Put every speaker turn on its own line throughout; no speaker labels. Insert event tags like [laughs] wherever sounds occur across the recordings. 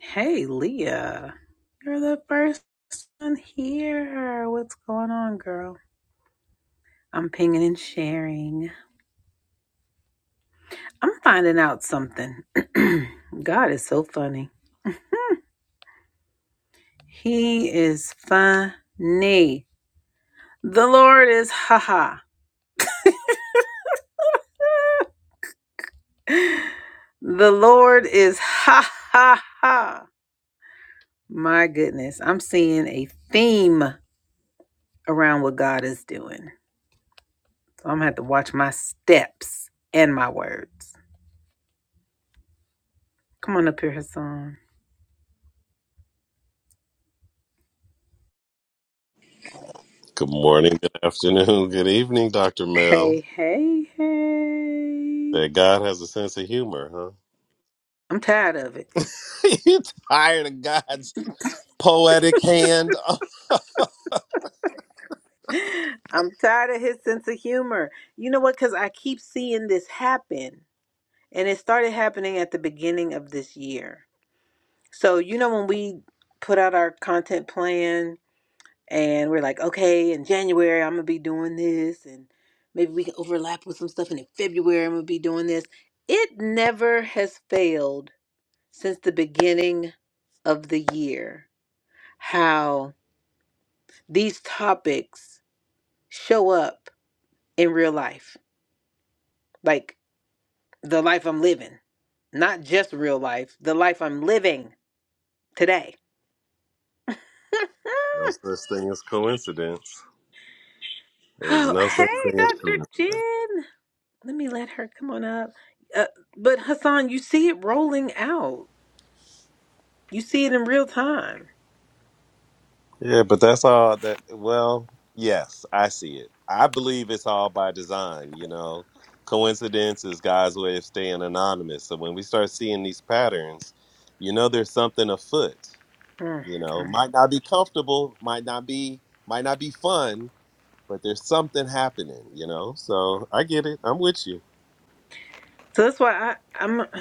Hey, Leah, you're the first one here. What's going on, girl? I'm pinging and sharing. I'm finding out something. [clears throat] God is so funny. He is funny. The Lord is ha ha. The Lord is ha ha ha. My goodness, I'm seeing a theme around what God is doing. So I'm gonna have to watch my steps and my words. Come on up here, Hassan.
Good morning, good afternoon, [laughs] good evening, Dr. Mel.
Hey, hey, hey.
That God has a sense of humor, huh?
I'm tired of it.
[laughs] you tired of God's poetic hand? [laughs]
[laughs] I'm tired of his sense of humor. You know what? Because I keep seeing this happen. And it started happening at the beginning of this year. So, you know, when we put out our content plan and we're like, okay, in January, I'm going to be doing this. And maybe we can overlap with some stuff. And in February, I'm going to be doing this. It never has failed since the beginning of the year. How. these topics show up in real life, like the life I'm living, not just real life, the life I'm living today.
no
[laughs]
such thing as coincidence. There's
oh,
no such
hey,
thing as
Dr.
coincidence.
Jen. Let me let her come on up. Uh, but Hassan, you see it rolling out. You see it in real time.
Yeah, but that's all that, well, yes, I see it. I believe it's all by design, you know. Coincidence is God's way of staying anonymous. So when we start seeing these patterns, you know there's something afoot.
Mm,
You know,
mm.
might not be comfortable, might not be, might not be fun, but there's something happening, you know. So I get it. I'm with you.
So that's why I, I'm. [sighs]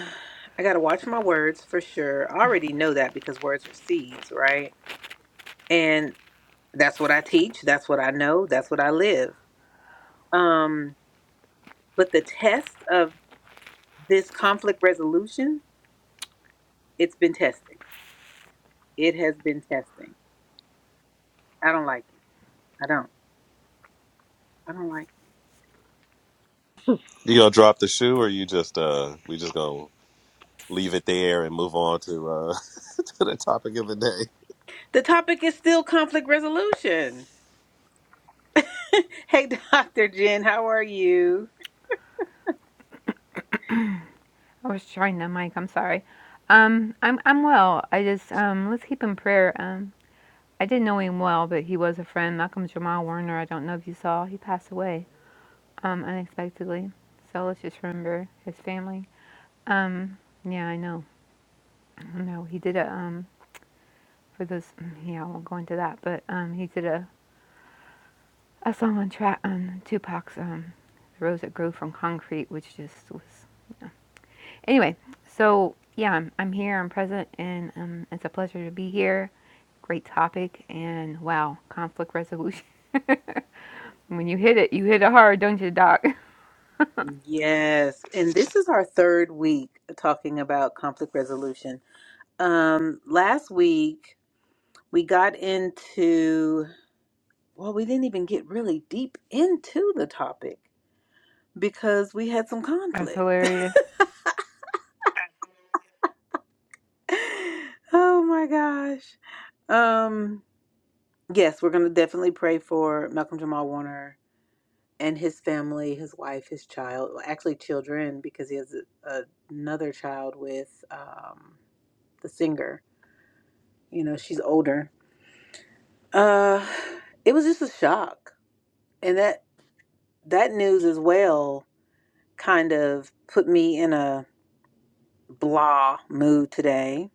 I gotta watch my words for sure. I already know that because words are seeds, right? And. That's what I teach. That's what I know. That's what I live. Um, but the test of this conflict resolution, it's been testing. It has been testing. I don't like it. I don't. I don't like
You gonna drop the shoe, or you just uh, we just gonna leave it there and move on to uh, [laughs] to the topic of the day.
it. The topic is still conflict resolution. [laughs] hey, Dr. Jen, how are you?
I was trying the mic. I'm sorry. Um, I'm I'm well. I just um, let's keep in prayer. Um, I didn't know him well, but he was a friend. Malcolm Jamal Warner. I don't know if you saw. He passed away um, unexpectedly. So let's just remember his family. Um, yeah, I know. I know he did a um for those. Yeah, I won't go into that. But um, he did a a song on track on Tupac's um, "The Rose That Grew from Concrete," which just was Anyway, so yeah, I'm, I'm here, I'm present, and um, it's a pleasure to be here. Great topic, and wow, conflict resolution. [laughs] When you hit it, you hit it hard, don't you, Doc?
Yes. And this is our third week talking about conflict resolution. Um, last week, we got into, well, we didn't even get really deep into the topic because we had some
[laughs] That's
conflict.
hilarious.
[laughs] Oh my gosh. Um yes, we're going to definitely pray for Malcolm Jamal Warner and his family, his wife, his child, well, actually children because he has a, a- another child with um the singer. You know, she's older. Uh it was just a shock. And that that news as well kind of put me in a blah mood today.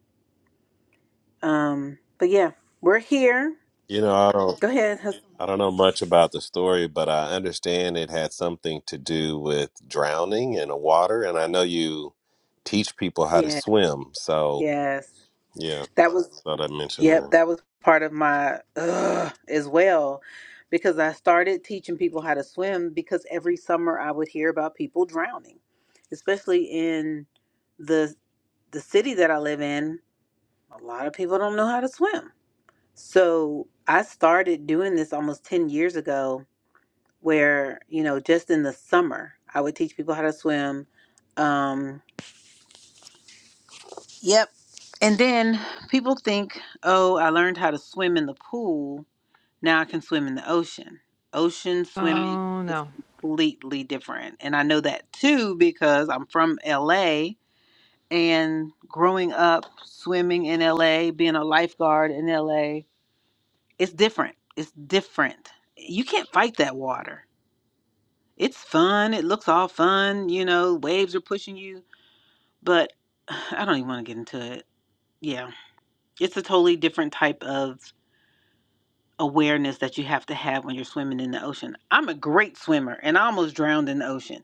Um but yeah, we're here
You know, I don't
Go ahead. Hus-
I don't know much about the story, but I understand it had something to do with drowning in the water, and I know you teach people how to
Yeah.
swim. So
Yes.
yeah,
That was,
thought I'd mention that.
yep, that was part of my ugh, as well because I started teaching people how to swim because every summer I would hear about people drowning, especially in the the city that I live in. A lot of people don't know how to swim. So, I started doing this almost 10 years ago where, you know, just in the summer, I would teach people how to swim. Um Yep. And then people think, oh, I learned how to swim in the pool. Now I can swim in the ocean. Ocean swimming
Oh
is
no,
completely different. And I know that too because I'm from LA and growing up swimming in LA, being a lifeguard in LA, it's different. It's different. You can't fight that water. It's fun. It looks all fun. You know, waves are pushing you, but [sighs] I don't even want to get into it. Yeah It's a totally different type of awareness that you have to have when you're swimming in the ocean. I'm a great swimmer and I almost drowned in the ocean.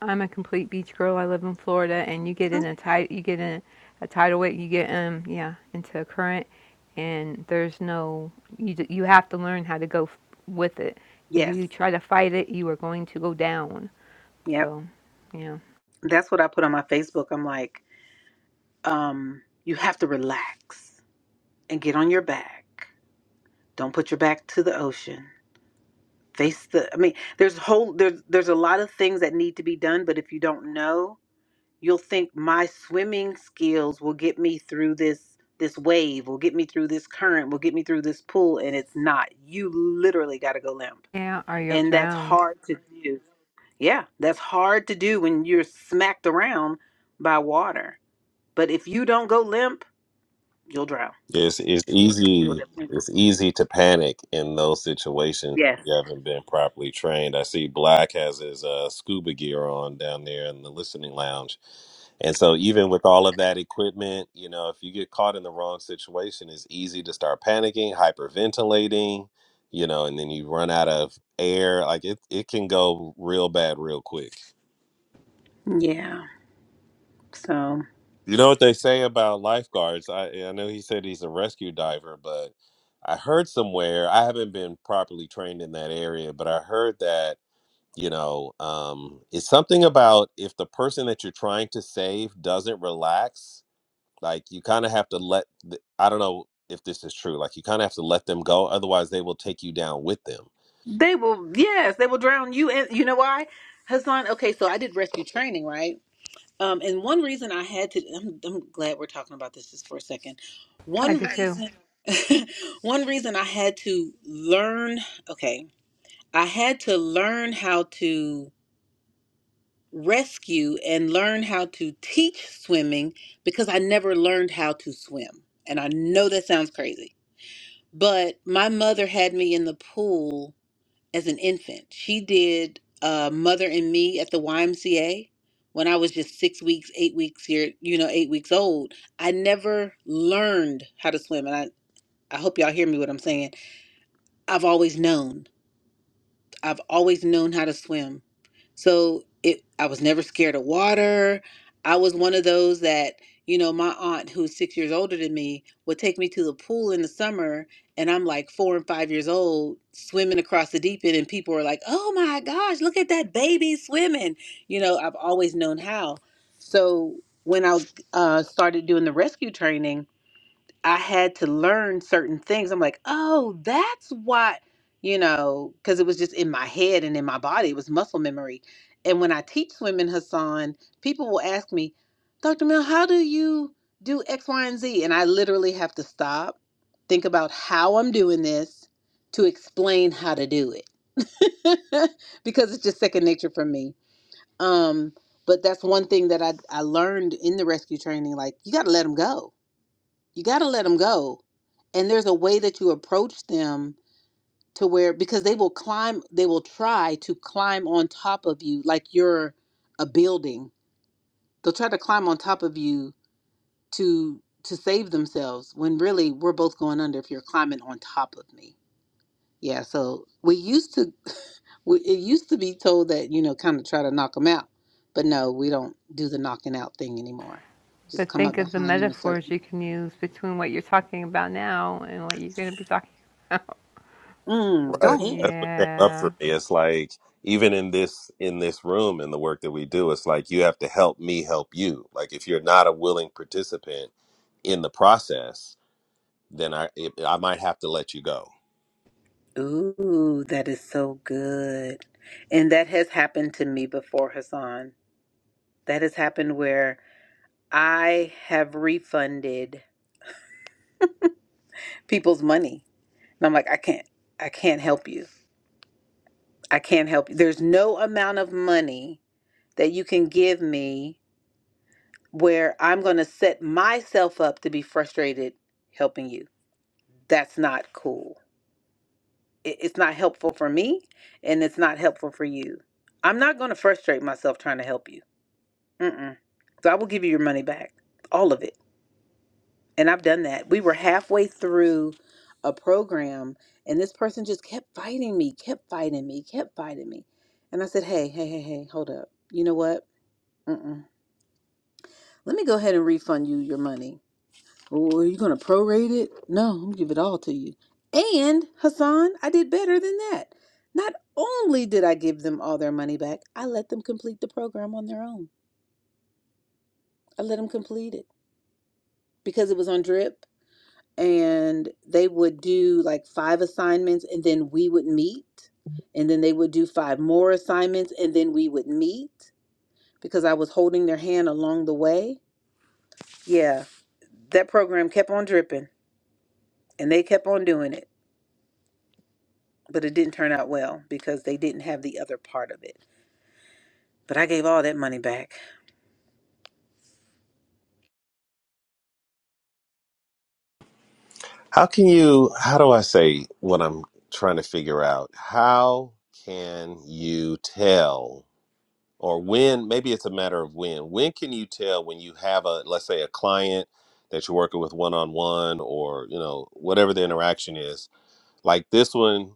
I'm a complete beach girl. I live in Florida, and you get in
Mhm.
a tide, you get in a tidal wave, you get um, yeah, into a current, and there's no you. You have to learn how to go f- with it. If
Yes.
you try to fight it, you are going to go down.
Yep.
So, yeah,
That's what I put on my Facebook. I'm like, um, you have to relax and get on your back. Don't put your back to the ocean. Face the I mean, there's whole there's there's a lot of things that need to be done, but if you don't know you'll think my swimming skills will get me through this this wave will get me through this current will get me through this pool and it's not you literally got to go limp
yeah, or you'll
and that's
drown.
hard to do yeah that's hard to do when you're smacked around by water but if you don't go limp you'll drown
It's it's
you will
easy
definitely drown.
it's easy to panic in those situations.
yes
You haven't been properly trained. I see Black has his uh, scuba gear on down there in the listening lounge, and so even with all of that equipment, you know, if you get caught in the wrong situation, it's easy to start panicking, hyperventilating, you know, and then you run out of air. Like it, it can go real bad real quick.
yeah so
You know what they say about lifeguards? I I know he said he's a rescue diver, but I heard somewhere, I haven't been properly trained in that area, but I heard that, you know, um, it's something about if the person that you're trying to save doesn't relax, like you kind of have to let, th- I don't know if this is true, like you kind of have to let them go. Otherwise, they will take you down with them.
they will yes they will drown you and you know why hassan okay so i did rescue training right Um, and one reason I had to, I'm, I'm glad we're talking about this just for a second.
I
One
do too.
reason, [laughs] one reason I had to learn, okay, I had to learn how to rescue and learn how to teach swimming because I never learned how to swim. And I know that sounds crazy, but my mother had me in the pool as an infant. She did uh, Mother and Me at the YMCA when I was just six weeks, eight weeks here, you know, eight weeks old. I never learned how to swim. And I, I hope y'all hear me what I'm saying. I've always known. I've always known how to swim. So it I was never scared of water. I was one of those that, you know, my aunt who's 6 years older than me would take me to the pool in the summer and I'm like 4 and 5 years old swimming across the deep end and people are like, "Oh my gosh, look at that baby swimming." You know, I've always known how. So when I uh, started doing the rescue training, I had to learn certain things. I'm like, oh, that's what, you know, because it was just in my head and in my body. It was muscle memory. And when I teach swimming, Hassan, people will ask me, Dr. Mel, how do you do X, Y, and Z? And I literally have to stop, think about how I'm doing this to explain how to do it [laughs] because it's just second nature for me. Um, but that's one thing that I, I learned in the rescue training like, you got to let them go you got to let them go and there's a way that you approach them to where because they will climb they will try to climb on top of you like you're a building they'll try to climb on top of you to to save themselves when really we're both going under if you're climbing on top of me yeah so we used to [laughs] we, it used to be told that you know kind of try to knock them out but no we don't do the knocking out thing anymore just
But
come
think
up
of the
behind them a
metaphors
certain
you can use between what you're talking about now and what you're going to be talking.
mm, go
Right.
ahead
That's what came up
Yeah.
for me. It's like even in this in this room and the work that we do, it's like you have to help me help you. Like if you're not a willing participant in the process, then I it, I might have to let you go.
Ooh, that is so good. And that has happened to me before, Hassan. That has happened where I have refunded people's money. And I'm like, I can't, I can't help you. I can't help you. There's no amount of money that you can give me where I'm going to set myself up to be frustrated helping you. That's not cool. It- It's not helpful for me and it's not helpful for you. I'm not going to frustrate myself trying to help you. Mm-mm. So I will give you your money back, all of it. And I've done that. We were halfway through a program, and this person just kept fighting me, kept fighting me, kept fighting me. And I said, hey, hey, hey, hey, hold up. You know what? Mm-mm. Let me go ahead and refund you your money. Oh, are you going to prorate it? No, I'm going to give it all to you. And Hassan, I did better than that. Not only did I give them all their money back, I let them complete the program on their own. I let them complete it because it was on drip. and they would do like five assignments and then we would meet and then they would do five more assignments and then we would meet because I was holding their hand along the way. Yeah, that program kept on dripping and they kept on doing it, but it didn't turn out well because they didn't have the other part of it. But I gave all that money back.
How can you how do I say what I'm trying to figure out? How can you tell or when maybe it's a matter of when. When can you tell when you have a let's say a client that you're working with one on one or you know whatever the interaction is Like this one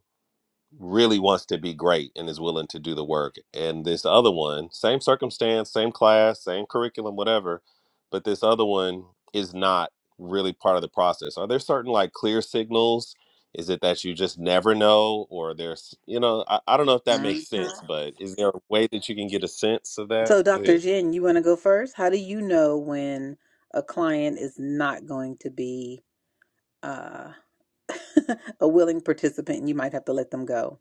really wants to be great and is willing to do the work. And this other one, same circumstance, same class, same curriculum, whatever, but this other one is not really part of the process. Are there certain like clear signals? Is it that you just never know, or there's, you know, I, I don't know if that makes
Mhm.
sense, but is there a way that you can get a sense of that?
So,
Go
Dr.
ahead.
Jen, you want to go first? How do you know when a client is not going to be? uh, [laughs] a willing participant and you might have to let them go.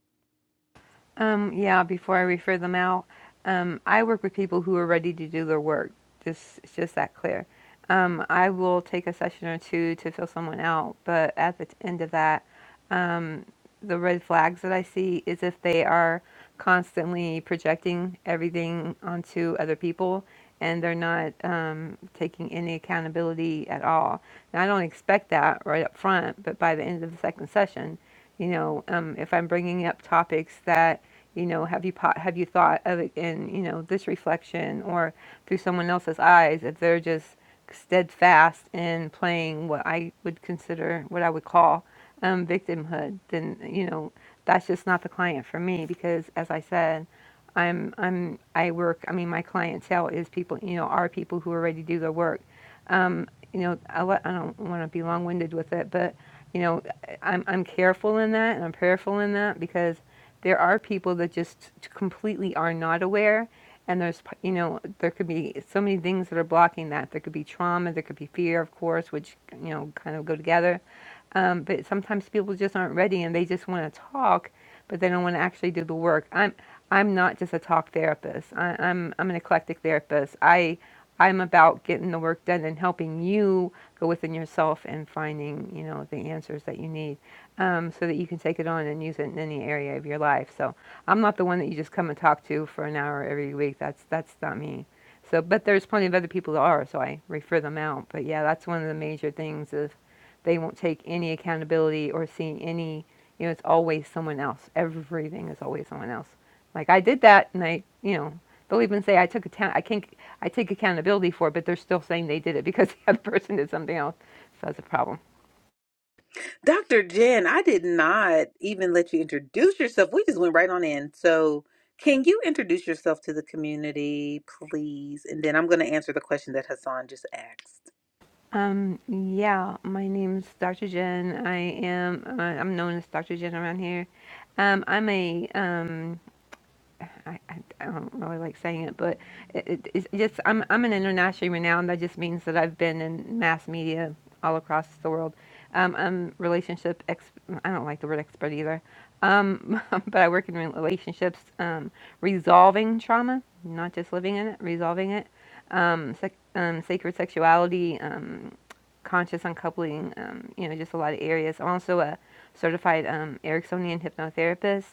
Um, yeah, before I refer them out, um, I work with people who are ready to do their work. Just, it's just that clear. Um, I will take a session or two to fill someone out, but at the end of that, um, the red flags that I see is if they are constantly projecting everything onto other people and they're not um, taking any accountability at all. Now, I don't expect that right up front, but by the end of the second session, you know, um, if I'm bringing up topics that you know, have you po- have you thought of it in you know this reflection or through someone else's eyes? If they're just steadfast in playing what I would consider what I would call um, victimhood, then you know that's just not the client for me because, as I said, I'm I'm I work. I mean, my clientele is people you know are people who are ready to do their work um, you know, I, I don't want to be long-winded with it, but you know, I'm I'm careful in that and I'm prayerful in that because there are people that just completely are not aware, and there's you know there could be so many things that are blocking that. There could be trauma, there could be fear, of course, which you know kind of go together. Um, but sometimes people just aren't ready and they just want to talk, but they don't want to actually do the work. I'm I'm not just a talk therapist. I, I'm I'm an eclectic therapist. I I'm about getting the work done and helping you go within yourself and finding, you know, the answers that you need um, so that you can take it on and use it in any area of your life. So I'm not the one that you just come and talk to for an hour every week. That's that's not me. So, but there's plenty of other people that are, so I refer them out. But yeah, that's one of the major things is they won't take any accountability or see any, you know, it's always someone else. Everything is always someone else. Like I did that and I, you know, they'll even say I took account, I can I take accountability for it, but they're still saying they did it because [laughs] the other person did something else. So that's a problem.
Dr. Jen, I did not even let you introduce yourself. We just went right on in. So, can you introduce yourself to the community, please? And then I'm going to answer the question that Hassan just asked.
Um, yeah, my name's Dr. Jen. I am, uh, I'm known as Dr. Jen around here. Um, I'm a, um, I, I I don't really like saying it, but it, it's just I'm I'm an internationally renowned. That just means that I've been in mass media all across the world. Um, I'm relationship ex. I don't like the word expert either. Um, [laughs] but I work in relationships, um, resolving trauma, not just living in it, resolving it. Um, sec- um, sacred sexuality, um, conscious uncoupling, um, you know, just a lot of areas. I'm also a certified um, Ericksonian hypnotherapist.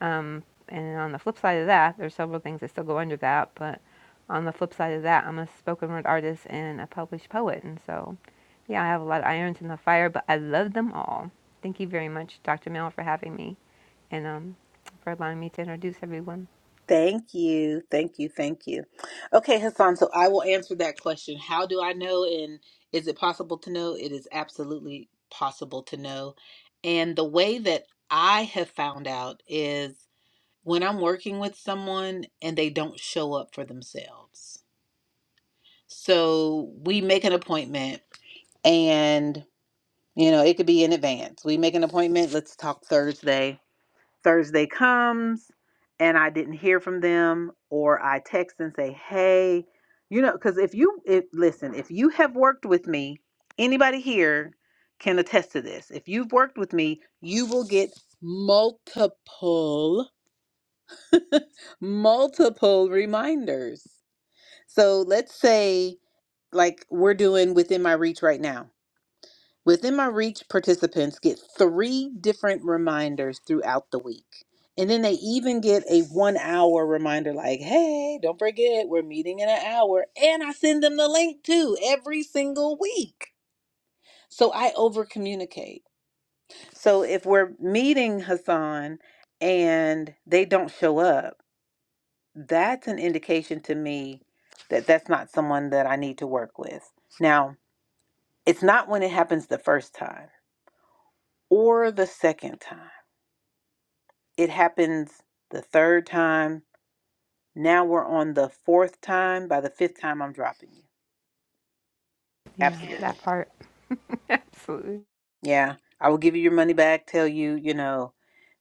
Um, and on the flip side of that, there's several things that still go under that. But on the flip side of that, I'm a spoken word artist and a published poet. And so, yeah, I have a lot of irons in the fire, but I love them all. Thank you very much, Dr. Mel, for having me and um, for allowing me to introduce everyone.
Thank you. Thank you. Thank you. Okay, Hassan, so I will answer that question. How do I know and is it possible to know? It is absolutely possible to know. And the way that I have found out is when I'm working with someone and they don't show up for themselves. So we make an appointment and you know, it could be in advance. We make an appointment, let's talk Thursday. Thursday comes and I didn't hear from them or I text and say, "Hey, you know, cuz if you if listen, if you have worked with me, anybody here can attest to this. If you've worked with me, you will get multiple [laughs] multiple reminders. So let's say, like we're doing within my reach right now. Within my reach, participants get three different reminders throughout the week. And then they even get a one hour reminder like, hey, don't forget, we're meeting in an hour. And I send them the link too every single week. So I over communicate. So if we're meeting Hassan and they don't show up, that's an indication to me that that's not someone that I need to work with. Now, it's not when it happens the first time or the second time. It happens the third time. Now we're on the fourth time. By the fifth time, I'm dropping you.
Yeah, that
Absolutely.
part. [laughs] Absolutely.
Yeah. I will give you your money back, tell you, you know,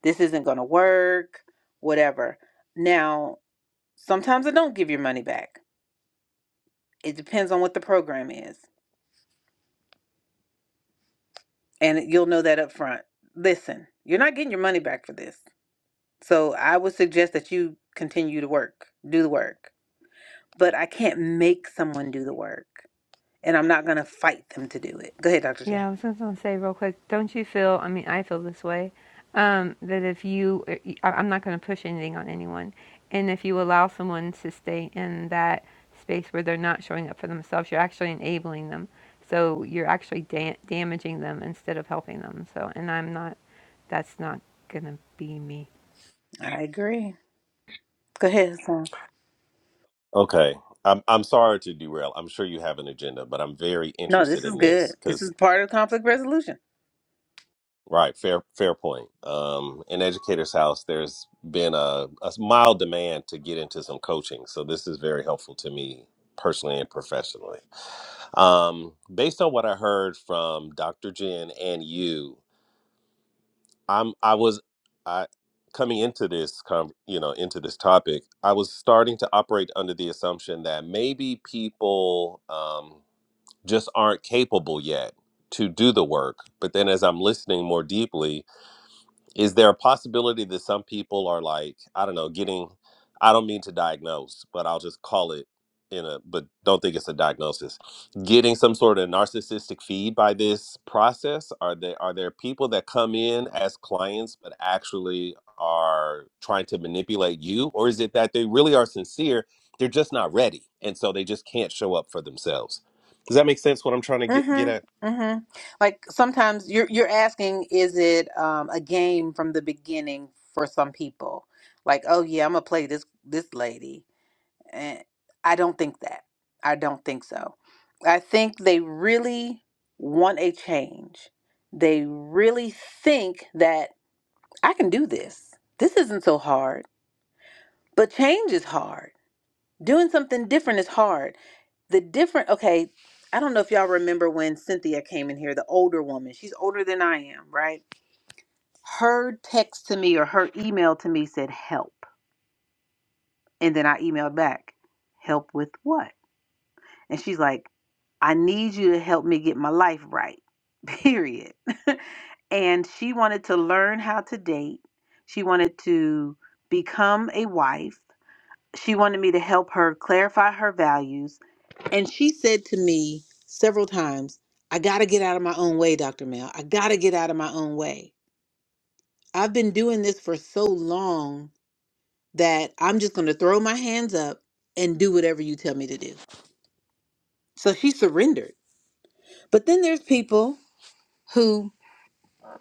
this isn't going to work, whatever. Now, sometimes I don't give your money back. It depends on what the program is. and you'll know that up front. Listen, you're not getting your money back for this. So I would suggest that you continue to work, do the work. But I can't make someone do the work, and I'm not going to fight them to do it. Go ahead, Dr. Jen.
Yeah, I was just gonna say real quick. Don't you feel? I mean, I feel this way. Um, that if you, I- I'm not gonna push anything on anyone, and if you allow someone to stay in that space where they're not showing up for themselves, you're actually enabling them. So you're actually da- damaging them instead of helping them. So, and I'm not. That's not gonna be me.
I agree. Go ahead, Hassan.
Okay. I'm I'm sorry to derail. I'm sure you have an agenda, but I'm very
No,
interested
this is
in
good.
this
This
because.
is part of conflict resolution.
Right, fair, fair point. Um, in Educators House, there's been a, a mild demand to get into some coaching, so this is very helpful to me personally and professionally. Um, based on what I heard from Dr. Jen and you, I'm I was I coming into this con you know into this topic, I was starting to operate under the assumption that maybe people um, just aren't capable yet to do the work. But then as I'm listening more deeply is there a possibility that some people are like i don't know getting i don't mean to diagnose but i'll just call it in a but don't think it's a diagnosis getting some sort of narcissistic feed by this process are there are there people that come in as clients but actually are trying to manipulate you or is it that they really are sincere they're just not ready and so they just can't show up for themselves does that make sense what i'm trying to get get at
Mm-hmm. Mm-hmm. Like sometimes you're you're asking, is it um, a game from the beginning for some people? Like, oh yeah, I'm gonna play this this lady And I don't think that. I don't think so. I think they really want a change. They really think that I can do this. This isn't so hard. But change is hard. Doing something different is hard. The different, okay, I don't know if y'all remember when Cynthia came in here, the older woman. She's older than I am, right? Her text to me or her email to me said help. And then I emailed back, help with what? And she's like, I need you to help me get my life right, period. [laughs] and she wanted to learn how to date. She wanted to become a wife. She wanted me to help her clarify her values. And she said to me several times, I got to get out of my own way, Dr. Mel. I got to get out of my own way. I've been doing this for so long that I'm just going to throw my hands up and do whatever you tell me to do. So she surrendered. But then there's people who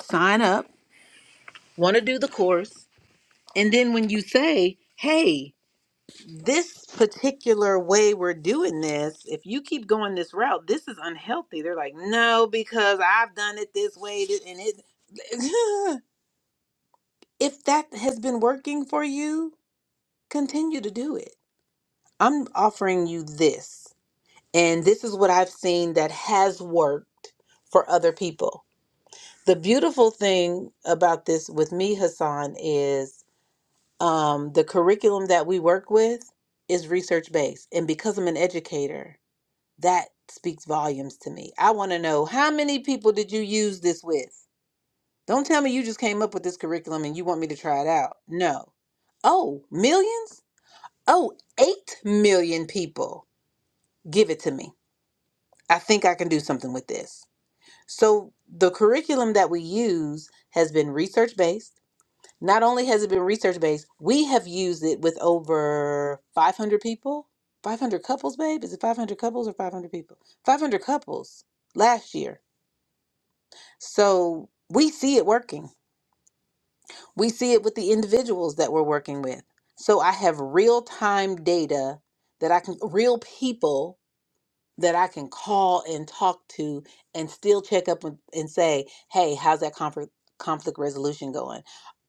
sign up, want to do the course, and then when you say, hey, this particular way we're doing this, if you keep going this route, this is unhealthy. They're like, no, because I've done it this way th- and it [laughs] if that has been working for you, continue to do it. I'm offering you this. And this is what I've seen that has worked for other people. The beautiful thing about this with me, Hassan, is um, the curriculum that we work with is research based. And because I'm an educator, that speaks volumes to me. I want to know how many people did you use this with? Don't tell me you just came up with this curriculum and you want me to try it out. No. Oh, millions? Oh, 8 million people. Give it to me. I think I can do something with this. So the curriculum that we use has been research based Not only has it been research based, we have used it with over 500 people, 500 couples, babe. Is it 500 couples or 500 people? 500 couples last year. So we see it working. We see it with the individuals that we're working with. So I have real time data that I can, real people that I can call and talk to and still check up with, and say, hey, how's that conflict, conflict resolution going?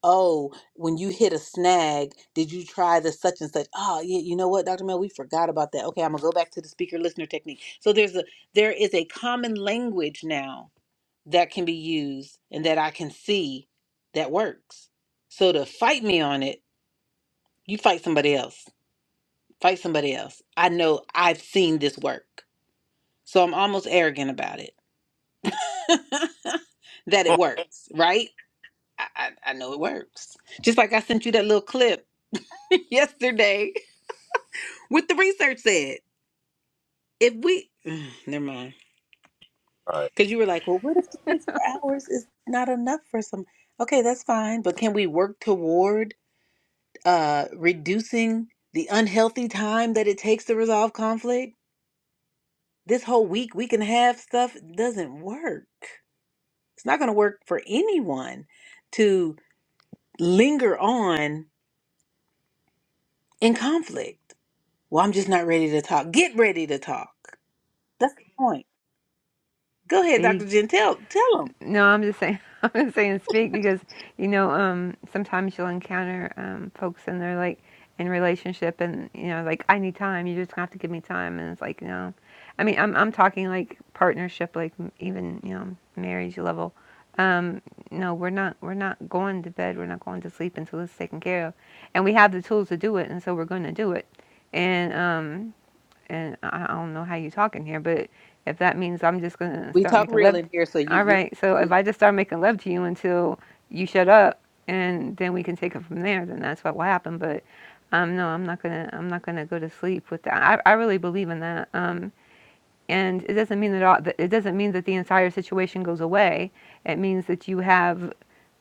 Oh, when you hit a snag, did you try the such and such? Oh, yeah, you know what, Dr. Mel, we forgot about that. Okay, I'm gonna go back to the speaker listener technique. So there's a there is a common language now that can be used and that I can see that works. So to fight me on it, you fight somebody else. Fight somebody else. I know I've seen this work. So I'm almost arrogant about it [laughs] that it works, right? I, I, I know it works. Just like I sent you that little clip [laughs] yesterday with the research said. If we, [sighs] never mind.
[laughs]
Because you were like, well, what if 24 hours is not enough for some? Okay, that's fine. But can we work toward uh, reducing the unhealthy time that it takes to resolve conflict? This whole week, week and a half stuff doesn't work. It's not going to work for anyone to linger on in conflict. Well, I'm just not ready to talk. Get ready to talk. That's the point. Go ahead,
Speak.
Dr. Jen. Tell tell them.
No, I'm just saying. [laughs] I'm just saying speak because you know um, sometimes you'll encounter um, folks and they're like in relationship and you know like I need time. You just have to give me time, and it's like no. I mean, I'm I'm talking like partnership, like even you know marriage level. Um, no, we're not we're not going to bed. We're not going to sleep until it's taken care of, and we have the tools to do it, and so we're going to do it. And um, and I I don't know how you talking here, but if that means I'm just gonna
We
start
talk
making
real
love,
in here, so you
all
you.
right. So if I just start making love to you until you shut up, and then we can take it from there, then that's what will happen. But um, no, I'm not gonna, I'm not gonna go to sleep with that. I, I really believe in that. Um, and it doesn't mean that all, that- it doesn't mean that the entire situation goes away. It means that you have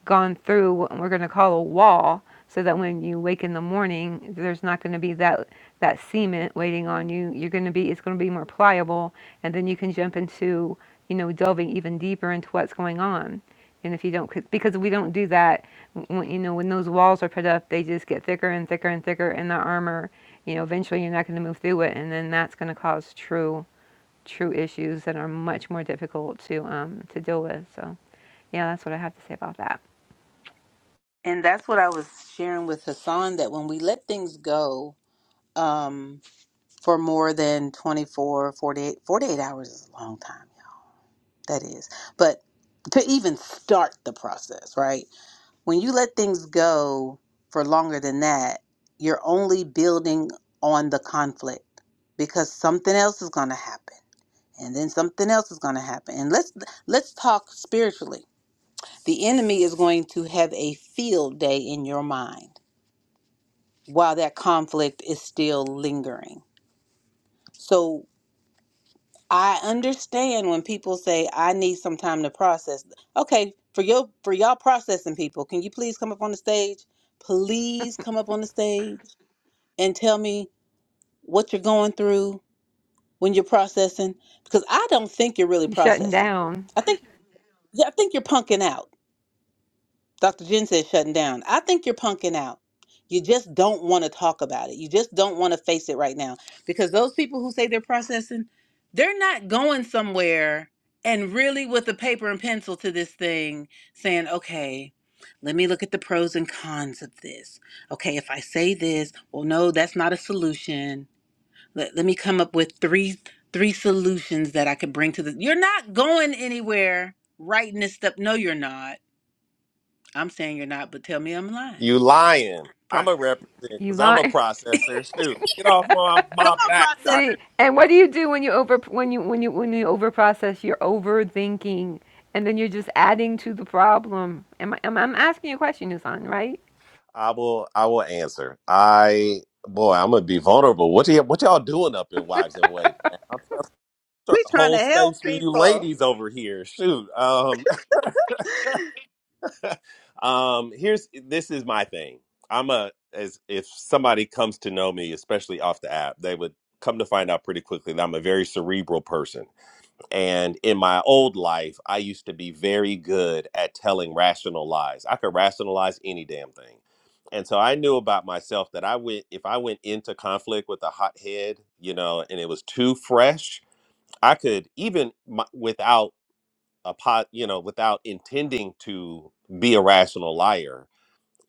gone through what we're going to call a wall so that when you wake in the morning there's not going to be that that cement waiting on you you're going to be it's going to be more pliable and then you can jump into you know delving even deeper into what's going on and if you don't 'cause- because we don't do that when, you know when those walls are put up they just get thicker and thicker and thicker and the armor you know eventually you're not going to move through it and then that's going to cause true true issues that are much more difficult to um to deal with so yeah that's what i have to say about that
And that's what I was sharing with Hassan that when we let things go um, for more than 24, 48, 48 hours is a long time. That is. But to even start the process, right? when you let things go for longer than that, you're only building on the conflict because something else is going to happen and then something else is going to happen. And let's let's talk spiritually. The enemy is going to have a field day in your mind while that conflict is still lingering. So I understand when people say I need some time to process. Okay, for your for y'all processing people, can you please come up on the stage? Please come up on the stage and tell me what you're going through when you're processing because I don't think you're really
You shutting
processing.
down.
I think [laughs] yeah, I think you're punking out. Dr. Jen says shutting down. I think you're punking out. You just don't want to talk about it. You just don't want to face it right now because those people who say they're processing, they're not going somewhere and really with a paper and pencil to this thing saying, "Okay, let me look at the pros and cons of this." Okay, if I say this, well no, that's not a solution let, let me come up with three three solutions that I could bring to this. You're not going anywhere writing this stuff. No, you're not. I'm saying you're not, but tell me I'm lying.
You lying. I'm
Process.
a represent
You
because I'm a
lie. [laughs]
processor too. Get off my,
Come
my
on,
back,
processor.
doctor.
See, and what do you do when you over when you when you when you overprocess? You're overthinking, and then you're just adding to the problem. Am I? Am, I'm asking you a question, Nusan, right?
I will. I will answer. I boy, I'm gonna be vulnerable. What y'all, what y'all doing up in wives and waiting? I'm trying to
We're trying to
hold
help
space for
people.
you ladies over here. Shoot. Um. [laughs] Um. Here's this is my thing. I'm a as if somebody comes to know me, especially off the app, they would come to find out pretty quickly that I'm a very cerebral person. And in my old life, I used to be very good at telling rational lies. I could rationalize any damn thing. And so I knew about myself that I went if I went into conflict with a hot head, you know, and it was too fresh, I could even my, without a pot, you know, without intending to be a rational liar,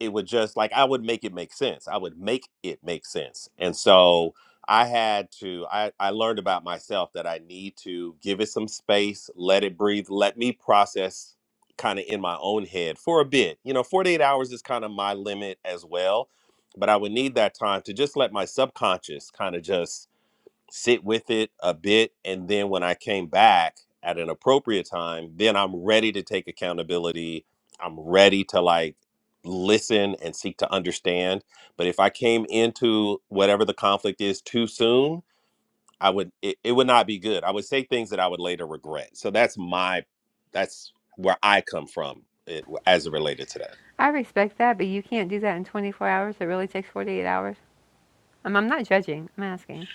it would just like I would make it make sense. I would make it make sense. And so I had to I I learned about myself that I need to give it some space, let it breathe, let me process kind of in my own head for a bit. You know, 48 hours is kind of my limit as well, but I would need that time to just let my subconscious kind of just sit with it a bit and then when i came back at an appropriate time then i'm ready to take accountability i'm ready to like listen and seek to understand but if i came into whatever the conflict is too soon i would it, it would not be good i would say things that i would later regret so that's my that's where i come from it, as it related to that
I respect that, but you can't do that in 24 hours. It really takes 48 hours. I'm, I'm not judging. I'm asking.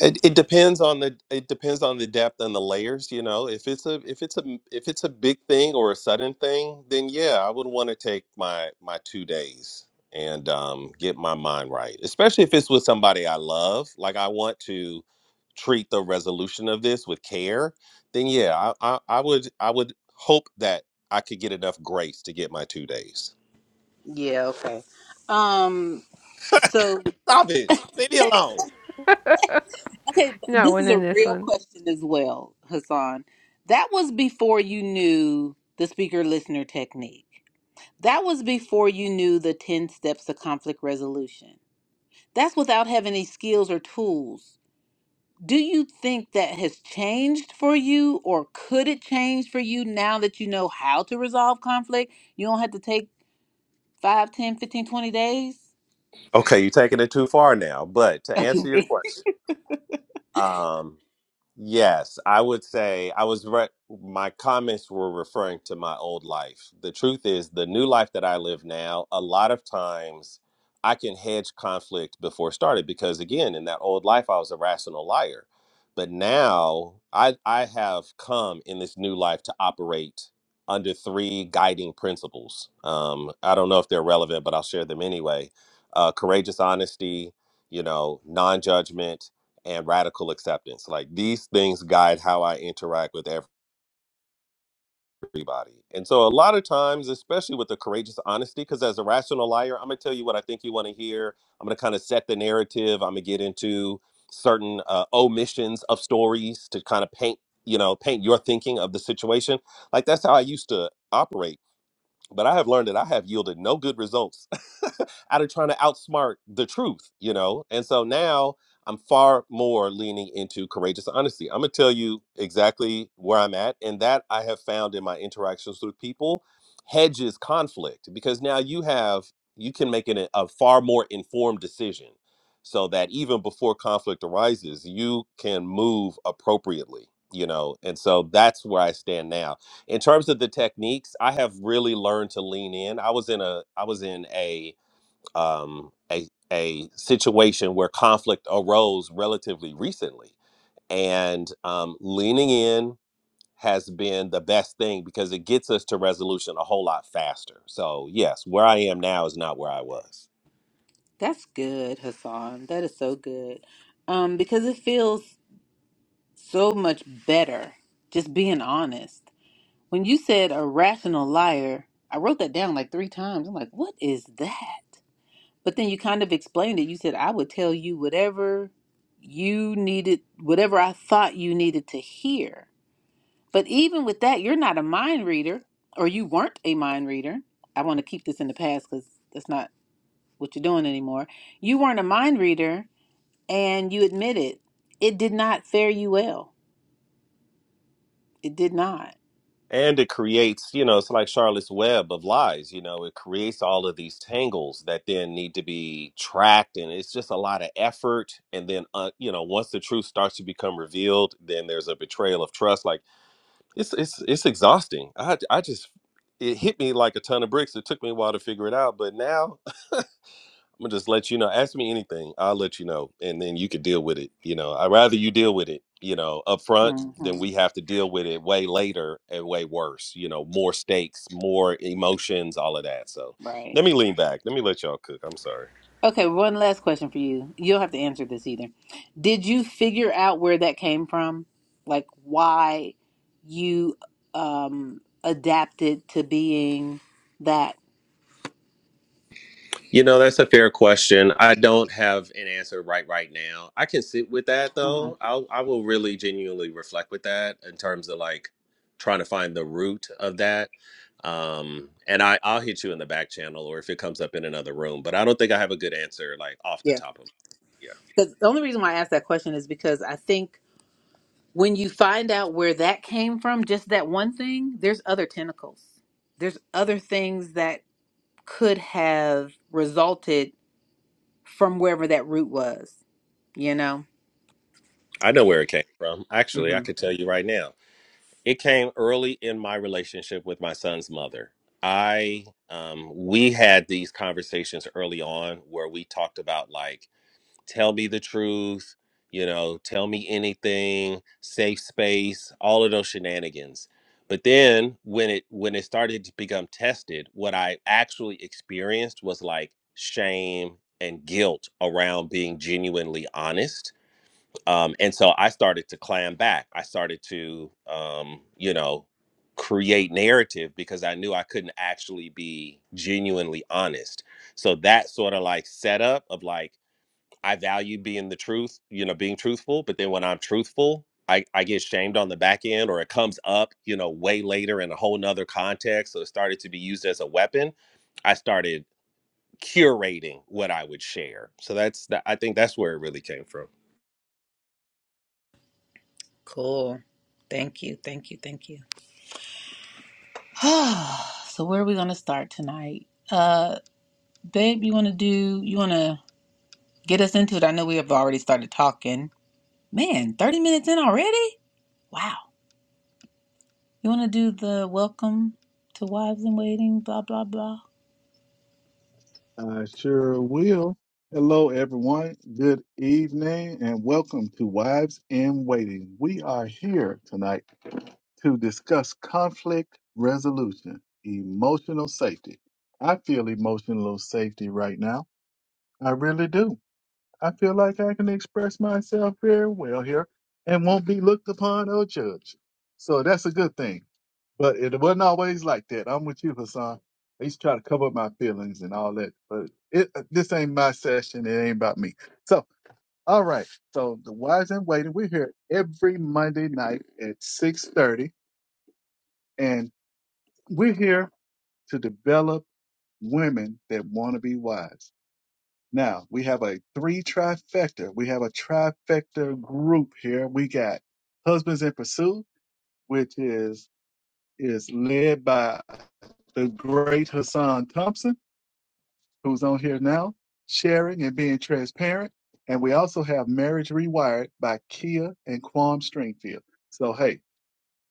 It, it depends on the it depends on the depth and the layers, you know. If it's a if it's a if it's a big thing or a sudden thing, then yeah, I would want to take my my two days and um, get my mind right. Especially if it's with somebody I love, like I want to treat the resolution of this with care. Then yeah, I I, I would I would hope that I could get enough grace to get my two days.
Yeah, okay. Um, so
Stop it! Leave me alone.
okay,
You know,
this is
winning
a
this
real
one.
question as well, Hassan. That was before you knew the speaker listener technique. That was before you knew the 10 steps to conflict resolution. That's without having any skills or tools do you think that has changed for you or could it change for you now that you know how to resolve conflict you don't have to take 5, 10, 15, 20
Okay, you're taking it too far now. But to answer
days
your
okay
question, um. Yes, I would say I was re- my comments were referring to my old life. The truth is, the new life that I live now, a lot of times I can hedge conflict before it started because again, in that old life I was a rational liar. But now I I have come in this new life to operate under three guiding principles. Um, I don't know if they're relevant, but I'll share them anyway. Uh, courageous honesty, you know, non-judgment, and radical acceptance. Like these things guide how I interact with everybody. And so a lot of times, especially with the courageous honesty, because as a rational liar, I'm gonna tell you what I think you want to hear. I'm gonna kind of set the narrative. I'm gonna get into certain uh, omissions of stories to kind of paint, you know, paint your thinking of the situation. Like that's how I used to operate but I have learned that I have yielded no good results [laughs] out of trying to outsmart the truth, you know? And so now I'm far more leaning into courageous honesty. I'm gonna tell you exactly where I'm at. And that I have found in my interactions with people hedges conflict because now you have, you can make an, a far more informed decision so that even before conflict arises, you can move appropriately, you know? And so that's where I stand now in terms of the techniques i have really learned to lean in i was in a i was in a um a a situation where conflict arose relatively recently and um leaning in has been the best thing because it gets us to resolution a whole lot faster so yes where i am now is not where i was
[laughs] that's good hassan that is so good um because it feels so much better just being honest when you said a rational liar i wrote that down like three times i'm like what is that But then you kind of explained it. You said, I would tell you whatever you needed, whatever I thought you needed to hear. But even with that, you're not a mind reader, or you weren't a mind reader. I want to keep this in the past because that's not what you're doing anymore. You weren't a mind reader, and you admitted it did not fare you well. It did not.
And it creates, you know, it's like Charlotte's web of lies, you know, it creates all of these tangles that then need to be tracked. And it's just a lot of effort. And then, uh, you know, once the truth starts to become revealed, then there's a betrayal of trust. Like it's, it's, it's exhausting. I, I just, it hit me like a ton of bricks. It took me a while to figure it out. But now I'm gonna just let you know. Ask me anything. I'll let you know, and then you can deal with it. You know, I'd rather you deal with it. You know, up front
hmm
than we have to deal with it way later and way worse. You know, more stakes, more emotions, all of that. So
Right.
let me lean back. Let me let y'all cook. I'm sorry.
Okay, one last question for you. You'll have to answer this either. Did you figure out where that came from? Like why you um adapted to being that?
You know, that's a fair question. I don't have an answer right right now. I can sit with that
Mhm.
though. I'll I will really genuinely reflect with that in terms of like trying to find the root of that. Um and I I'll hit you in the back channel or if it comes up in another room, but I don't think I have a good answer like off the
Yeah.
top of Yeah.
Because the only reason why I asked that question is because I think when you find out where that came from, just that one thing, there's other tentacles. There's other things that could have resulted from wherever that root was, you know?
I know where it came from. Actually,
Mm-hmm.
I could tell you right now. It came early in my relationship with my son's mother. I um we had these conversations early on where we talked about like tell me the truth, you know, tell me anything, safe space, all of those shenanigans. But then when it when it started to become tested, what I actually experienced was like shame and guilt around being genuinely honest. Um, and so I started to clam back. I started to, um, you know, create narrative because I knew I couldn't actually be genuinely honest. So that sort of like setup of like I value being the truth, you know, being truthful. But then when I'm truthful, I, I get shamed on the back end or it comes up, you know, way later in a whole nother context. So it started to be used as a weapon. I started curating what I would share. So that's that I think that's where it really came from.
Cool. Thank you. Thank you. Thank you. [sighs] so where are we gonna start tonight? Uh babe, you wanna do you wanna get us into it? I know we have already started talking. Man, 30 minutes in already? Wow. You wanna do the welcome to wives in waiting, blah blah blah.
I sure will. Hello, everyone. Good evening and welcome to Wives in Waiting. We are here tonight to discuss conflict resolution, emotional safety. I feel emotional safety right now. I really do. I feel like I can express myself very well here and won't be looked upon or judged. So that's a good thing. But it wasn't always like that. I'm with you, Hassan. I used to try to cover up my feelings and all that, but it uh, this ain't my session. It ain't about me. So, all right. So the wise and waiting, we're here every Monday night at 6:30, and we're here to develop women that want to be wise. Now we have a three trifecta. We have a trifecta group here. We got Husbands in Pursuit, which is is led by the great Hassan Thompson, who's on here now, sharing and being transparent. And we also have Marriage Rewired by Kia and Quam Stringfield. So hey,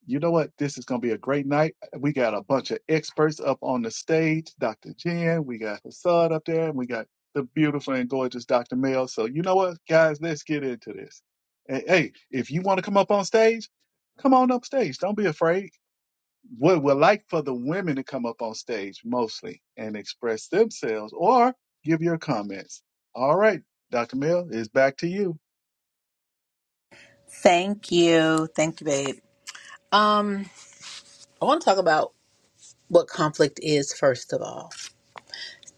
you know what? This is going to be a great night. We got a bunch of experts up on the stage. Dr. Jen, we got Hassad up there, and we got the beautiful and gorgeous Dr. Mel. So you know what, guys? Let's get into this. And hey, if you want to come up on stage, come on up stage. Don't be afraid. We would like for the women to come up on stage mostly and express themselves or give your comments. All right, Dr. Mel, it's back to you.
Thank you. Thank you, babe. Um, I wanna talk about what conflict is first of all.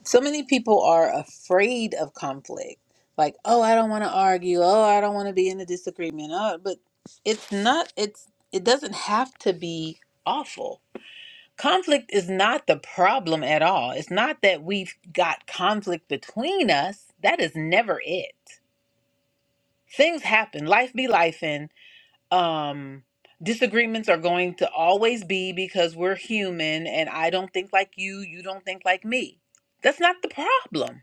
So many people are afraid of conflict. Like, oh, I don't want to argue. Oh, I don't want to be in a disagreement. Oh, but it's not, it's, it doesn't have to be awful. Conflict is not the problem at all. It's not that we've got conflict between us. That is never it. Things happen. Life be life um disagreements are going to always be because we're human and I don't think like you, you don't think like me. That's not the problem.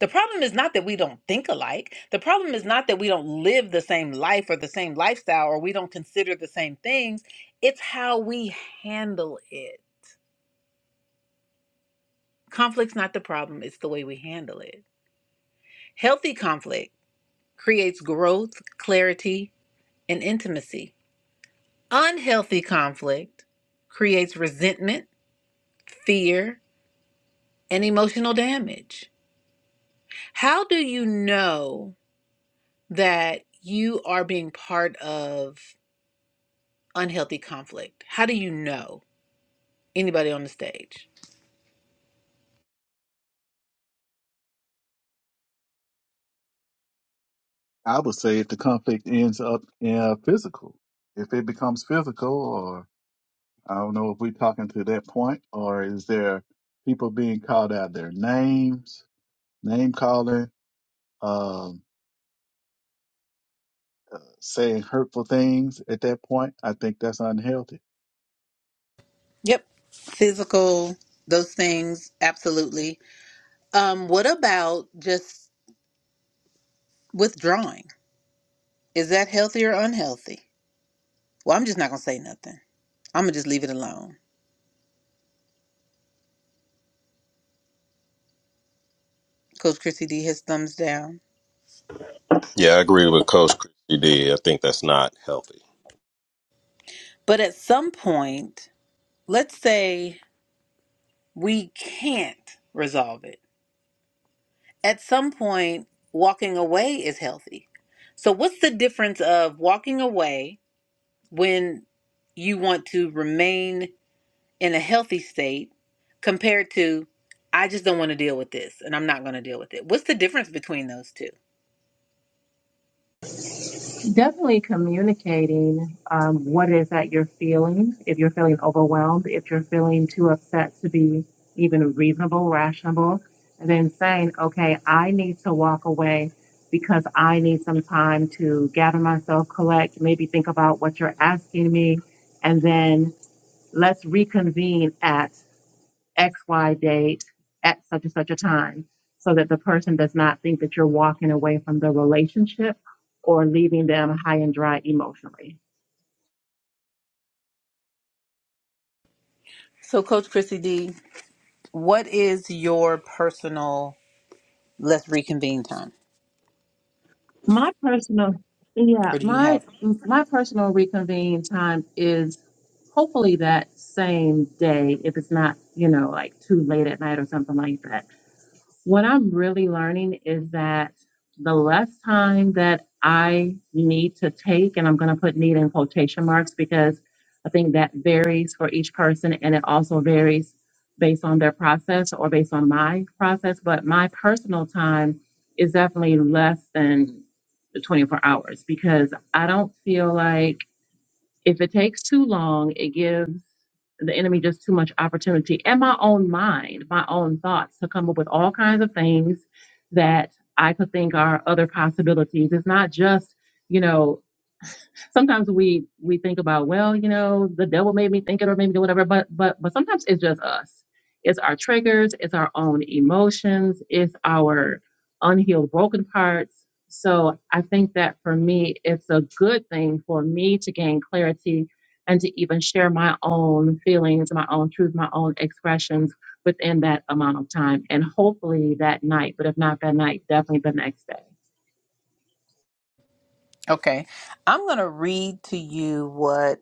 The problem is not that we don't think alike. The problem is not that we don't live the same life or the same lifestyle or we don't consider the same things. It's how we handle it. Conflict's not the problem, it's the way we handle it. Healthy conflict creates growth, clarity, and intimacy. Unhealthy conflict creates resentment fear, and emotional damage. How do you know that you are being part of unhealthy conflict? How do you know? Anybody on the stage?
I would say if the conflict ends up in a physical, if it becomes physical, or I don't know if we're talking to that point, or is there people being called out their names, name calling, um, saying hurtful things at that point? I think that's unhealthy.
Yep. Physical, those things, absolutely. Um, what about just withdrawing? Is that healthy or unhealthy? Well, I'm just not going to say nothing. I'm going to just leave it alone. Coach Chrissy D has thumbs down.
Yeah, I agree with Coach Christy D. I think that's not healthy.
But at some point, let's say we can't resolve it. at some point walking away is healthy. So what's the difference of walking away when you want to remain in a healthy state compared to I just don't want to deal with this and I'm not going to deal with it. What's the difference between those two?
Definitely communicating um, what it is that you're feeling. If you're feeling overwhelmed, if you're feeling too upset to be even reasonable, rational, and then saying, okay, I need to walk away because I need some time to gather myself, collect, maybe think about what you're asking me, and then let's reconvene at XY date at such and such a time so that the person does not think that you're walking away from the relationship or leaving them high and dry emotionally.
So coach Chrissy D, what is your personal let's reconvene time?
My personal yeah,
Or do you
my
have
my personal reconvene time is hopefully that same day if it's not, you know, like too late at night or something like that What I'm really learning is that the less time that I need to take, and I'm going to put need in quotation marks because I think that varies for each person and it also varies based on their process or based on my process. But my personal time is definitely less than the 24 hours because I don't feel like if it takes too long, it gives the enemy just too much opportunity and my own mind, my own thoughts to come up with all kinds of things that I could think are other possibilities. It's not just, you know, sometimes we we think about well you know the devil made me think it or made me do whatever but but but sometimes it's just us it's our triggers it's our own emotions it's our unhealed broken parts so i think that for me it's a good thing for me to gain clarity and to even share my own feelings my own truth my own expressions within that amount of time and hopefully that night but if not that night definitely the next day
Okay. I'm going to read to you what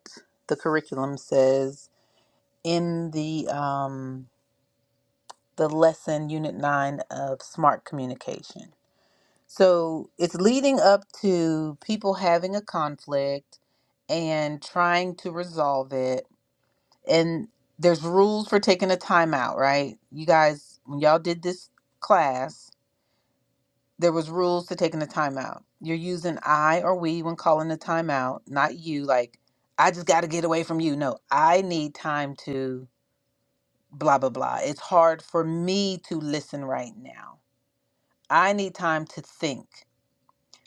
the curriculum says in the um the lesson unit 9 of smart communication so it's leading up to people having a conflict and trying to resolve it and there's rules for taking a timeout right you guys when y'all did this class there was rules to taking a timeout you're using i or we when calling a timeout not you like i just got to get away from you no i need time to blah blah blah it's hard for me to listen right now I need time to think.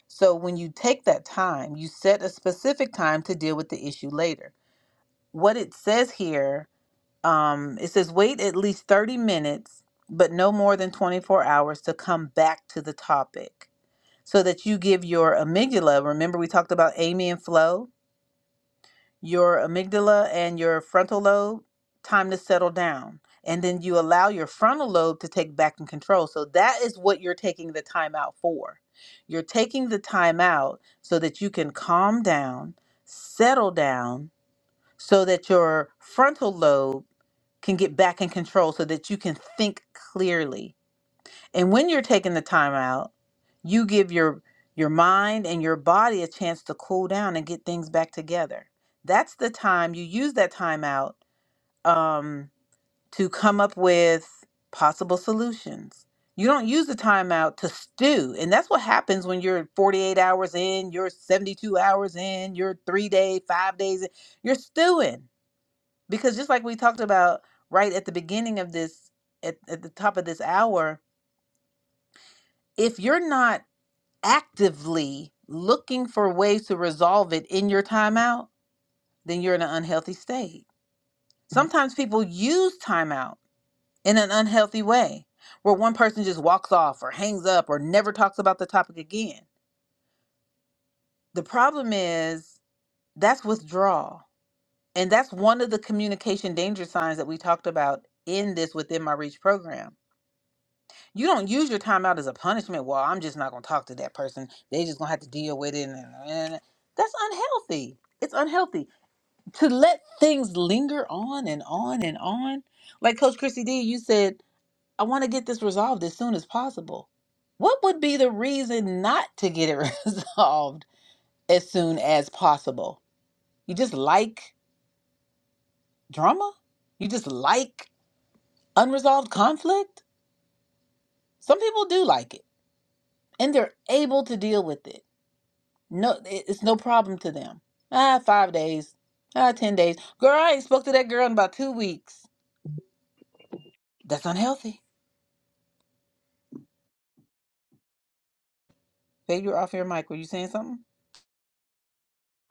So when you take that time, you set a specific time to deal with the issue later. What it says here, um, it says wait at least 30 minutes, but no more than 24 hours to come back to the topic so that you give your amygdala. Remember, we talked about Amy and Flo? your amygdala and your frontal lobe time to settle down and then you allow your frontal lobe to take back and control so that is what you're taking the time out for you're taking the time out so that you can calm down settle down so that your frontal lobe can get back in control so that you can think clearly and when you're taking the time out, you give your your mind and your body a chance to cool down and get things back together. That's the time you use that time out um, to come up with possible solutions. You don't use the time out to stew. And that's what happens when you're 48 hours in, you're 72 hours in, you're three day, five days in, you're stewing. Because just like we talked about right at the beginning of this, at, at the top of this hour, if you're not actively looking for ways to resolve it in your timeout, then you're in an unhealthy state. Sometimes people use timeout in an unhealthy way where one person just walks off or hangs up or never talks about the topic again. The problem is that's withdrawal. And that's one of the communication danger signs that we talked about in this Within My Reach program You don't use your timeout as a punishment. Well, I'm just not going to talk to that person. They just going to have to deal with it. And, and that's unhealthy. It's unhealthy to let things linger on and on and on. Like Coach Chrissy D, you said, I want to get this resolved as soon as possible. What would be the reason not to get it [laughs] resolved as soon as possible? You just like drama? You just like unresolved conflict? Some people do like it and they're able to deal with it No, it- it's no problem to them. Ah, five days. Ah, ten days. Girl, I ain't spoke to that girl in about two weeks. That's unhealthy. Babe, you're off your mic. Were you saying something?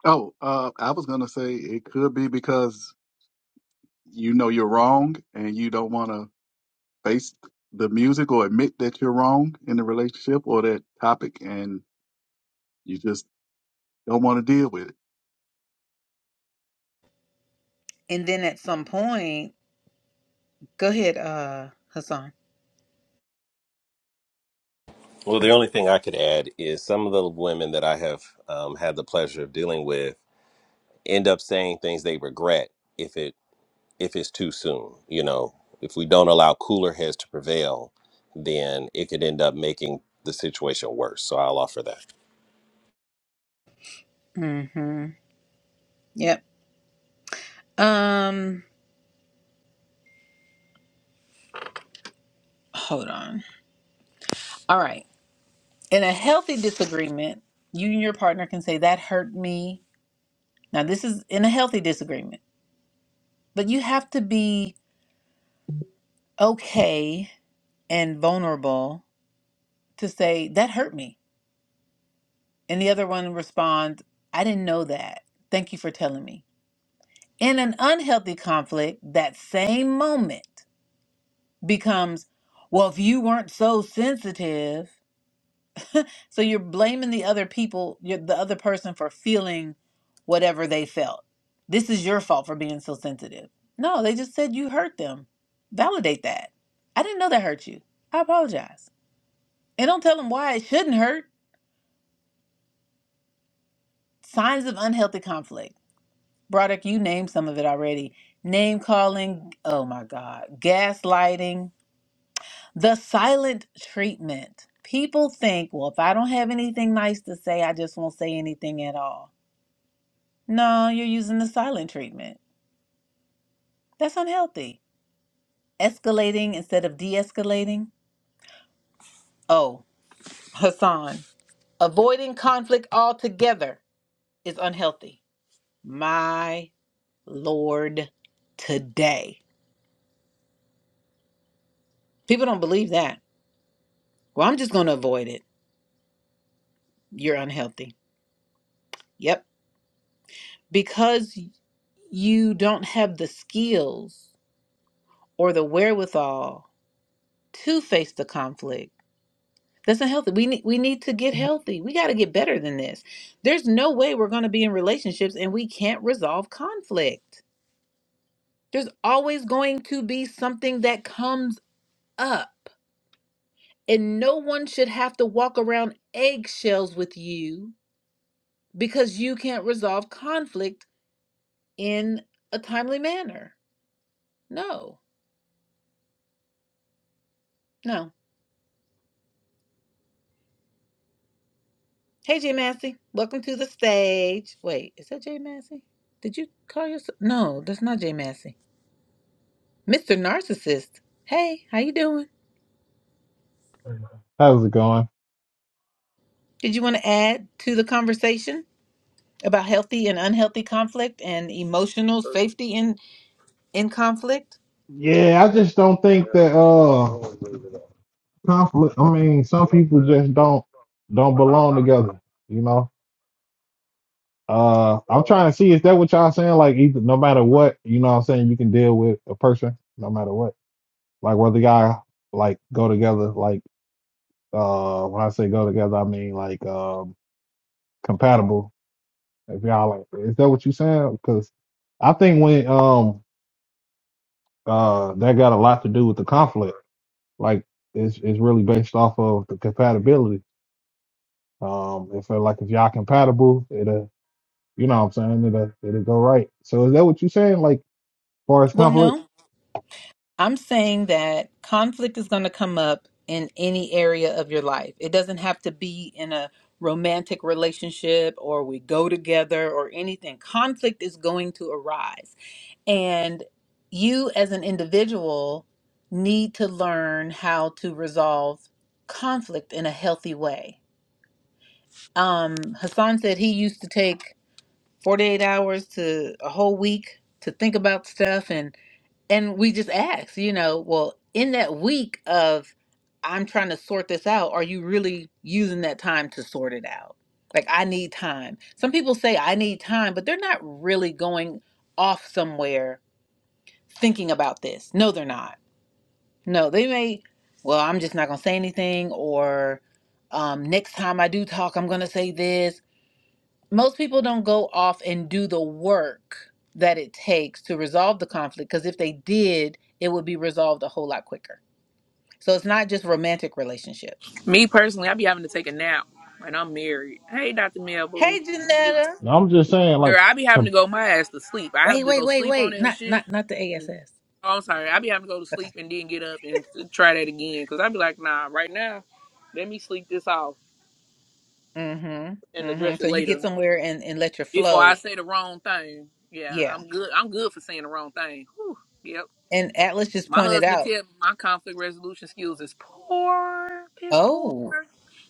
Oh, uh, I was gonna say it could be because you know you're wrong and you don't want to face the music or admit that you're wrong in the relationship or that topic, and you just don't want to deal with it
And then at some point, go ahead, uh, Hassan.
Well, the only thing I could add is some of the women that I have um, had the pleasure of dealing with end up saying things they regret. if it. if it's too soon. You know, if we don't allow cooler heads to prevail, then it could end up making the situation worse. So I'll offer that.
Mm-hmm. Yep. Um, hold on. All right. In a healthy disagreement, you and your partner can say that hurt me. Now, this is in a healthy disagreement, but you have to be okay and vulnerable to say that hurt me And the other one responds, I didn't know that. Thank you for telling me. In an unhealthy conflict, that same moment becomes, well, if you weren't so sensitive. So you're blaming the other people, you're the other person for feeling whatever they felt. This is your fault for being so sensitive. No, they just said you hurt them. Validate that. I didn't know that hurt you. I apologize. And don't tell them why it shouldn't hurt. Signs of unhealthy conflict. Broderick, you named some of it already. Name calling, oh my God, gaslighting, the silent treatment. People think, well, if I don't have anything nice to say, I just won't say anything at all. No, you're using the silent treatment. That's unhealthy. Escalating instead of de escalating. Oh, Hassan, avoiding conflict altogether is unhealthy. My Lord, today. People don't believe that. Well, I'm just going to avoid it. you're unhealthy. Yep. Because you don't have the skills or the wherewithal to face the conflict. That's not healthy. We need we need to get healthy. We got to get better than this. There's no way we're going to be in relationships and we can't resolve conflict. There's always going to be something that comes up. And no one should have to walk around eggshells with you because you can't resolve conflict in a timely manner. No. No. Hey, Jay Massey. Welcome to the stage. Wait, is that Jay Massey? Did you call yourself? No, that's not Jay Massey. Mr. Narcissist. Hey, how you doing?
How's it going?
Did you want to add to the conversation about healthy and unhealthy conflict and emotional safety in in conflict?
Yeah, I just don't think that uh conflict I mean some people just don't don't belong together, you know. Uh I'm trying to see is that what y'all saying? Like either no matter what, you know what I'm saying, you can deal with a person no matter what. Like whether y'all like go together, like uh when I say go together I mean like um compatible. If y'all like is that what you saying? Because I think when um uh that got a lot to do with the conflict. like it's it's really based off of the compatibility. Um, if uh, like if y'all compatible, it'll you know what I'm saying it'll it'll go right. So is that what you saying? Like far as
Well,
conflict?
no. I'm saying that conflict is going to come up in any area of your life. It doesn't have to be in a romantic relationship or we go together or anything. Conflict is going to arise. And you, as an individual, need to learn how to resolve conflict in a healthy way. Um, Hassan said he used to take 48 hours to a whole week to think about stuff. And and we just ask, you know, well, in that week of I'm trying to sort this out, are you really using that time to sort it out? Like, I need time. Some people say I need time, but they're not really going off somewhere thinking about this. No, they're not. No, they may, well, I'm just not going to say anything, or um, next time I do talk, I'm going to say this most people don't go off and do the work that it takes to resolve the conflict because if they did, it would be resolved a whole lot quicker. So it's not just romantic relationships.
Me personally, I be having to take a nap, and I'm married. Hey, Dr. Melville.
Hey, Janetta.
No, I'm just saying like
Girl, I be having to
com-
go my ass to sleep. I
Wait,
have to
wait,
go
wait,
sleep on
wait.
that
Not,
shit.
not, not the ASS.
Oh, I'm sorry. I be having to go to
Okay.
sleep and then get up and t- try that again. Because I be like, nah, right now, let me sleep this off
Mm-hmm.
and
Mm-hmm.
address
So
it
you get
later.
somewhere and and let your
Before I
flow.
say the wrong thing. Yeah,
Yeah.
I'm good. I'm good for saying the wrong thing. Whew, yep.
And Atlas just
My
pointed
husband
out.
tell me my conflict resolution skills is poor, piss poor.
Oh.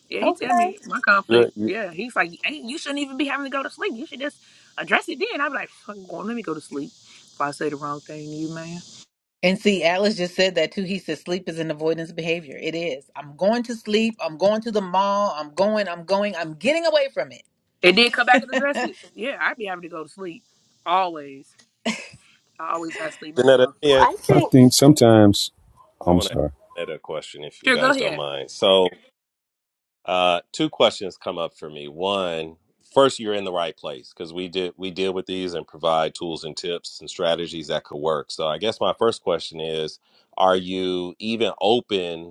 Yeah, he tell
Okay.
me my conflict.
Sure. You-
Yeah, he's like, "Ain't you shouldn't even be having to go to sleep. You should just address it then. I'm like, fuck, going, let me go to sleep. If I say the wrong thing to you, man,
And see, Alice just said that too. He says sleep is an avoidance behavior. It is. I'm going to sleep. I'm going to the mall. I'm going. I'm going. I'm getting away from it.
it did come back and address it. Yeah, I'd be having to go to sleep always. I always got to sleep mine
Janetta, let
off.
me ask-
I
I
think
think sometimes,
I
I'm
want to ask
sorry.
Janetta a question if you
Sure, go
guys don't
ahead.
mind. So, uh, two questions come up for me. One, first, you're in the right place because we did we deal with these and provide tools and tips and strategies that could work. So, I guess my first question is: Are you even open?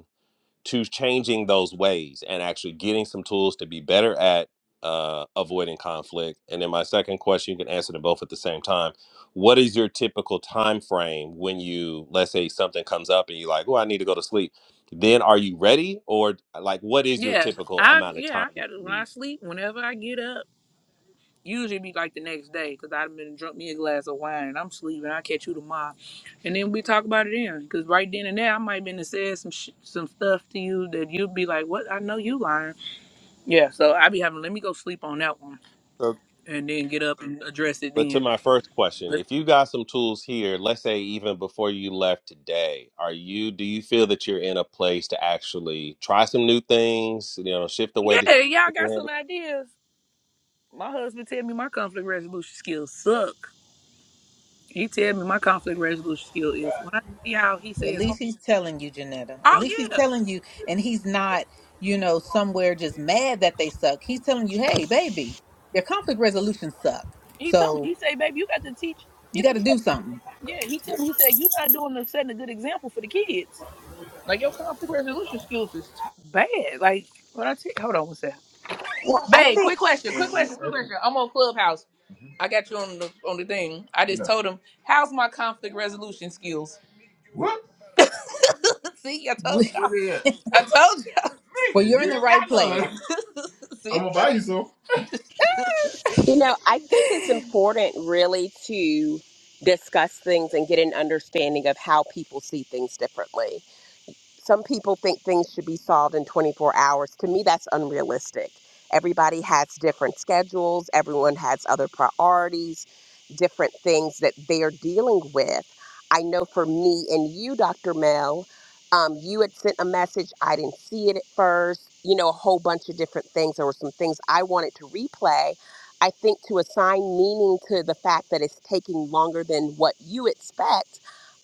to changing those ways and actually getting some tools to be better at uh, avoiding conflict and then my second question you can answer them both at the same time what is your typical time frame when you let's say something comes up and you're like oh i need to go to sleep then are you ready or like what is your
Yeah,
typical
I
amount of time
yeah I
that
got to
you
when I
need
sleep. Whenever I get up. Usually be like the next day because I've been drunk me a glass of wine and I'm sleeping. I'll catch you tomorrow. And then we talk about it then because right then and there, I might have been to say some sh- some stuff to you that you'd be like, what? I know you lying. Yeah, so I be having, let me go sleep on that one and then get up and address it
But to
then.
my first question,
But
if you got some tools here, let's say even before you left today, are you do you feel that you're in a place to actually try some new things, you know, shift the way that
yeah, y'all
you
got some
handle?
ideas. My husband tell me my conflict resolution skills suck. He tell me my conflict resolution skill is when I see how he
So At
says,
least he's telling you, Janetta. At
oh
least he's
yeah,
telling you, and he's not, you know, somewhere just mad that they suck. He's telling you, hey, baby, your conflict resolution suck.
he told me,
So
he say, baby, you got to teach.
you
He's
got to do
like,
something.
Yeah, he told me, he said, You're not doing the setting a good example for the kids. Like, your conflict resolution skills is t- bad. Like, when I take, hold on one second.
well, I
Babe,
think
quick question, quick question, quick question. I'm on Clubhouse. I got you on the on the thing. I just No. told him, How's my conflict resolution skills? What? [laughs] See, I
[laughs]
told
well,
y'all. I told y'all. [laughs] Nigga,
you're in
you
the
ain't
right
got
place.
none. [laughs] See? I'm gonna buy you some.
you know, I think it's important really to discuss things and get an understanding of how people see things differently. some people think things should be solved in 24 hours. To me, that's unrealistic. Everybody has different schedules, everyone has other priorities, different things that they're dealing with. I know for me and you, Dr. Mel, um, you had sent a message. I didn't see it at first, you know, a whole bunch of different things. There were some things I wanted to replay. I think to assign meaning to the fact that it's taking longer than what you expect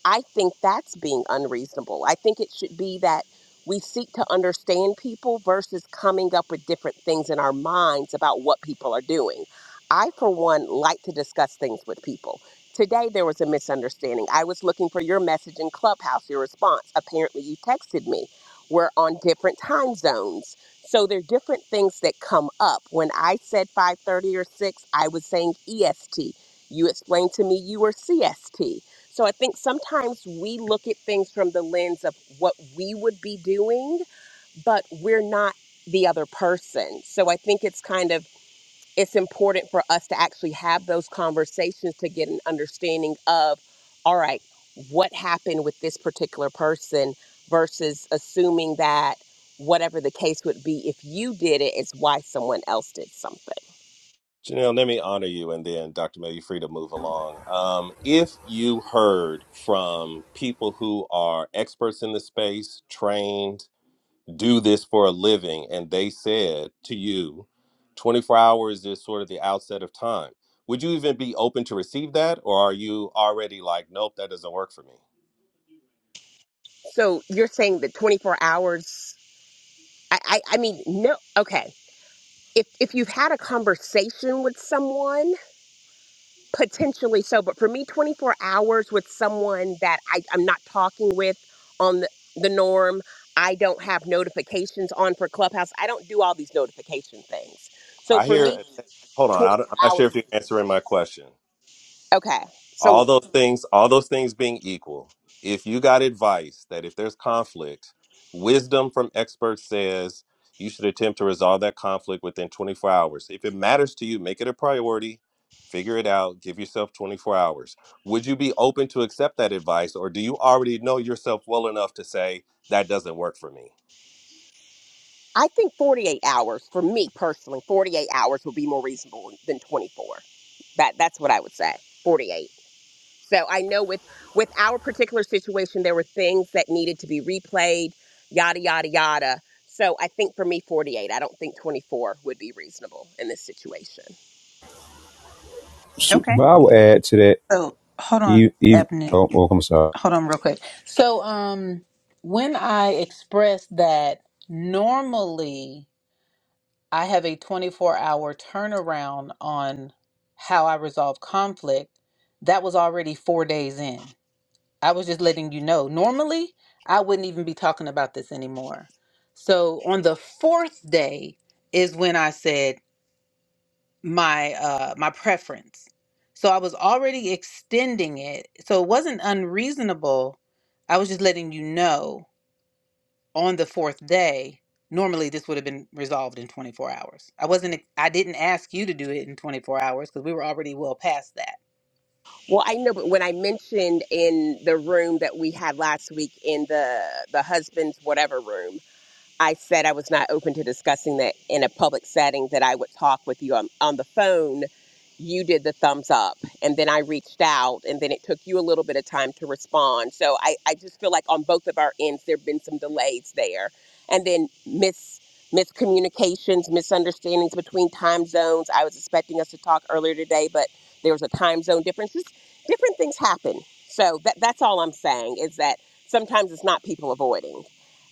I think that's being unreasonable. I think it should be that we seek to understand people versus coming up with different things in our minds about what people are doing. I, for one, like to discuss things with people. Today, there was a misunderstanding. I was looking for your message in Clubhouse, your response. Apparently, you texted me. We're on different time zones. So there are different things that come up. When I said 5:30 or 6, I was saying EST. You explained to me you were CST. So I think sometimes we look at things from the lens of what we would be doing, but we're not the other person. So I think it's kind of it's important for us to actually have those conversations to get an understanding of all right, what happened with this particular person versus assuming that whatever the case would be if you did it, it is why someone else did something.
Janelle, let me honor you and then Dr. May, you're free to move along. Um, if you heard from people who are experts in the space, trained, do this for a living and they said to you 24 hours is sort of the outset of time would you even be open to receive that or are you already like nope that doesn't work for me
So you're saying that 24 hours I I, I mean no okay if if you've had a conversation with someone potentially so but for me 24 hours with someone that I, i'm not talking with on the, the norm i don't have notifications on for clubhouse i don't do all these notification things so
i
for me
hear hold on I don't-
24
i'm not sure
hours
if
is-
you're answering my question
okay
all
so
those things all those things being equal if you got advice that if there's conflict wisdom from experts says you should attempt to resolve that conflict within 24 hours if it matters to you make it a priority figure it out give yourself 24 hours would you be open to accept that advice or do you already know yourself well enough to say that doesn't work for me
i think 48 hours for me personally 48 hours would be more reasonable than 24 that that's what i would say 48 So I know with with our particular situation, there were things that needed to be replayed, yada yada yada. So I think for me, 48. I don't think 24 would be reasonable in this situation.
So,
Okay.
but I will add to that,
So hold on,
e e-
Ebony.
oh, oh, I'm sorry.
hold on real quick. So, um, when I express that normally I have a 24 hour turnaround on how I resolve conflict, that was already four days in. I was just letting you know. Normally, I wouldn't even be talking about this anymore. So, on the fourth day is when I said, my uh my preference so i was already extending it so it wasn't unreasonable i was just letting you know on the fourth day normally this would have been resolved in 24 hours i wasn't ex- i didn't ask you to do it in 24 hours because we were already well past that
Well, I know, but when I mentioned in the room that we had last week in the the husband's whatever room, I said I was not open to discussing that in a public setting, that I would talk with you on, on the phone. You did the thumbs up, and then I reached out, and then it took you a little bit of time to respond. So I, I just feel like on both of our ends, there have been some delays there. And then mis, miscommunications, misunderstandings between time zones. I was expecting us to talk earlier today, but there was a time zone difference. Just different things happen. So that, that's all I'm saying is that sometimes it's not people avoiding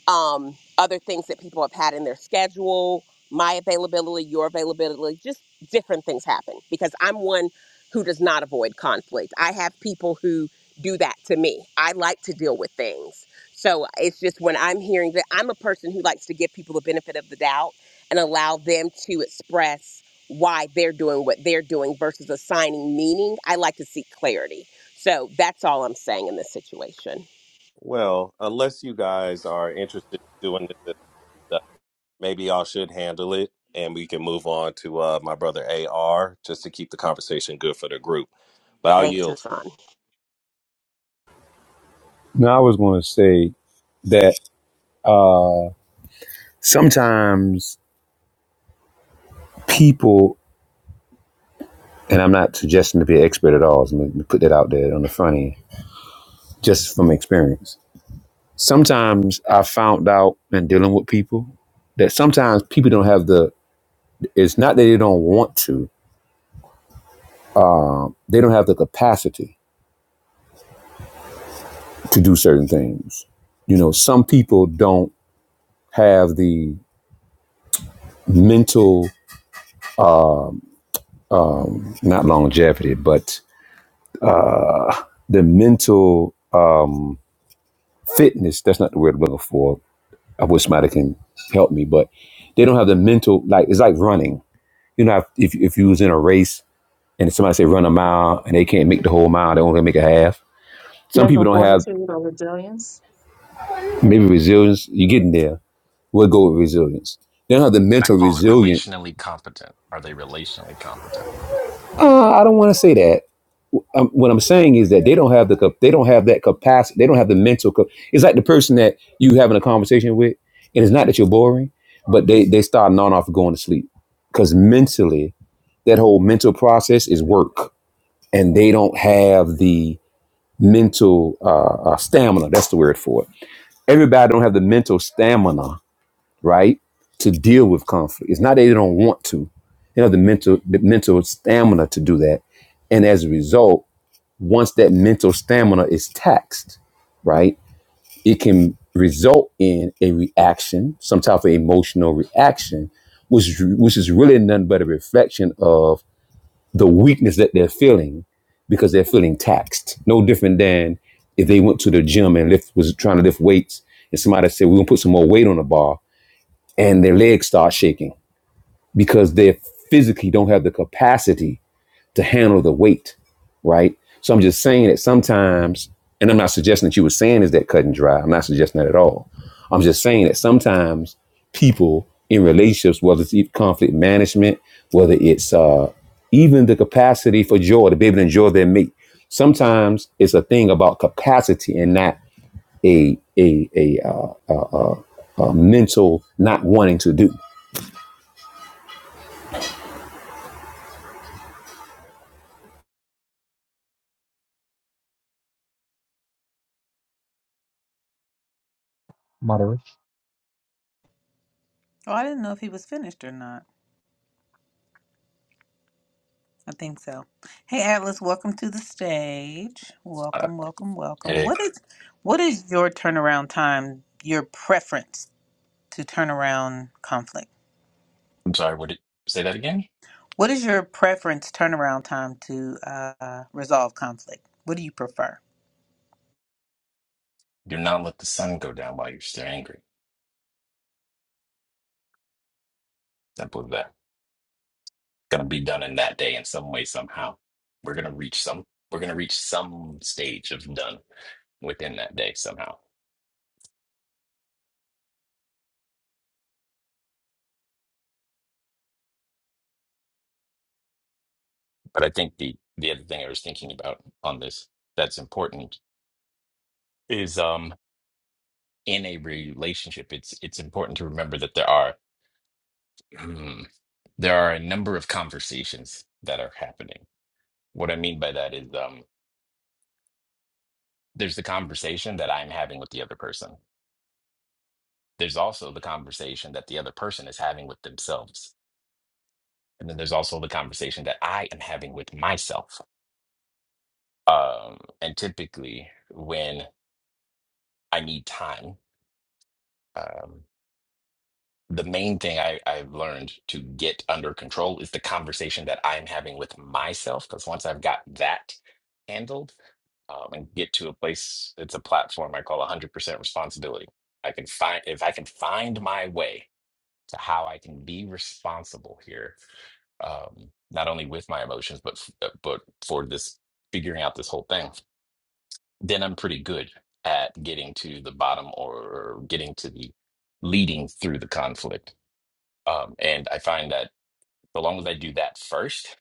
um, other things that people have had in their schedule, my availability, your availability, just different things happen because I'm one who does not avoid conflict. I have people who do that to me. I like to deal with things. So it's just when I'm hearing that, I'm a person who likes to give people the benefit of the doubt and allow them to express why they're doing what they're doing versus assigning meaning. I like to seek clarity. So that's all I'm saying in this situation.
well unless you guys are interested in doing this maybe y'all should handle it and we can move on to uh, my brother AR just to keep the conversation good for the group. But I'll
Thanks,
yield.
Hassan.
Now, I was going to say that sometimes people, and I'm not suggesting to be an expert at all, so let me put that out there on the front end, just from experience. Sometimes I found out in dealing with people that sometimes people don't have the, it's not that they don't want to, they don't have the capacity to do certain things. You know, some people don't have the mental not longevity, but the mental fitness. That's not the word I'm looking for. I wish somebody can help me, but they don't have the mental. Like it's like running. You know, if if you was in a race and somebody say run a mile and they can't make the whole mile, they only make a half. Some people
Mental
don't have
fortitude or resilience.
maybe resilience. You're getting there. We'll go with resilience. They don't have the
I
mental
call it
resilience.
relationally competent. Are they relationally competent?
Uh, I don't want to say that um, what I'm saying is that they don't have the they don't have that capacity. They don't have the mental. Cap- it's like the person that you having a conversation with, and it's not that you're boring, but they they start non off going to sleep because mentally that whole mental process is work, and they don't have the mental uh, uh, stamina. That's the word for it. Everybody don't have the mental stamina, right, to deal with conflict. It's not that they don't want to. They don't have the mental the mental stamina to do that, and as a result once that mental stamina is taxed, right, it can result in a reaction, some type of emotional reaction, which is, which is really nothing but a reflection of the weakness that they're feeling because they're feeling taxed. No different than if they went to the gym and lift was trying to lift weights, and somebody said we're gonna put some more weight on the bar, and their legs start shaking because they physically don't have the capacity to handle the weight, right? So I'm just saying that sometimes, and I'm not suggesting that you were saying is that cut and dry. I'm not suggesting that at all. I'm just saying that sometimes people in relationships, whether it's e- conflict management, whether it's uh, even the capacity for joy to be able to enjoy their mate, sometimes it's a thing about capacity and not a a a, uh, a mental not wanting to do.
moderation.
oh i didn't know if he was finished or not i think so hey atlas welcome to the stage
Uh,
welcome welcome welcome
hey,
what is what is your turnaround time your preference to turn around conflict
I'm sorry. Would it say that again?
What is your preference turnaround time to uh, resolve conflict? What do you prefer?
Do not let the sun go down while you're still angry. Simple as that. Going to be done in that day in some way, somehow. We're going to reach some. We're going to reach some stage of done within that day somehow. But I think the the other thing I was thinking about on this that's important is um in a relationship it's it's important to remember that there are [clears throat] there are a number of conversations that are happening What I mean by that is um, there's the conversation that I'm having with the other person. There's also the conversation that the other person is having with themselves. And then there's also the conversation that I am having with myself. Um, and typically, when I need time, um, the main thing I, I've learned to get under control is the conversation that I'm having with myself. Because once I've got that handled um, and get to a place, it's a platform I call 100% responsibility. I can find, if I can find my way to how I can be responsible here, um, not only with my emotions, but, f- uh, but for this figuring out this whole thing, then I'm pretty good at getting to the bottom or getting to the leading through the conflict um, and I find that so long as I do that first,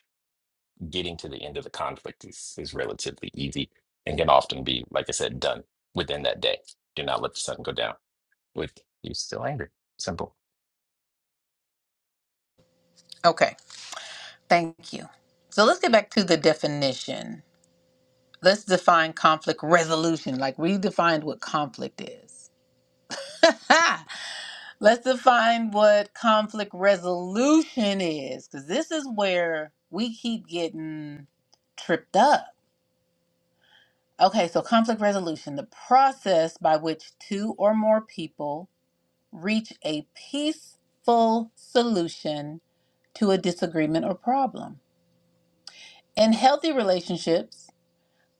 getting to the end of the conflict is, is relatively easy and can often be, like I said, done within that day. Do not let the sun go down with you still angry. Simple.
Okay, thank you. So let's get back to the definition. Let's define conflict resolution, like we defined what conflict is. [laughs] let's define what conflict resolution is, because this is where we keep getting tripped up. Okay, so conflict resolution, the process by which two or more people reach a peaceful solution to a disagreement or problem. In healthy relationships,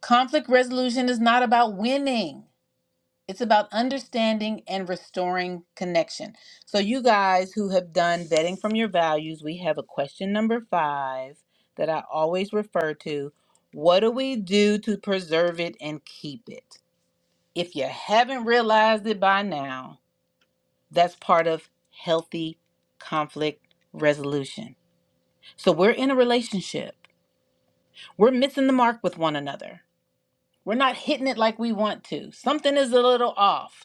conflict resolution is not about winning. It's about understanding and restoring connection. So, you guys who have done vetting from your values, we have a question number five that I always refer to. What do we do to preserve it and keep it? If you haven't realized it by now, That's part of healthy conflict resolution. So we're in a relationship. We're missing the mark with one another. We're not hitting it like we want to. Something is a little off.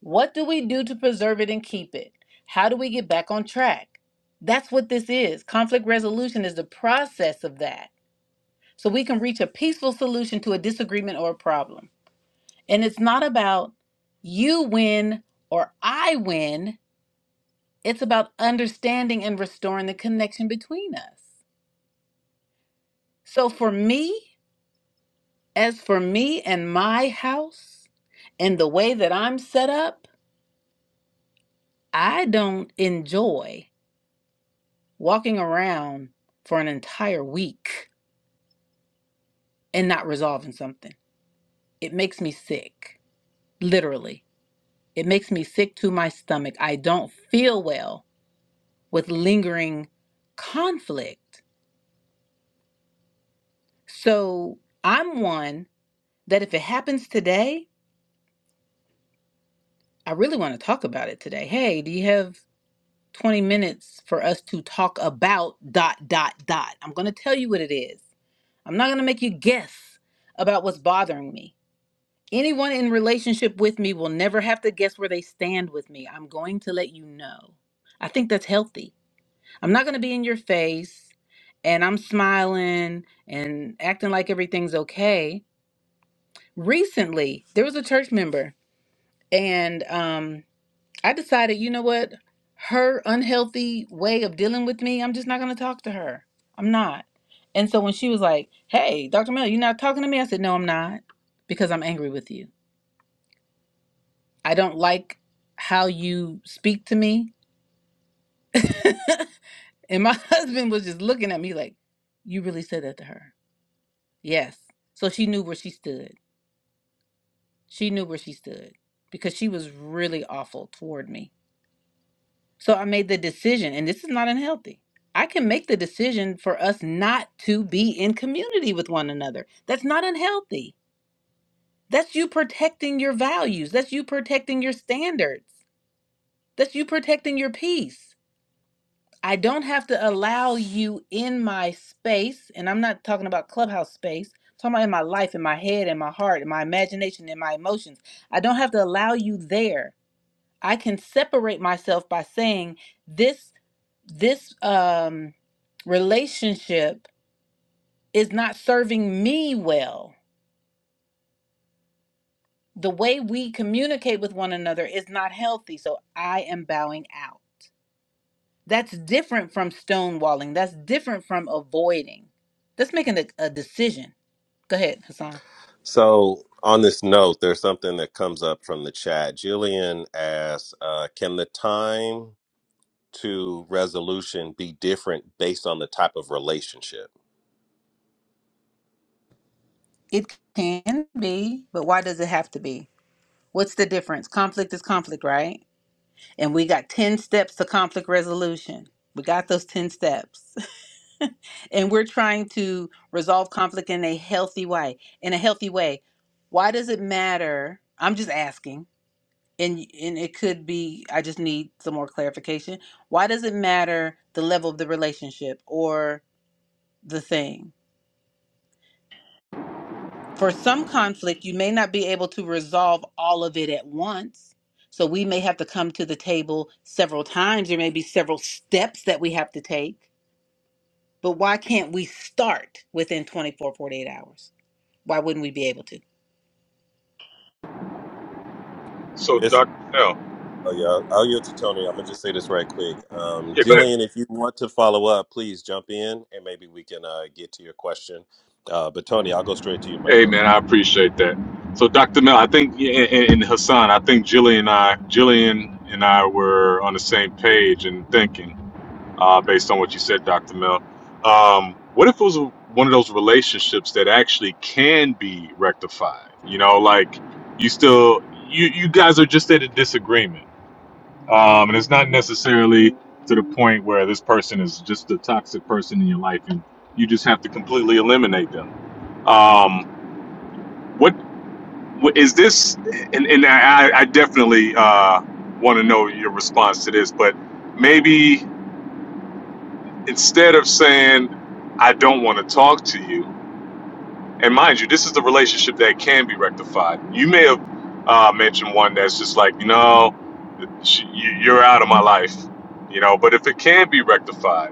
What do we do to preserve it and keep it? How do we get back on track? That's what this is. Conflict resolution is the process of that. So we can reach a peaceful solution to a disagreement or a problem. And it's not about you win or I win It's about understanding and restoring the connection between us. So, for me, as for me and my house and the way that I'm set up, I don't enjoy walking around for an entire week and not resolving something. It makes me sick, literally. It makes me sick to my stomach. I don't feel well with lingering conflict. So, I'm one that if it happens today, I really want to talk about it today. Hey, do you have 20 minutes for us to talk about dot dot dot? I'm going to tell you what it is. I'm not going to make you guess about what's bothering me. Anyone in relationship with me will never have to guess where they stand with me. I'm going to let you know. I think that's healthy. I'm not going to be in your face and I'm smiling and acting like everything's okay. Recently, there was a church member and um I decided, you know what? Her unhealthy way of dealing with me, I'm just not going to talk to her. I'm not. And so when she was like, hey, Dr. Mel, you're not talking to me? I said, no, I'm not because I'm angry with you. I don't like how you speak to me. [laughs] and my [laughs] husband was just looking at me like, you really said that to her? Yes. So she knew where she stood. She knew where she stood because she was really awful toward me. So I made the decision, and this is not unhealthy. I can make the decision for us not to be in community with one another. That's not unhealthy. That's you protecting your values. That's you protecting your standards. That's you protecting your peace. I don't have to allow you in my space, and I'm not talking about clubhouse space. I'm talking about in my life, in my head, in my heart, in my imagination, in my emotions. I don't have to allow you there I can separate myself by saying this this um relationship is not serving me well. The way we communicate with one another is not healthy, so I am bowing out. That's different from stonewalling. That's different from avoiding. That's making a, a decision. Go ahead, Hassan.
So, on this note, there's something that comes up from the chat. Jillian asks uh, Can the time to resolution be different based on the type of relationship?
It can be, but why does it have to be? What's the difference? Conflict is conflict, right? and we got 10 steps to conflict resolution. We got those 10 steps. [laughs] and we're trying to resolve conflict in a healthy way. In a healthy way. Why does it matter? I'm just asking. And and it could be I just need some more clarification. Why does it matter the level of the relationship or the thing? For some conflict, you may not be able to resolve all of it at once. So we may have to come to the table several times. There may be several steps that we have to take But why can't we start within 24, 48 hours? Why wouldn't we be able to?
So,
Yes.
Dr. Mel,
Oh, yeah. I'll yield to Tony. I'm going to just say this right quick. Um,
yeah, go ahead.
Jillian, if you want to follow up, please jump in and maybe we can uh, get to your question. Uh, but, Tony, I'll go straight to you, my
Hey,
bro.
man, I appreciate that. So, Dr. Mel, I think, and, and and Hassan, I think Jillian and I, Jillian and I were on the same page in thinking, uh, based on what you said, Dr. Mel. Um, what if it was one of those relationships that actually can be rectified? You know, like you still, you, you guys are just at a disagreement. Um, and it's not necessarily to the point where this person is just a toxic person in your life and you just have to completely eliminate them Um, what, what is this? And, and I, I definitely uh, want to know your response to this, but maybe instead of saying, I don't want to talk to you, and mind you, this is the relationship that can be rectified. You may have uh, mentioned one that's just like, you know, sh- you- you're out of my life, you know, but if it can be rectified,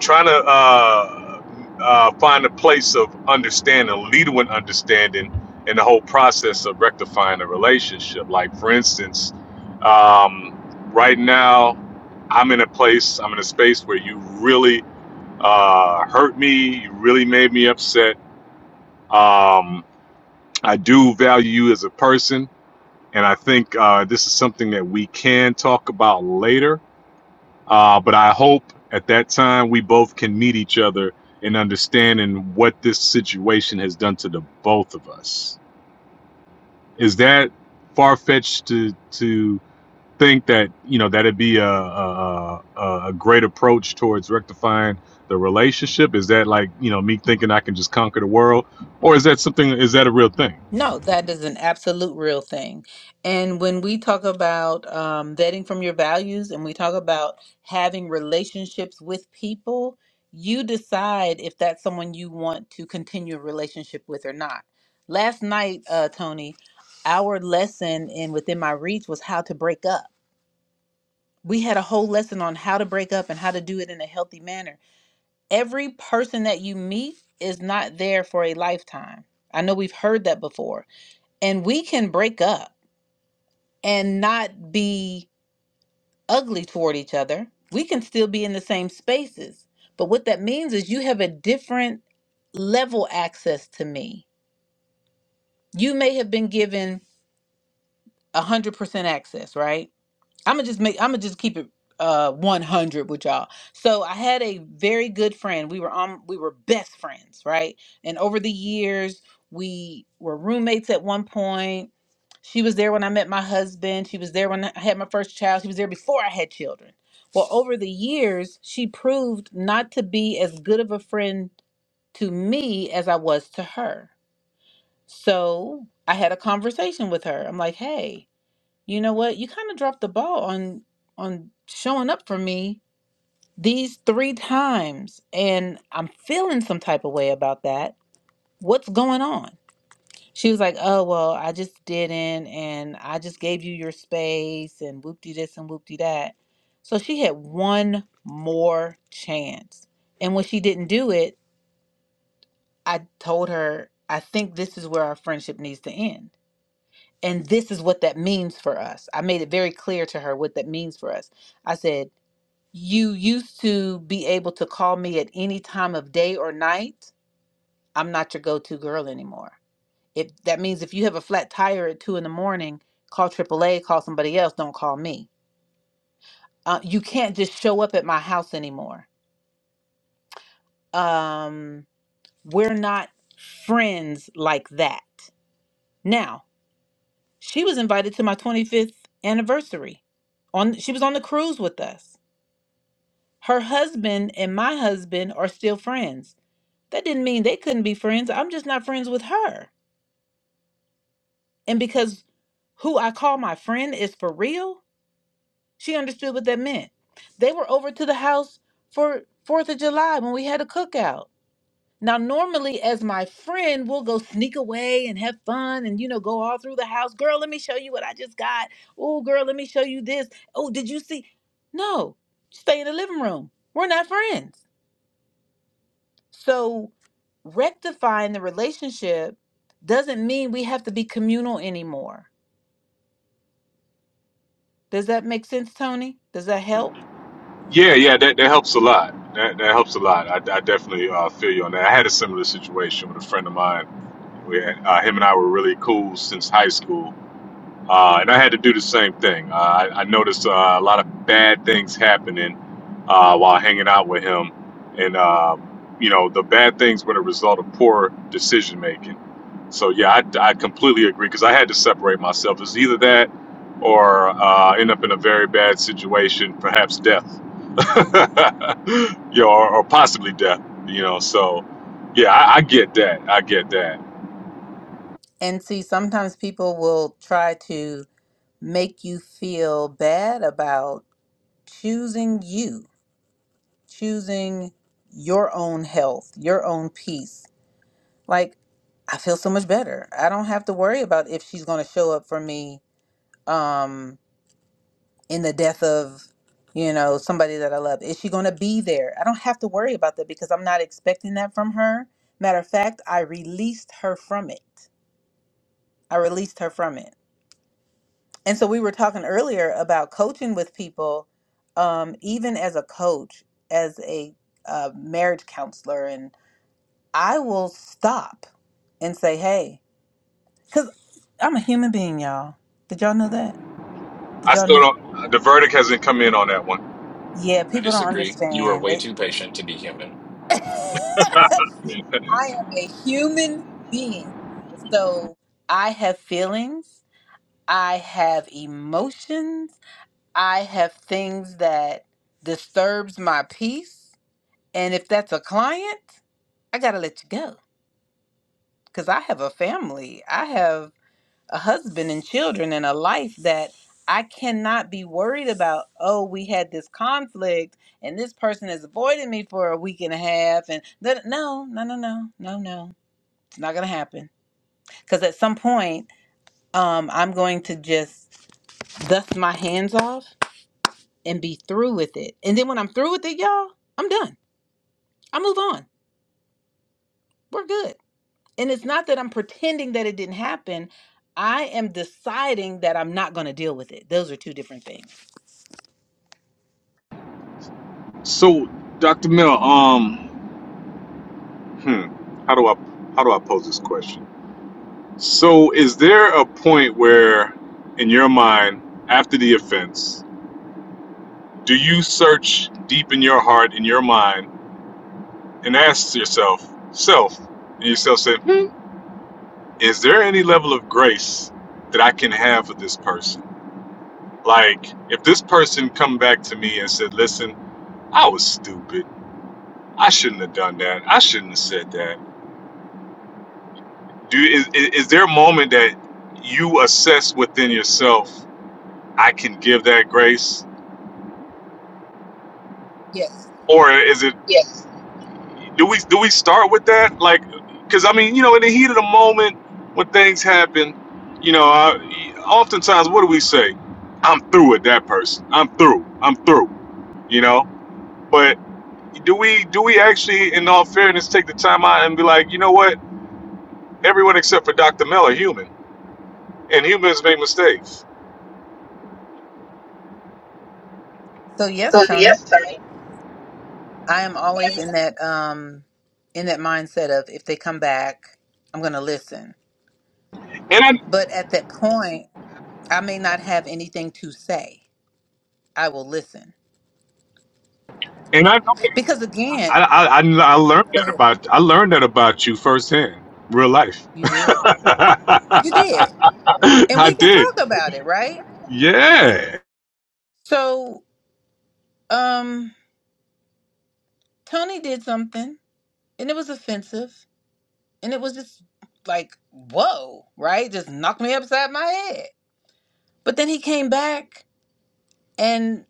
trying to uh, uh, find a place of understanding, lead with understanding in the whole process of rectifying a relationship. Like, for instance, um, right now, I'm in a place, I'm in a space where you really uh, hurt me, you really made me upset. Um, I do value you as a person. And I think uh, this is something that we can talk about later uh, but I hope at that time we both can meet each other in understanding what this situation has done to the both of us. Is that far fetched to to think that you know that'd be a, a a great approach towards rectifying the relationship? Is that like you know me thinking I can just conquer the world, or is that something? Is that a real thing?
No, that is an absolute real thing. And when we talk about um, vetting from your values and we talk about having relationships with people, you decide if that's someone you want to continue a relationship with or not. Last night, uh, Tony, our lesson in Within My Reach was how to break up. We had a whole lesson on how to break up and how to do it in a healthy manner. every person that you meet is not there for a lifetime. I know we've heard that before. And we can break up and not be ugly toward each other. We can still be in the same spaces. But what that means is you have a different level access to me. You may have been given 100% access, right? I'm gonna just make. I'm gonna just keep it uh 100 with y'all. So I had a very good friend. We were on. We were best friends, right? And over the years, we were roommates at one point. She was there when I met my husband. She was there when I had my first child. She was there before I had children. Well, over the years, she proved not to be as good of a friend to me as I was to her. So I had a conversation with her. I'm like, hey, you know what you kind of dropped the ball on on showing up for me these three times and i'm feeling some type of way about that what's going on she was like oh well i just didn't and i just gave you your space and whoopty this and whoopty that so she had one more chance and when she didn't do it i told her i think this is where our friendship needs to end and this is what that means for us. I made it very clear to her what that means for us. I said, You used to be able to call me at any time of day or night. I'm not your go to girl anymore. If that means if you have a flat tire at two in the morning, call AAA, call somebody else, don't call me. Uh, you can't just show up at my house anymore. Um, we're not friends like that. Now, she was invited to my 25th anniversary. On she was on the cruise with us Her husband and my husband are still friends. That didn't mean they couldn't be friends. I'm just not friends with her. And because who I call my friend is for real, she understood what that meant. They were over to the house for 4th of July when we had a cookout. Now, normally, as my friend, we'll go sneak away and have fun and, you know, go all through the house. Girl, let me show you what I just got. Oh, girl, let me show you this. Oh, did you see? No, stay in the living room. We're not friends. So rectifying the relationship doesn't mean we have to be communal anymore. Does that make sense, Tony? Does that help?
Yeah, yeah, that, that helps a lot. That, that helps a lot. I, I definitely uh, feel you on that. I had a similar situation with a friend of mine We had, uh, him and I were really cool since high school, uh, and I had to do the same thing. Uh, I, I noticed uh, a lot of bad things happening uh, while hanging out with him, and uh, you know the bad things were the result of poor decision making. So yeah, I, I completely agree because I had to separate myself. It's either that or uh, end up in a very bad situation, perhaps death, [laughs] you know, or, or possibly death. You know, so yeah, I, I get that. I get that
And see, sometimes people will try to make you feel bad about choosing you, choosing your own health, your own peace. Like, I feel so much better. I don't have to worry about if she's going to show up for me. Um, in the death of you know somebody that i love is she going to be there i don't have to worry about that because i'm not expecting that from her matter of fact i released her from it i released her from it and so we were talking earlier about coaching with people um, even as a coach as a uh, marriage counselor and i will stop and say hey because i'm a human being y'all did y'all know that did
I
y'all
still
know
don't. The verdict hasn't come in on that one.
yeah
I
people don't
disagree. You are
understand
way too patient to be human.
they [laughs] I am a human being. So I have feelings, I have emotions, I have things that disturbs my peace. And if that's a client, I got to let you go cuz I have a family. I have a husband and children and a life that I cannot be worried about, oh, we had this conflict and this person has avoided me for a week and a half and no no no no no no no. It's not going to happen Because at some point, um, I'm going to just dust my hands off and be through with it. And then when I'm through with it, y'all, I'm done. I move on. We're good. And it's not that I'm pretending that it didn't happen. I am deciding that I'm not going to deal with it. Those are two different things.
[laughs] so, Dr. Miller, um, hmm, how do I how do I pose this question? So, is there a point where, in your mind, after the offense, do you search deep in your heart, in your mind, and ask yourself, self, and yourself say, hmm, is there any level of grace that I can have for this person? Like, if this person come back to me and said, listen, I was stupid I shouldn't have done that. I shouldn't have said that. Do you, is, is there a moment that you assess within yourself? I can give that grace,
Yes.
or is it? Do we do we start with that? Like, because I mean, you know, in the heat of the moment when things happen, you know, I, oftentimes what do we say? I'm through with that person. I'm through. I'm through. You know, but do we do we actually, in all fairness, take the time out and be like, you know what? Everyone except for Dr. Mel are human, and humans make mistakes
So yes,
So
Tony,
yesterday,
I am always in that um in that mindset of if they come back, I'm going to listen.
And I
But at that point, I may not have anything to say. I will listen.
and I know
Because
I,
again,
I I I learned
Go
that
ahead.
about I learned that about you firsthand, real life.
You did.
[laughs]
You
I
did. And we can
did.
talk about it, right?
Yeah.
So, um, Tony did something and it was offensive and it was just like, whoa, right? Just knocked me upside my head. But then he came back and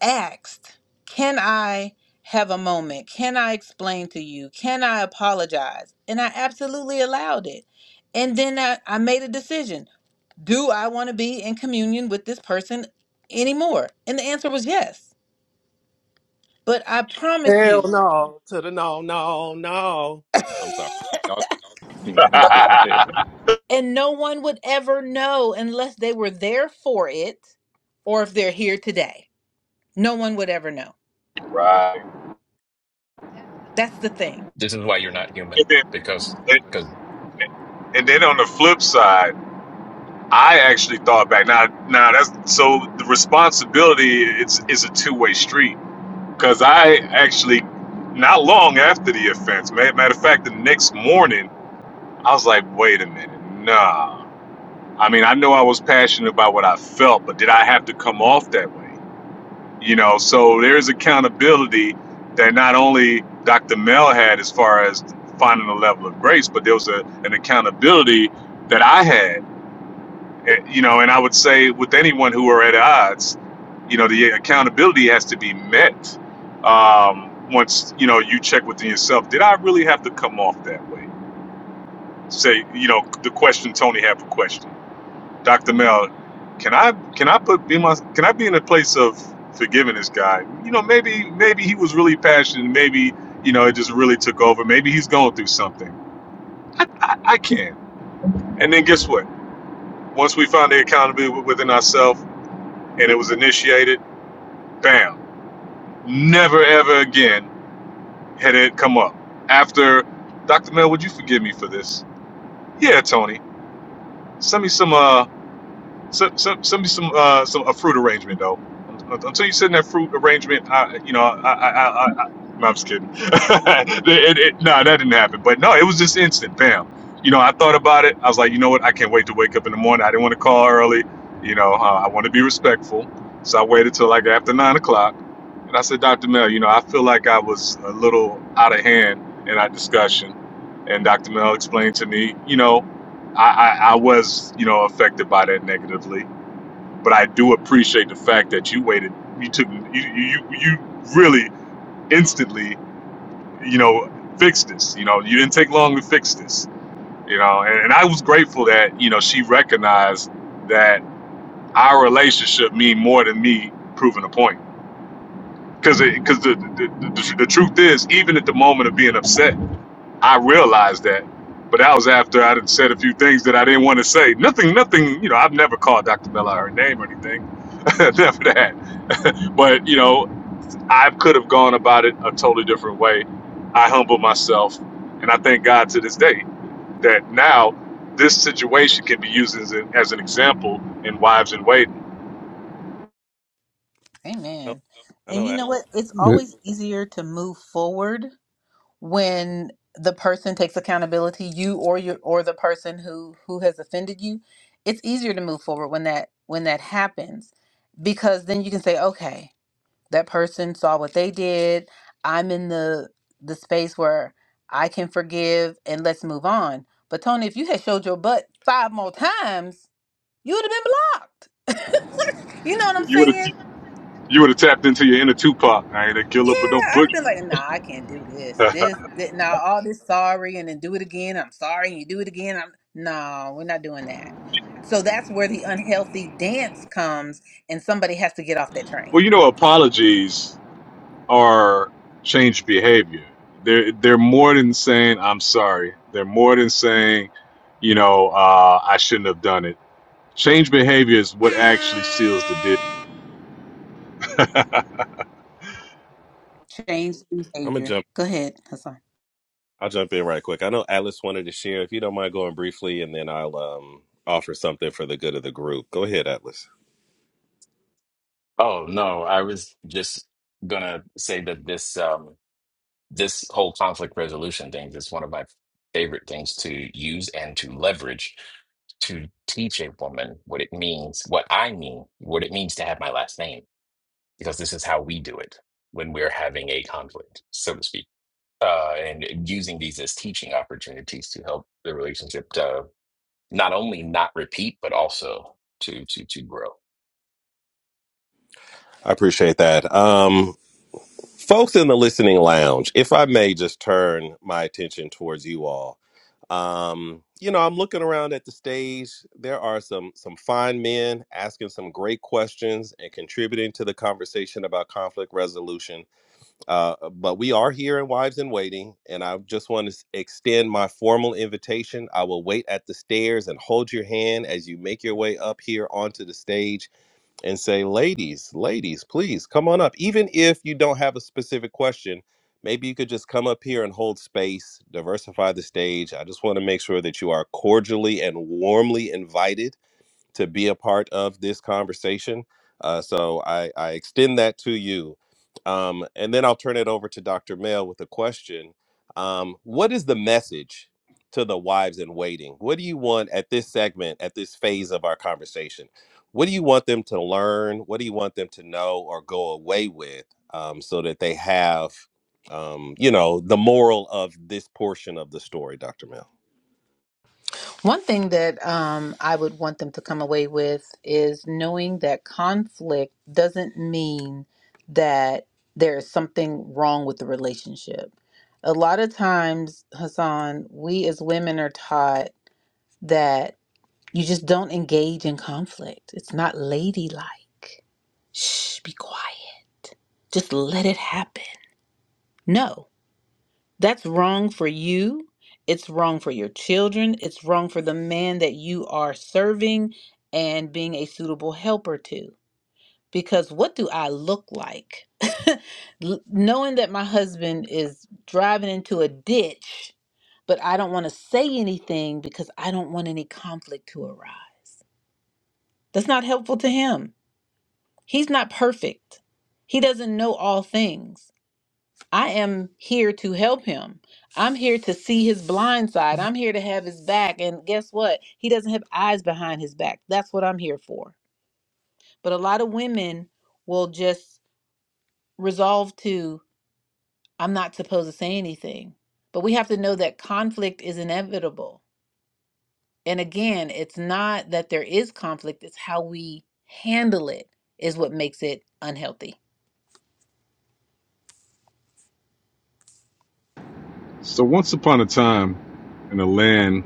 asked, Can I have a moment? Can I explain to you? Can I apologize? And I absolutely allowed it. And then I, I made a decision. do I want to be in communion with this person anymore? And the answer was yes. But I promise
Hell
you,
no to the no, no, no. I'm sorry.
[coughs]
Y'all go.
[laughs] this
[laughs]
[laughs] and no one would ever know unless they were there for it or if they're here today. No one would ever know.
Right.
That's the thing.
is why you're not
And
human
then,
because
and,
because
and then on the flip side, I actually thought back. Now, now that's so the responsibility is is a two way street because I actually not long after the offense. ma- Matter of fact, the next morning I was like, wait a minute, nah. I mean, I know I was passionate about what I felt, but did I have to come off that way? You know, so there's accountability that not only Dr. Mel had as far as finding a level of grace, but there was a, an accountability that I had. Eh, You know, and I would say with anyone who are at odds, you know, the accountability has to be met. Um, once you know you check within yourself, did I really have to come off that way? Say, you know, the question Tony had for question Dr. Mel, can I can I put be my can I be in a place of forgiving this guy? You know, maybe maybe he was really passionate. Maybe you know it just really took over. Maybe he's going through something. I, I can. And then guess what? Once we found the accountability within ourselves and it was initiated, bam! Never ever again had it come up. After Dr. Mel, would you forgive me for this? Yeah, Tony. Send me some. Uh, Some, some, some, some, uh, some a fruit arrangement though. Until you send that fruit arrangement, I, you know, I, I, I, I, I no, I'm just kidding. [laughs] it, it, no, that didn't happen. But no, it was just instant, bam. You know, I thought about it. I was like, you know what? I can't wait to wake up in the morning. I didn't want to call early. You know, uh, I want to be respectful, so I waited till like after nine o'clock, and I said, Doctor Mel, you know, I feel like I was a little out of hand in our discussion, and Doctor Mel explained to me, you know. I, I, I was, you know, affected by that negatively, but I do appreciate the fact that you waited. You took you you, you really instantly, you know, fixed this. You know, you didn't take long to fix this. You know, and, and I was grateful that you know she recognized that our relationship mean more than me proving a point. Because because the the, the the truth is, even at the moment of being upset I realized that, but that was after I had said a few things that I didn't want to say. Nothing, nothing. You know, I've never called Dr. Bella her name or anything, [laughs] never that. But you know, I could have gone about it a totally different way. I humble myself, and I thank God to this day that now this situation can be used as, an as an example in Wives and Waiting.
No,
Amen.
I
And
know.
you
I-
know what? It's
Uh,
always easier to move forward when the person takes accountability you or your or the person who who has offended you it's easier to move forward when that when that happens because then you can say okay that person saw what they did i'm in the the space where i can forgive and let's move on but tony if you had showed your butt five more times you would have been blocked [laughs] you know what i'm
You would have,
saying
you would have tapped into your inner Tupac, I ain't a
Yeah,
killer, but don't
I'd
push.
have
me."
been like, nah, I can't do this.
[laughs]
This, this now all this sorry and then do it again. I'm sorry and you do it again. I'm no, we're not doing that. So that's where the unhealthy dance comes and somebody has to get off that train.
well, you know, apologies. are change behavior. They're they're more than saying I'm sorry. They're more than saying, you know, uh, I shouldn't have done it. Change behavior is what actually seals the deal.
Change the
I'm gonna
behavior.
jump.
Go ahead, Hassan.
I'll jump in right quick. I know Alice wanted to share. If you don't mind going briefly, and then I'll um offer something for the good of the group. Go ahead, Atlas.
oh no, I was just gonna say that this. um this whole conflict resolution thing is one of my favorite things to use and to leverage to teach a woman what it means, what I mean, what it means to have my last name, because this is how we do it when we're having a conflict, so to speak. Uh, and using these as teaching opportunities to help the relationship to not only not repeat, but also to to to grow.
I appreciate that. Um, folks in the listening lounge, if I may, just turn my attention towards you all. Um, you know, I'm looking around at the stage. There are some some fine men asking some great questions and contributing to the conversation about conflict resolution Uh, uh, but we are here in Wives in Waiting, and I just want to extend my formal invitation. I will wait at the stairs and hold your hand as you make your way up here onto the stage and say, Ladies, ladies, please come on up. Even if you don't have a specific question, maybe you could just come up here and hold space, diversify the stage. I just want to make sure that you are cordially and warmly invited to be a part of this conversation. Uh, so I, I extend that to you. Um, and then I'll turn it over to Dr. Mel with a question. Um, what is the message to the wives in waiting? What do you want at this segment, at this phase of our conversation? What do you want them to learn? What do you want them to know or go away with um, so that they have, um, you know, the moral of this portion of the story, Dr. Mel?
One thing that um, I would want them to come away with is knowing that conflict doesn't mean that there's something wrong with the relationship. A lot of times, Hassan, we as women are taught that you just don't engage in conflict. It's not ladylike. Shh, be quiet. Just let it happen. No. That's wrong for you. It's wrong for your children. It's wrong for the man that you are serving and being a suitable helper to. Because what do I look like? [laughs] L- Knowing that my husband is driving into a ditch, but I don't want to say anything because I don't want any conflict to arise. That's not helpful to him. He's not perfect, he doesn't know all things. I am here to help him. I'm here to see his blind side. I'm here to have his back. And guess what? He doesn't have eyes behind his back. That's what I'm here for. But a lot of women will just resolve to, I'm not supposed to say anything. But we have to know that conflict is inevitable. And again, it's not that there is conflict, it's how we handle it is what makes it unhealthy.
So once upon a time, in a land,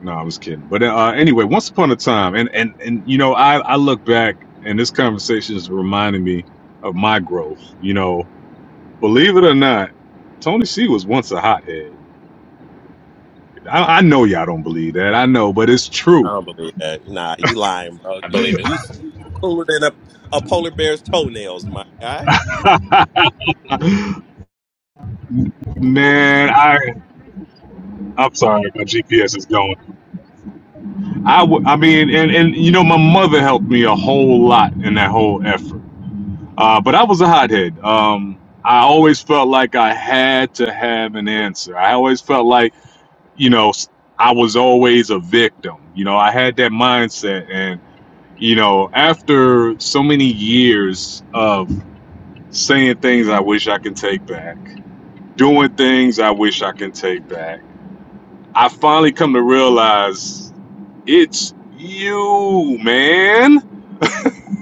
no, I was kidding. But uh, anyway, once upon a time, and and and you know, I I look back, and this conversation is reminding me of my growth. You know, believe it or not, Tony C was once a hothead. I, I know y'all don't believe that. I know, but it's true.
I don't believe that. Nah, you lying, bro.
I
You
believe it.
you you you cooler than a, a polar bear's toenails, my guy.
[laughs] Man, I I'm sorry, my GPS is going. I w- I mean, and and you know, my mother helped me a whole lot in that whole effort. Uh, but I was a hothead. Um, I always felt like I had to have an answer. I always felt like you know s- I was always a victim. You know, I had that mindset, and you know, after so many years of saying things I wish I can take back, doing things I wish I can take back I finally come to realize it's you, man.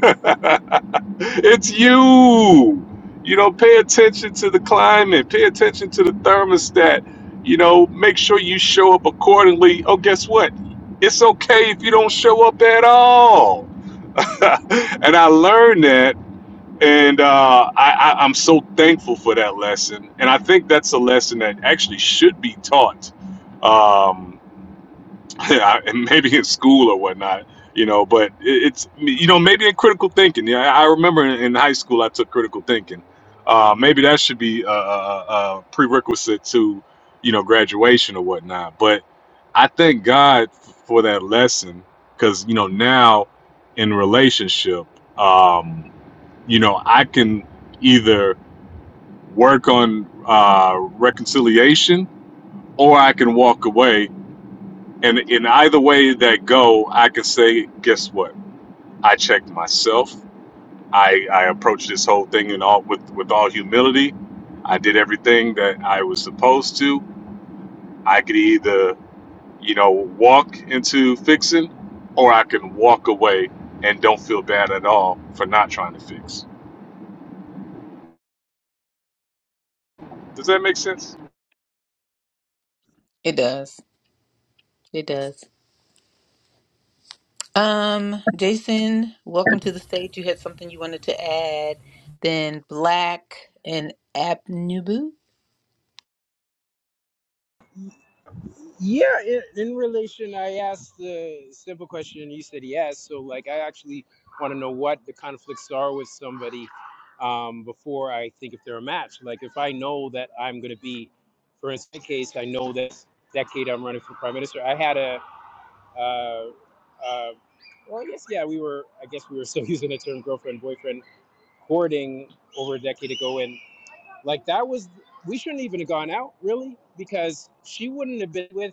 [laughs] it's you. You know, pay attention to the climate, pay attention to the thermostat. You know, make sure you show up accordingly. Oh, guess what? It's okay if you don't show up at all. [laughs] and I learned that, and uh, I, I, I'm so thankful for that lesson. And I think that's a lesson that actually should be taught. Um, [laughs] yeah, and maybe in school or whatnot, you know. But it, it's you know maybe in critical thinking. Yeah, I I remember in, in high school I took critical thinking. Uh, maybe that should be a, a, a prerequisite to you know graduation or whatnot. But I thank God for that lesson because you know now in relationship, um, you know I can either work on uh, reconciliation or I can walk away and in either way that go, I can say, guess what? I checked myself. I, I approached this whole thing in all with, with all humility. I did everything that I was supposed to. I could either, you know, walk into fixing or I can walk away and don't feel bad at all for not trying to fix. Does that make sense?
It does. It does. Um, Jason, welcome to the stage. You had something you wanted to add. Then Black and Abnubu.
Yeah, in, in relation, I asked the simple question, and you said yes. So, like, I actually want to know what the conflicts are with somebody um, before I think if they're a match. Like, if I know that I'm going to be, for instance, in my case, I know that decade I'm running for prime minister. I had a, uh, uh, well, I guess, yeah, we were, I guess we were still [laughs] using the term girlfriend, boyfriend, courting over a decade ago. And, like, that was, we shouldn't even have gone out, really, because she wouldn't have been with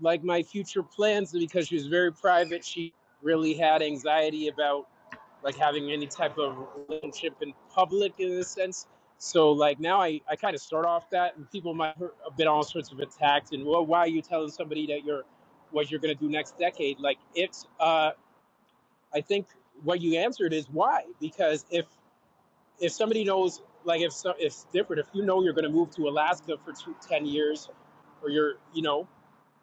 like my future plans because she was very private. She really had anxiety about like having any type of relationship in public in a sense. So like now I, I kind of start off that and people might have been all sorts of attacked and well why are you telling somebody that you're what you're going to do next decade like it's uh I think what you answered is why because if if somebody knows like if so, if it's different if you know you're going to move to Alaska for two, 10 years or you're you know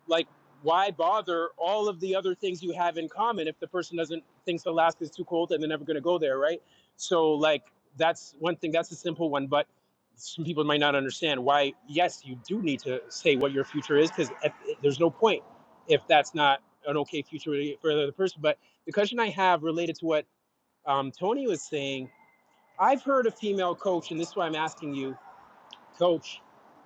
like why bother all of the other things you have in common if the person doesn't thinks Alaska is too cold and they're never going to go there, right? So like that's one thing. That's a simple one, but some people might not understand why. Yes, you do need to say what your future is because there's no point if that's not an okay future for the other person. But the question I have related to what um, Tony was saying, I've heard a female coach, and this is why I'm asking you coach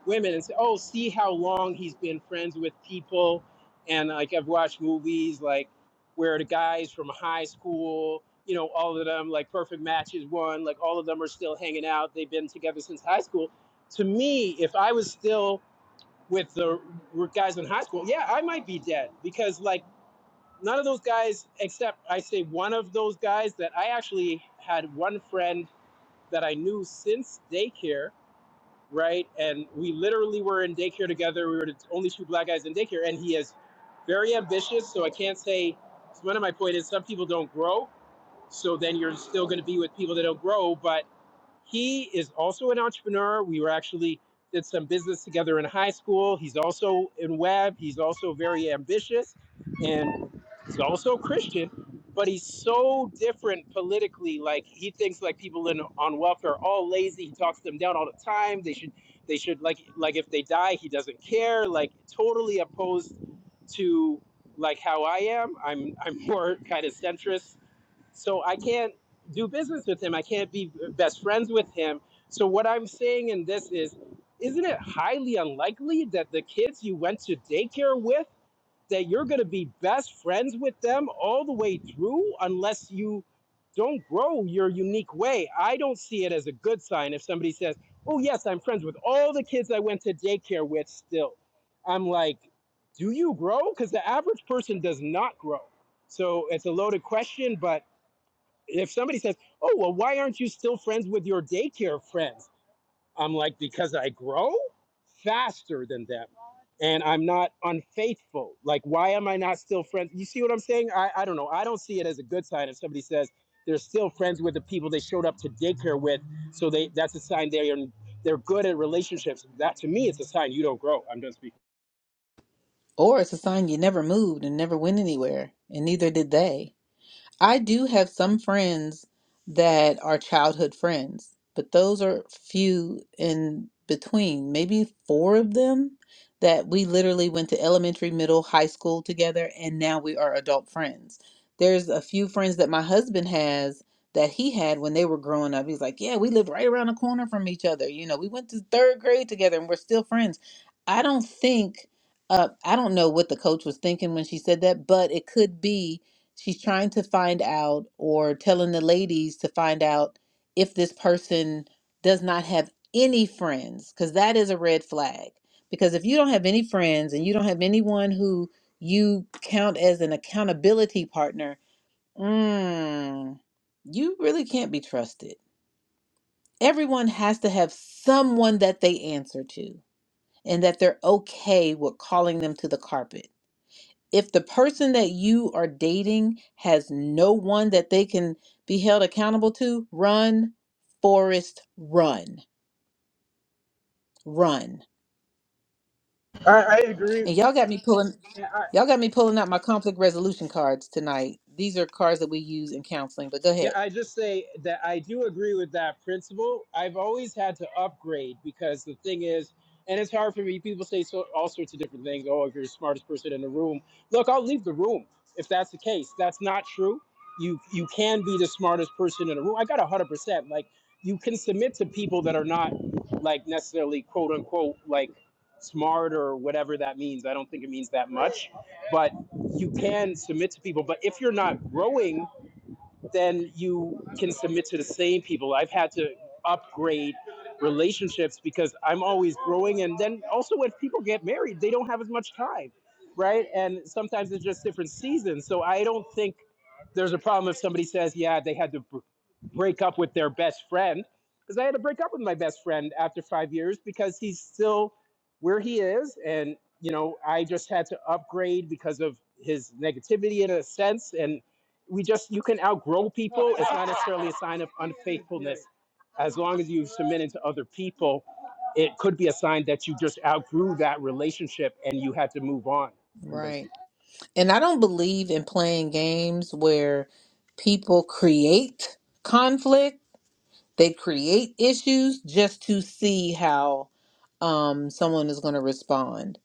women and say, "Oh, see how long he's been friends with people." And like I've watched movies like where the guys from high school, you know, all of them like perfect matches one, like all of them are still hanging out. They've been together since high school. To me, if I was still with the r- guys in high school, yeah, I might be dead because like none of those guys except I say one of those guys that I actually had one friend that I knew since daycare right? And we literally were in daycare together. We were the only two black guys in daycare, and he is very ambitious. So I can't say. One of my point is some people don't grow, so then you're still going to be with people that don't grow. But he is also an entrepreneur. We were actually did some business together in high school. He's also in web. He's also very ambitious and he's also Christian, but he's so different politically. Like he thinks like people in on welfare are all lazy. He talks them down all the time. They should they should like like if they die, he doesn't care. Like totally opposed to like how I am. I'm I'm more [laughs] kind of centrist so I can't do business with him. I can't be best friends with him. So what I'm saying in this is, isn't it highly unlikely that the kids you went to daycare with, that you're going to be best friends with them all the way through, unless you don't grow your unique way? I don't see it as a good sign if somebody says, "Oh yes, I'm friends with all the kids I went to daycare with." Still, I'm like, do you grow? Because the average person does not grow. So it's a loaded question, but if somebody says, "Oh, well, why aren't you still friends with your daycare friends?" I'm like, "Because I grow faster than them, and I'm not unfaithful. Like, why am I not still friends?" You see what I'm saying? I I don't know. I don't see it as a good sign if somebody says they're still friends with the people they showed up to daycare with, so they that's a sign they are they're good at relationships. That to me, it's a sign you don't grow. I'm done speaking.
Or it's a sign you never moved and never went anywhere, and neither did they. I do have some friends that are childhood friends, but those are few in between. Maybe four of them that we literally went to elementary, middle, high school together, and now we are adult friends. There's a few friends that my husband has that he had when they were growing up. He's like, Yeah, we lived right around the corner from each other. You know, we went to third grade together and we're still friends. I don't think, uh, I don't know what the coach was thinking when she said that, but it could be she's trying to find out or telling the ladies to find out if this person does not have any friends because that is a red flag because if you don't have any friends and you don't have anyone who you count as an accountability partner mm, you really can't be trusted everyone has to have someone that they answer to and that they're okay with calling them to the carpet if the person that you are dating has no one that they can be held accountable to, run, Forrest, run, run.
I, I agree.
And y'all got me pulling
I,
y'all got me pulling out my conflict resolution cards tonight. These are cards that we use in counseling, but go
Yeah,
ahead.
I just say that I do agree with that principle. I've always had to upgrade because the thing is, and it's hard for me. People say so, all sorts of different things. Oh, if you're the smartest person in the room, look, I'll leave the room if that's the case. That's not true. You you can be the smartest person in the room. I got a hundred percent. Like you can submit to people that are not like necessarily quote unquote like smart or whatever that means. I don't think it means that much, but you can submit to people. But if you're not growing then you can submit to the same people. I've had to upgrade relationships because I'm always growing. And then also, when people get married, they don't have as much time, right? And sometimes it's just different seasons. So I don't think there's a problem if somebody says, yeah, they had to b- break up with their best friend because I had to break up with my best friend after five years because he's still where he is. And, you know, I just had to upgrade because of his negativity in a sense. And we just, you can outgrow people. It's not necessarily a sign of unfaithfulness. As long as you submitted to other people, it could be a sign that you just outgrew that relationship and you had to move on.
Right. And I don't believe in playing games where people create conflict, they create issues just to see how um, someone is going to respond.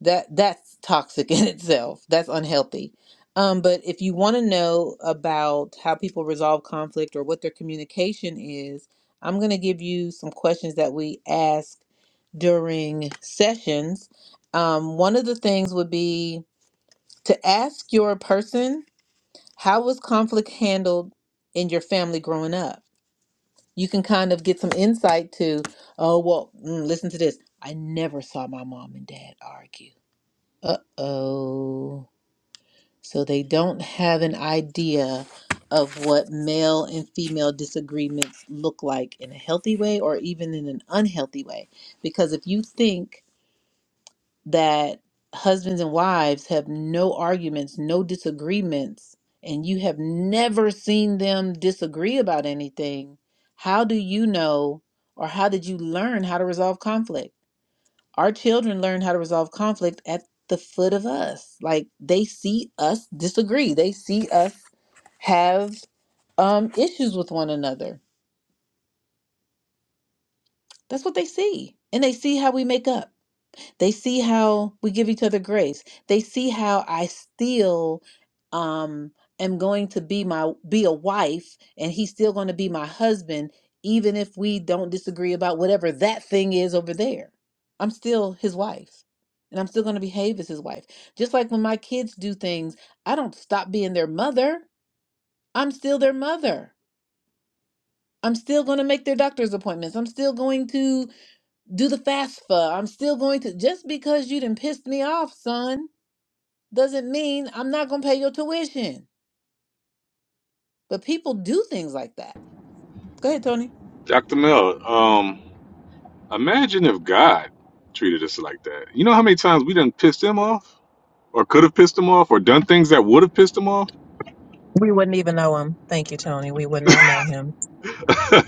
That that's toxic in [laughs] itself. That's unhealthy. Um, but if you want to know about how people resolve conflict or what their communication is, I'm going to give you some questions that we ask during sessions. Um, one of the things would be to ask your person, how was conflict handled in your family growing up? you can kind of get some insight to, oh, well, mm, listen to this. I never saw my mom and dad argue. Uh oh. So they don't have an idea of what male and female disagreements look like in a healthy way or even in an unhealthy way. Because if you think that husbands and wives have no arguments, no disagreements, and you have never seen them disagree about anything, how do you know or how did you learn how to resolve conflict? Our children learn how to resolve conflict at the foot of us. Like they see us disagree, they see us have um, issues with one another. That's what they see. And they see how we make up. They see how we give each other grace. They see how I still um am going to be my be a wife and he's still going to be my husband even if we don't disagree about whatever that thing is over there. I'm still his wife. And I'm still going to behave as his wife. Just like when my kids do things, I don't stop being their mother. I'm still their mother. I'm still going to make their doctor's appointments. I'm still going to do the fast for. I'm still going to just because you didn't pissed me off, son, doesn't mean I'm not gonna pay your tuition. But people do things like that. Go ahead, Tony.
Dr. Mel, um, imagine if God treated us like that. You know how many times we done pissed him off? or could have pissed him off or done things that would have pissed him off.
Um,
[laughs]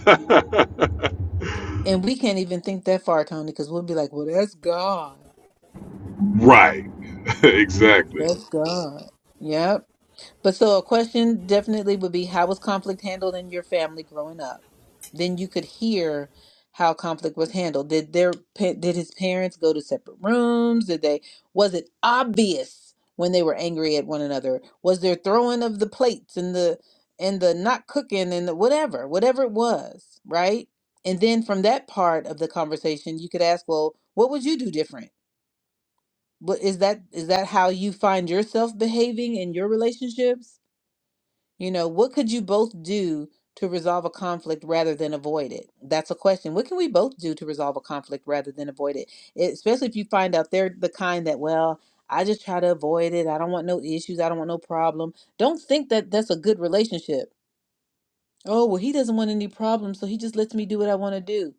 And we can't even think that far, Tony, because we'll be like, well, that's God.
right. [laughs] exactly.
That's God. Yep. But so a question definitely would be how was conflict handled in your family growing up? Then you could hear how conflict was handled. Did their pa- did his parents go to separate rooms? Did they was it obvious when they were angry at one another? Was there throwing of the plates and the and the not cooking and the whatever, whatever it was, right? And then from that part of the conversation, you could ask, well, what would you do different? What is that is that how you find yourself behaving in your relationships? You know, what could you both do to resolve a conflict rather than avoid it? That's a question. What can we both do to resolve a conflict rather than avoid it? It- especially if you find out they're the kind that, well, I just try to avoid it. I don't want no issues. I don't want no problem. Don't think that that's a good relationship. Oh, well, he doesn't want any problems, so he just lets me do what I want to do.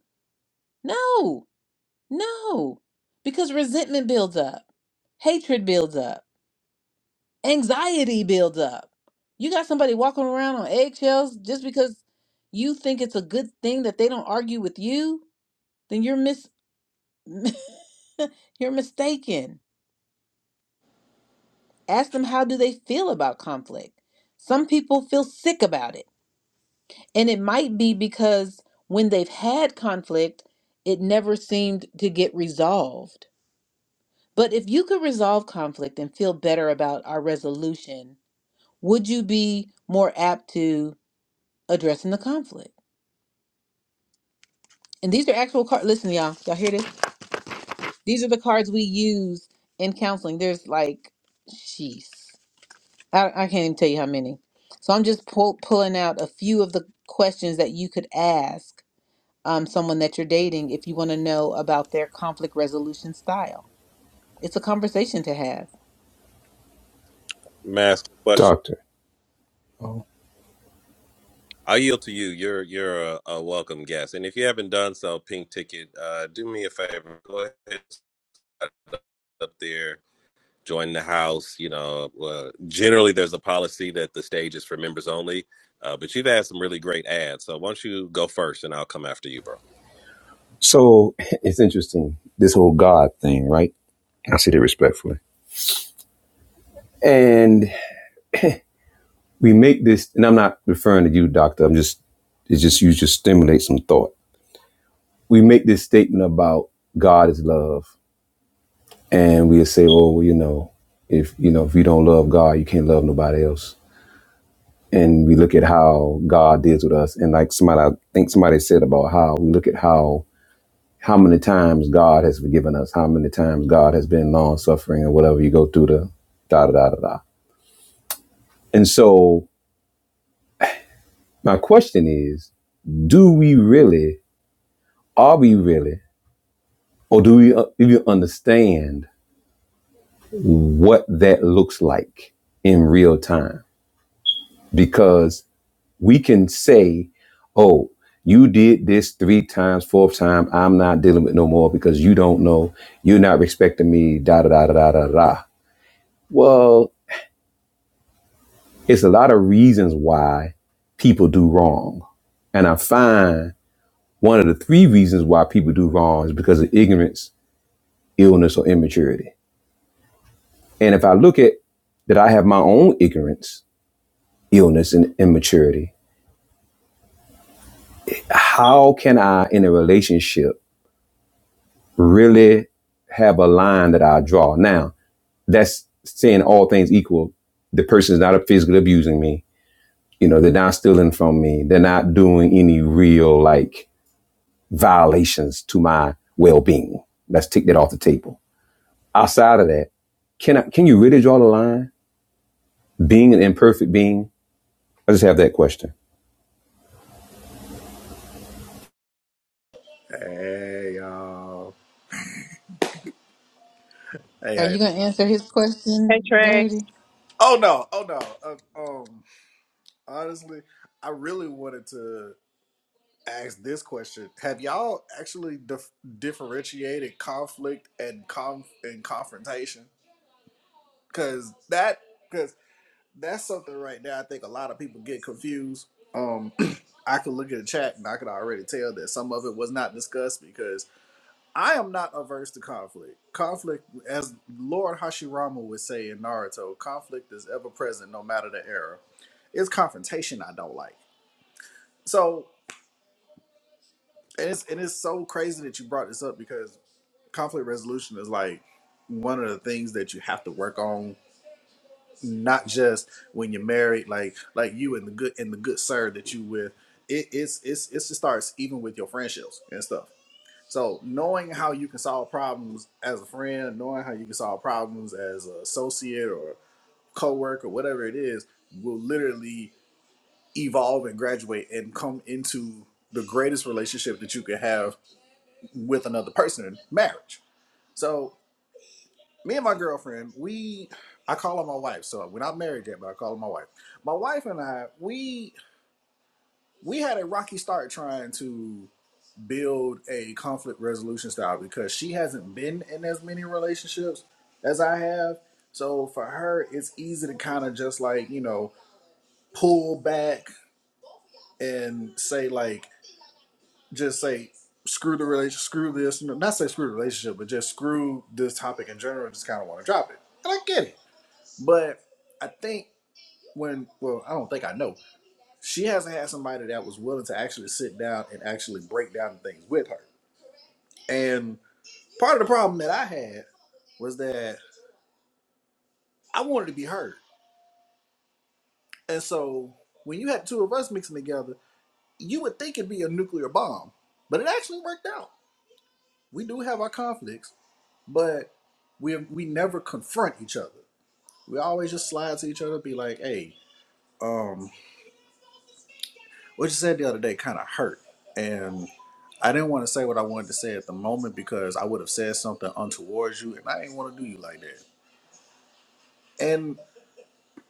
No, no, because resentment builds up, hatred builds up anxiety builds up. You got somebody walking around on eggshells just because you think it's a good thing that they don't argue with you, then you're mis [laughs] you're mistaken. Ask them how do they feel about conflict. Some people feel sick about it. And it might be because when they've had conflict, it never seemed to get resolved. But if you could resolve conflict and feel better about our resolution, would you be more apt to addressing the conflict? and these are actual cards. Listen, y'all, y'all hear this? These are the cards we use in counseling. There's like, jeez, I, I can't even tell you how many. So I'm just pull, pulling out a few of the questions that you could ask um, someone that you're dating if you want to know about their conflict resolution style. It's a conversation to have.
Mask question.
Doctor.
I yield to you. You're you're a, a welcome guest, and if you haven't done so, pink ticket. Uh, do me a favor. Go ahead, and slide up there. join the house. You know, uh, generally there's a policy that the stage is for members only, uh, but you've had some really great ads. So why don't you go first, and I'll come after you, bro.
So [laughs] it's interesting, this whole God thing, right? I say that respectfully. And we make this, and I'm not referring to you, doctor. I'm just, it's just, you just stimulate some thought. We make this statement about God is love. And we say, oh, well, you know, if, you know, if you don't love God, you can't love nobody else. And we look at how God deals with us. And like somebody, I think somebody said about how we look at how, how many times God has forgiven us, how many times God has been long suffering or whatever you go through the da da da da da. And so my question is, do we really Are we really, or do we uh, even understand what that looks like in real time? Because we can say, "Oh, you did this three times, fourth time. I'm not dealing with no more because you don't know. You're not respecting me." da da da da da. da. Well, it's a lot of reasons why people do wrong, and I find one of the three reasons why people do wrong is because of ignorance, illness, or immaturity And if I look at that, I have my own ignorance, illness, and immaturity. How can I, in a relationship, really have a line that I draw? Now, that's saying all things equal. The person's not physically abusing me. You know, they're not stealing from me. They're not doing any real like violations to my well-being. Let's take that off the table. Outside of that, can I, can you really draw the line? Being an imperfect being. I just have that question.
Hey y'all. Hey,
Are
hey.
you gonna answer his question,
Hey Trey.
Birdie?
Oh no. Oh no. Uh, um. Honestly, I really wanted to ask this question. Have y'all actually dif- differentiated conflict and conf- and confrontation? Because that because that's something right now. I think a lot of people get confused. Um. [clears throat] I could look at the chat and I could already tell that some of it was not discussed because. I am not averse to conflict. Conflict, as Lord Hashirama would say in Naruto, conflict is ever present no matter the era. It's confrontation I don't like. So, and it's, and it's so crazy that you brought this up because conflict resolution is like one of the things that you have to work on, not just when you're married, like like you and the good and the good sir that you with. It, it's it's it's- it starts even with your friendships and stuff. So knowing how you can solve problems as a friend, knowing how you can solve problems as an associate or coworker, whatever it is, will literally evolve and graduate and come into the greatest relationship that you could have with another person, marriage. So me and my girlfriend, we I call her my wife. So we're not married yet, but I call her my wife. My wife and I, we we had a rocky start trying to build a conflict resolution style because she hasn't been in as many relationships as I have. So for her, it's easy to kind of just like, you know, pull back and say, like, just say, screw the relationship, screw this, no, not say screw the relationship, but just screw this topic in general just kind of want to drop it. And I get it. But I think when, well, I don't think I know, she hasn't had somebody that was willing to actually sit down and actually break down things with her. And part of the problem that I had was that I wanted to be heard. And so when you had two of us mixing together, you would think it'd be a nuclear bomb, but it actually worked out. We do have our conflicts, but we we never confront each other. We always just slide to each other, be like, "Hey, um, what you said the other day kind of hurt," and I didn't want to say what I wanted to say at the moment because I would have said something untowards you, and I didn't want to do you like that. And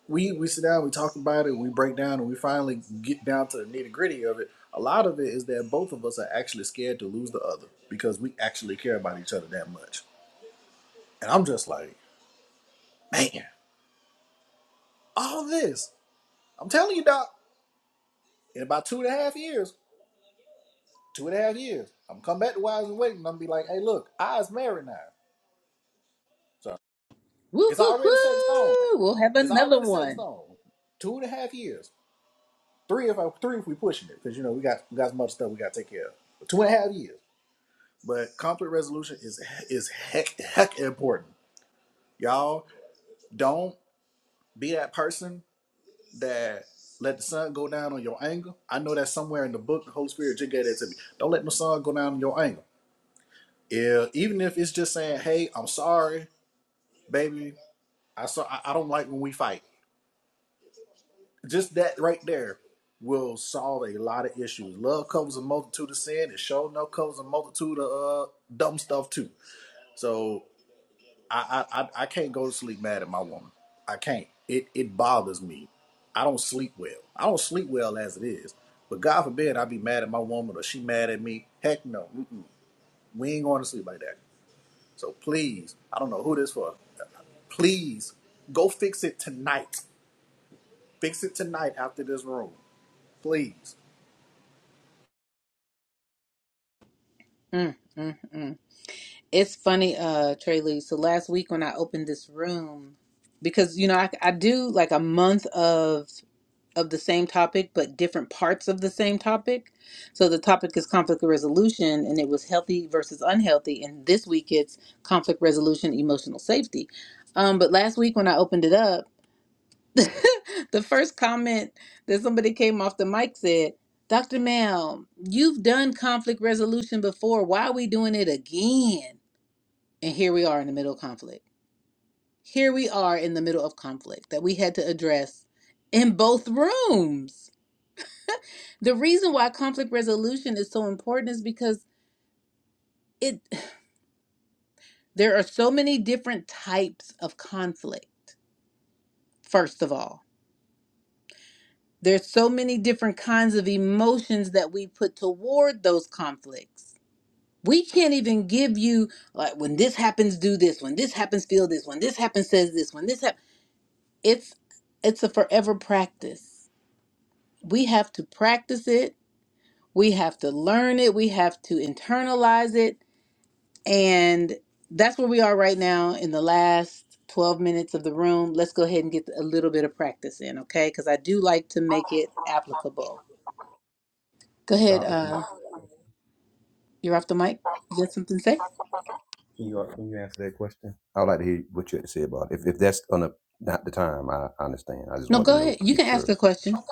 we we sit down, we talk about it, we break down, and we finally get down to the nitty gritty of it. A lot of it is that both of us are actually scared to lose the other because we actually care about each other that much. And I'm just like, man, all this. I'm telling you, Doc, in about two and a half years, two and a half years, I'm come back to Wise and Waiting and I'm be like, hey, look, I is married now. So
Woo
it's
hoo
already set in stone.
hoo! We'll have
It's
another
already set in
one.
stone. Two and a half years. Three if I, three if we pushing it, because you know we got we got some other stuff we gotta take care of. But two and a half years. But conflict resolution is is heck heck important. Y'all don't be that person that let the sun go down on your anger. I know that somewhere in the book, the Holy Spirit just gave that to me. Don't let the sun go down on your anger. Yeah, even if it's just saying, "Hey, I'm sorry, baby. I saw. I, I don't like when we fight." Just that right there will solve a lot of issues. Love covers a multitude of sin. It sure enough covers a multitude of uh, dumb stuff too. So I, I I can't go to sleep mad at my woman. I can't. It it bothers me. I don't sleep well. I don't sleep well as it is. But God forbid I be mad at my woman or she mad at me. Heck no. Mm-mm. We ain't going to sleep like that. So please, I don't know who this for. Please go fix it tonight. Fix it tonight after this room. Please.
Mm, mm, mm. It's funny, uh, Trey Lee. So last week when I opened this room, because you know I, I do like a month of of the same topic, but different parts of the same topic. So the topic is conflict resolution, and it was healthy versus unhealthy. And this week it's conflict resolution, emotional safety. Um, but last week when I opened it up, [laughs] the first comment that somebody came off the mic said, "Dr. Mel, you've done conflict resolution before. Why are we doing it again?" And here we are in the middle of conflict. Here we are in the middle of conflict that we had to address in both rooms. The reason why conflict resolution is so important is because it [sighs] there are so many different types of conflict. First of all, there's so many different kinds of emotions that we put toward those conflicts. We can't even give you like when this happens do this, when this happens feel this, when this happens says this, when this happens it's it's a forever practice we have to practice it we have to learn it we have to internalize it and that's where we are right now in the last 12 minutes of the room let's go ahead and get a little bit of practice in okay because i do like to make it applicable go ahead
Doctor, can you
uh you're off the mic you got something to say
Can you uh, can you answer that question? I'd like to hear what you had to say about it. If if that's on a not the time, I, I understand. I just
no
want to
go
know
ahead you can
get
ask
your
a question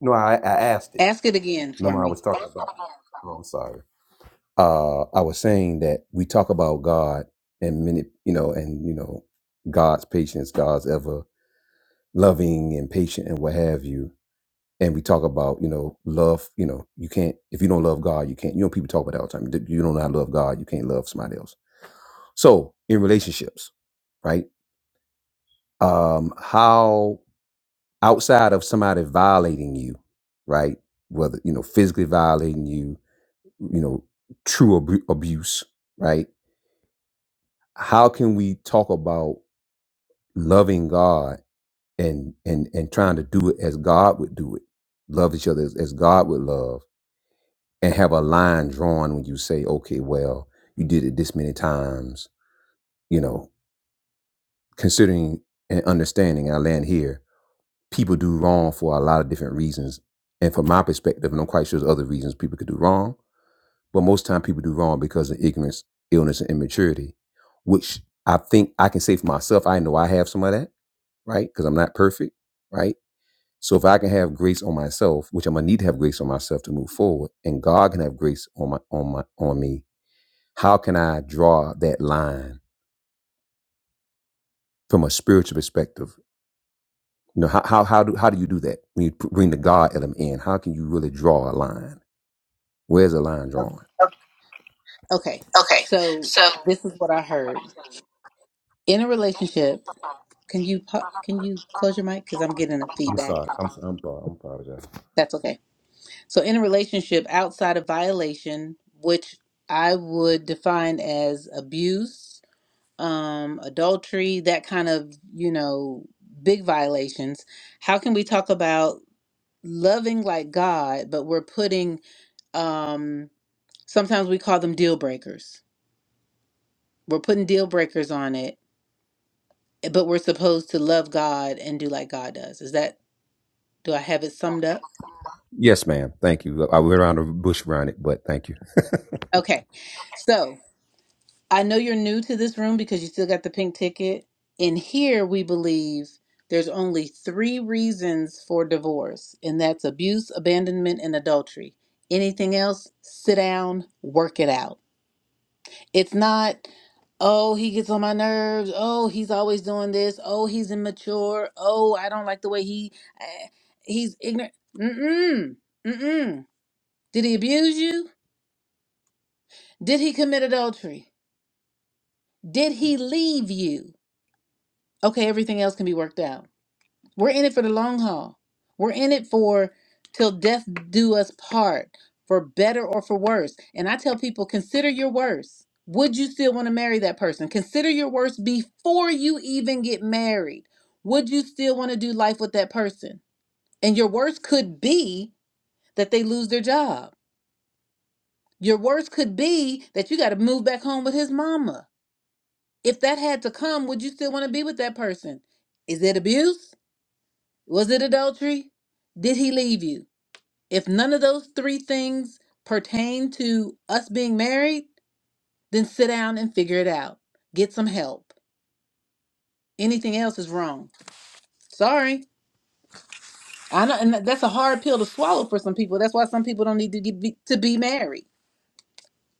no. I I asked it.
ask it again for
Remember, I
me
was talking about. Oh, I'm sorry. Uh, I was saying that we talk about God and many, you know, and you know, God's patience, God's ever loving and patient and what have you. And we talk about, you know, love. You know, you can't if you don't love God, you can't. You know, people talk about that all the time. You don't know how to love God, you can't love somebody else. So in relationships, right? um, how outside of somebody violating you, right? Whether you know physically violating you, you know, true abu- abuse, right? How can we talk about loving God and and and trying to do it as God would do it, love each other as, as God would love, and have a line drawn when you say, okay, well, you did it this many times, you know, considering and understanding. I land here people do wrong for a lot of different reasons. And from my perspective, and I'm quite sure there's other reasons people could do wrong, but most time people do wrong because of ignorance, illness, and immaturity, which I think I can say for myself, I know I have some of that, right? Because I'm not perfect, right? So if I can have grace on myself, which I'm gonna need to have grace on myself to move forward, and God can have grace on my on my on me, how can I draw that line from a spiritual perspective? You know, how how how do how do you do that when you bring the God element in? How can you really draw a line? Where's the line
okay
drawn?
Okay.
Okay,
so
so
this is what i heard in a relationship can you pu- can you close your mic because i'm getting a
I'm
feedback
sorry. I'm I'm sorry. I'm apologizing.
that's okay So, in a relationship outside of violation, which I would define as abuse, um, adultery, that kind of, you know, big violations, how can we talk about loving like God, but we're putting, um, sometimes we call them deal breakers? We're putting deal breakers on it, but we're supposed to love God and do like God does. Is that, do I have it summed up?
Yes, ma'am. Thank you. I went around the bush around it, but thank you.
Okay. So, I know you're new to this room because you still got the pink ticket. In here, we believe there's only three reasons for divorce, and that's abuse, abandonment, and adultery. Anything else, sit down, work it out. It's not, oh, he gets on my nerves. Oh, he's always doing this. Oh, he's immature. Oh, I don't like the way he, eh, he's ignorant. Mm-mm, mm-mm. Did he abuse you? Did he commit adultery? Did he leave you? okay, everything else can be worked out. We're in it for the long haul. We're in it for till death do us part, for better or for worse. And I tell people, consider your worst. Would you still want to marry that person? Consider your worst before you even get married. Would you still want to do life with that person? And your worst could be that they lose their job. Your worst could be that you got to move back home with his mama. If that had to come, would you still want to be with that person? Is it abuse? Was it adultery? Did he leave you? If none of those three things pertain to us being married, then sit down and figure it out. Get some help. Anything else is wrong. Sorry. I know, and that's a hard pill to swallow for some people. That's why some people don't need to get be, to be married.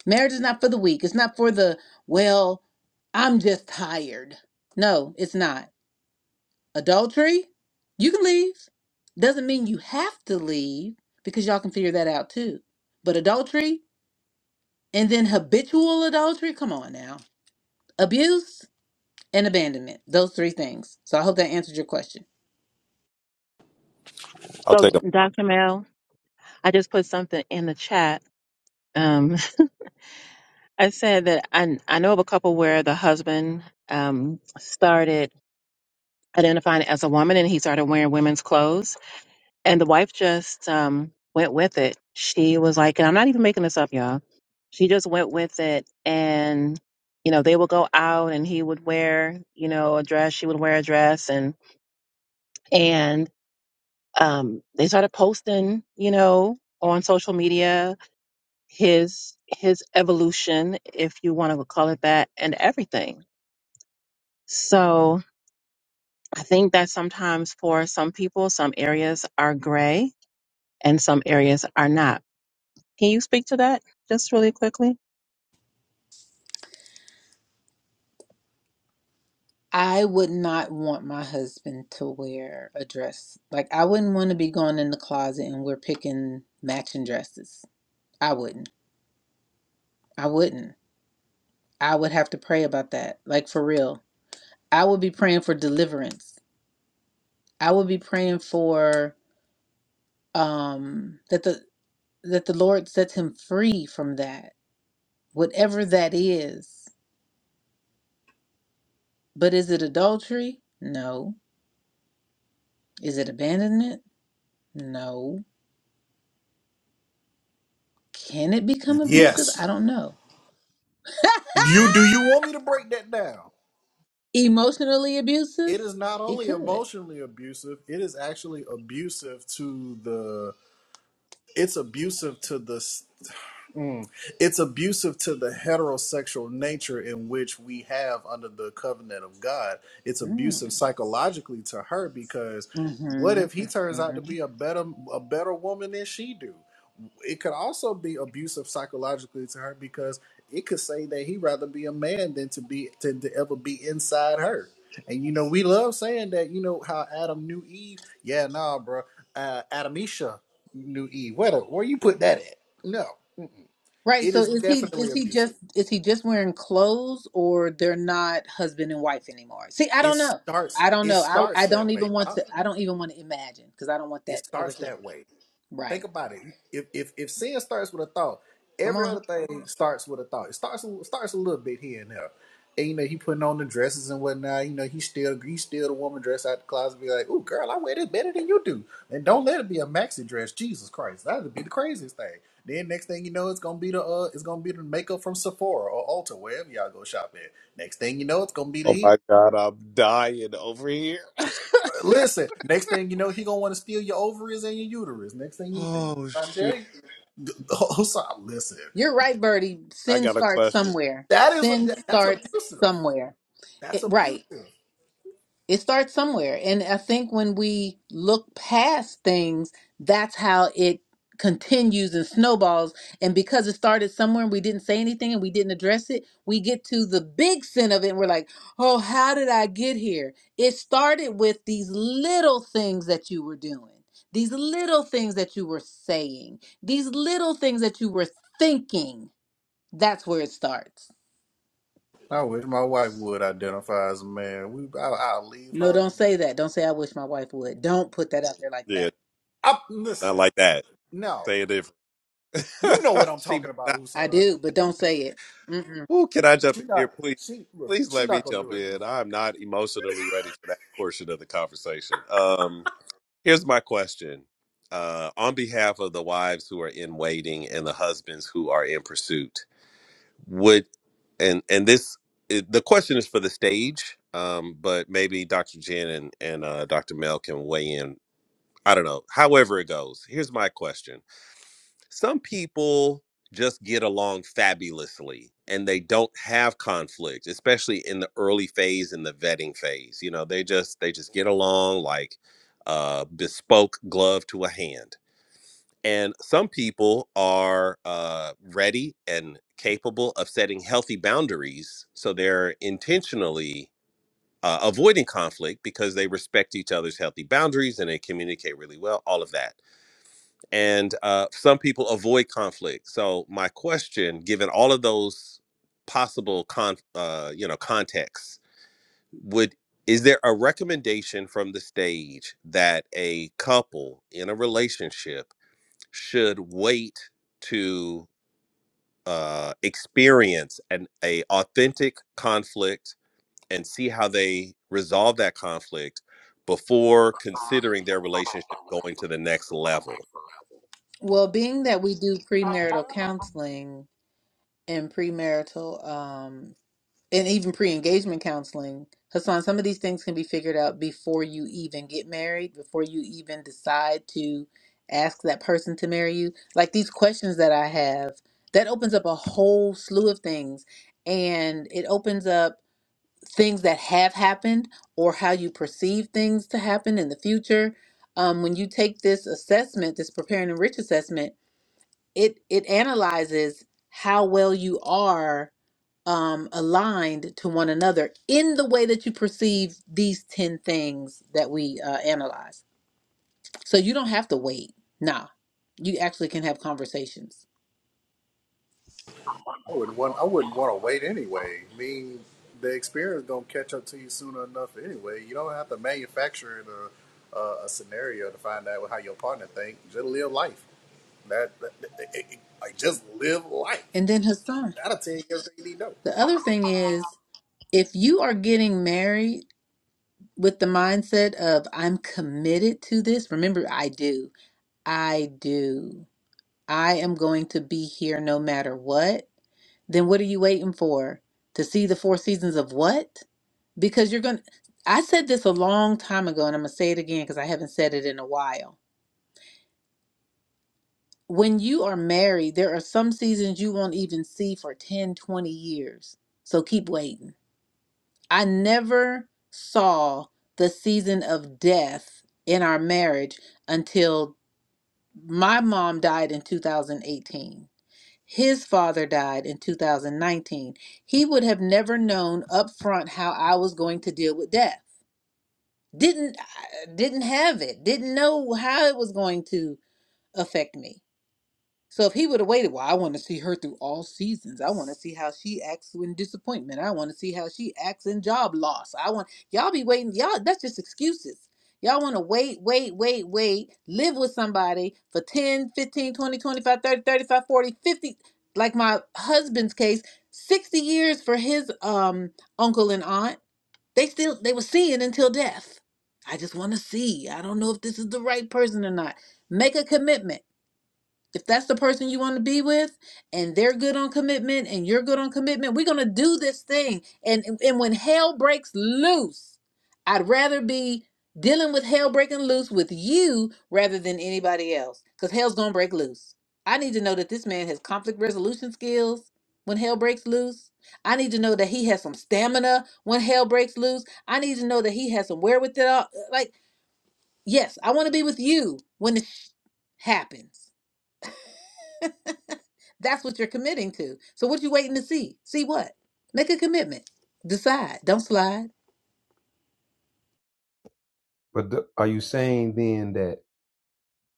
Marriage is not for the weak. It's not for the well. I'm just tired. No, it's not. adultery, you can leave. Doesn't mean you have to leave because y'all can figure that out too. But adultery and then habitual adultery, come on now. Abuse and abandonment, those three things. So I hope that answered your question.
I'll
So
take them.
Dr. Mel, I just put something in the chat. Um, [laughs] I said that I I know of a couple where the husband um started identifying as a woman and he started wearing women's clothes and the wife just um went with it. She was like, and I'm not even making this up, y'all. she just went with it and you know they would go out and he would wear you know a dress she would wear a dress and and um they started posting you know on social media his his evolution if you want to call it that and everything so i think that sometimes for some people some areas are gray and some areas are not can you speak to that just really quickly
I would not want my husband to wear a dress. Like, I wouldn't want to be going in the closet and we're picking matching dresses. I wouldn't. I wouldn't. I would have to pray about that. Like, for real. I would be praying for deliverance I would be praying for um that the that the Lord sets him free from that, whatever that is. But is it adultery? No. Is it abandonment? No. Can it become abusive? I
Yes.
don't know. [laughs]
You do you want me to break that down?
Emotionally abusive?
It is not
It
only
could.
emotionally abusive, it is actually abusive to the it's abusive to the Mm. It's abusive to the heterosexual nature in which we have under the covenant of God. It's
Mm.
abusive psychologically to her because what if he turns
hmm
out to be a better a better woman than she do? It could also be abusive psychologically to her because it could say that he'd rather be a man than to be than to ever be inside her. And you know, we love saying that, you know, how Adam knew Eve. Yeah, nah, bro. Uh, Adamisha knew Eve. Where, the, where you put that at? No.
Right.
It
So
is
is he
definitely
is he
abusive.
just is he just wearing clothes or they're not husband and wife anymore? See, I
It
don't know.
starts.
I don't
It
know. I
starts
I don't
that way.
even want
Doc.
to I don't even want to imagine because I don't want
It
that over
starts
here.
that way. Think
Right.
about it. If if if sin starts with a thought,
Come
every
on.
other thing starts with a thought. It starts starts a little bit here and there. And you know he putting on the dresses and whatnot. You know he still he still the woman dress out the closet. Be like, oh girl, I wear this better than you do. And don't let it be a maxi dress. Jesus Christ, that'd be the craziest thing. Then next thing you know, it's gonna be the uh, it's gonna be the makeup from Sephora or Ulta, wherever y'all go shop at. Next thing you know, it's gonna be the
Oh
heels.
my God, I'm dying over here.
Listen, next thing you know, he gonna want to steal your ovaries and your uterus. Next thing you,
Oh
I'm
shoot,
telling you, [laughs] Hussein, listen,
You're right, Birdie.
I
Sin
got a
starts
question.
somewhere.
that is a
Sin
that's
starts
abusive.
somewhere.
That's
It,
abusive.
right. It starts somewhere. And I think when we look past things, that's how it continues and snowballs. And because it started somewhere and we didn't say anything and we didn't address it, we get to the big sin of it and we're like, oh, how did I get here? It started with these little things that you were doing. These little things that you were saying, these little things that you were thinking, that's where it starts.
I wish my wife would identify as a man. We, I, I'll leave
No,
her.
don't say that. Don't say I wish my wife would. Don't put that out there like that.
Yeah,
I,
not
listen,
like that.
no,
Say it different.
you know what
[laughs]
I'm
she
talking
better not.
about,
I
Hussein.
do, but don't say it. Mm-mm.
Ooh, can I jump
She
in here,
not,
please?
she look,
Please
she
let me
not gonna
jump
do it though.
in. I'm not emotionally ready for that portion of the conversation. Um, here's my question. Uh, on behalf of the wives who are in waiting and the husbands who are in pursuit, would and and this it, the question is for the stage, um, but maybe Dr. Jen and and uh, Dr. Mel can weigh in. I don't know. However it goes, here's my question some people just get along fabulously and they don't have conflict especially in the early phase in the vetting phase you know they just they just get along like uh bespoke glove to a hand and some people are uh ready and capable of setting healthy boundaries so they're intentionally uh, avoiding conflict because they respect each other's healthy boundaries and they communicate really well all of that and uh, some people avoid conflict. So my question, given all of those possible con- uh, you know contexts, would is there a recommendation from the stage that a couple in a relationship should wait to uh, experience an a authentic conflict and see how they resolve that conflict before considering their relationship going to the next level?
Well, being that we do premarital counseling and premarital, um, and even pre-engagement counseling, Hassan, some of these things can be figured out before you even get married, before you even decide to ask that person to marry you. Like these questions that I have, that opens up a whole slew of things, and it opens up. things that have happened or how you perceive things to happen in the future. Um, when you take this assessment, this preparing and rich assessment, it it analyzes how well you are um, aligned to one another in the way that you perceive these ten things that we uh, analyze. So you don't have to wait. Nah, you actually can have conversations.
I wouldn't want. I wouldn't want to wait anyway. I mean, the experience gonna catch up to you sooner enough anyway. You don't have to manufacture a, a, a scenario to find out how your partner think. Just live life. That, that- that- it- it- like just live life.
And then Hassan,
That'll tell you everything you need to
the other thing is, if you are getting married with the mindset of I'm committed to this. Remember, I do. I do. I am going to be here no matter what. Then what are you waiting for? To see the four seasons of what? Because you're going to. I said this a long time ago, and I'm going to say it again because I haven't said it in a while. When you are married, there are some seasons you won't even see for 10, 20 years. So keep waiting I never saw the season of death in our marriage until my mom died in 2018. His father died in 2019. He would have never known up front how I was going to deal with death. Didn't I didn't have it. Didn't know how it was going to affect me. So if he would have waited, well, I want to see her through all seasons. I want to see how she acts in disappointment. I want to see how she acts in job loss. I want y'all be waiting. Y'all, that's just excuses. Y'all want to wait, wait, wait, wait, live with somebody for 10, 15, 20, 25, 30, 35, 40, 50. like my husband's case, 60 years for his um uncle and aunt. They still they were seeing until death. I just want to see. I don't know if this is the right person or not. Make a commitment if that's the person you want to be with and they're good on commitment and you're good on commitment we're going to do this thing and and when hell breaks loose i'd rather be dealing with hell breaking loose with you rather than anybody else because hell's going to break loose i need to know that this man has conflict resolution skills when hell breaks loose i need to know that he has some stamina when hell breaks loose i need to know that he has some wherewithal like yes i want to be with you when it happens That's what you're committing to. So what you waiting to see? See what? Make a commitment. Decide. Don't slide.
[laughs] but the, are you saying then that?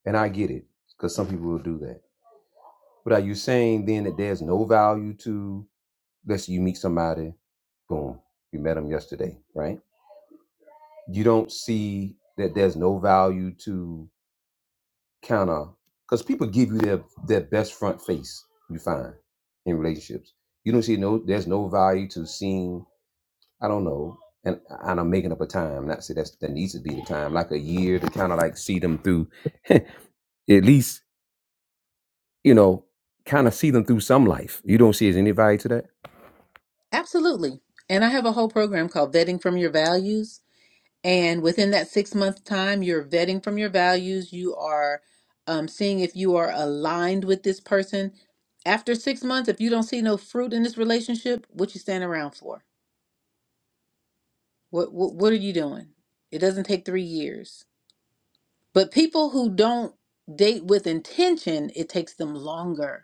And I get it because some people will do that. But are you saying then that there's no value to? Let's say you meet somebody. Boom. You met them yesterday, right? You don't see that there's no value to kind of because people give you their their best front face you find in relationships you don't see no there's no value to seeing i don't know and and i'm making up a time not say that's that needs to be the time like a year to kind of like see them through [laughs] at least you know kind of see them through some life you don't see as any value to that
Absolutely. And I have a whole program called Vetting from Your Values. And within that six month time, you're vetting from your values. You are um, seeing if you are aligned with this person. After six months, if you don't see no fruit in this relationship, what you stand around for? What what, what are you doing? It doesn't take three years. But people who don't date with intention, it takes them longer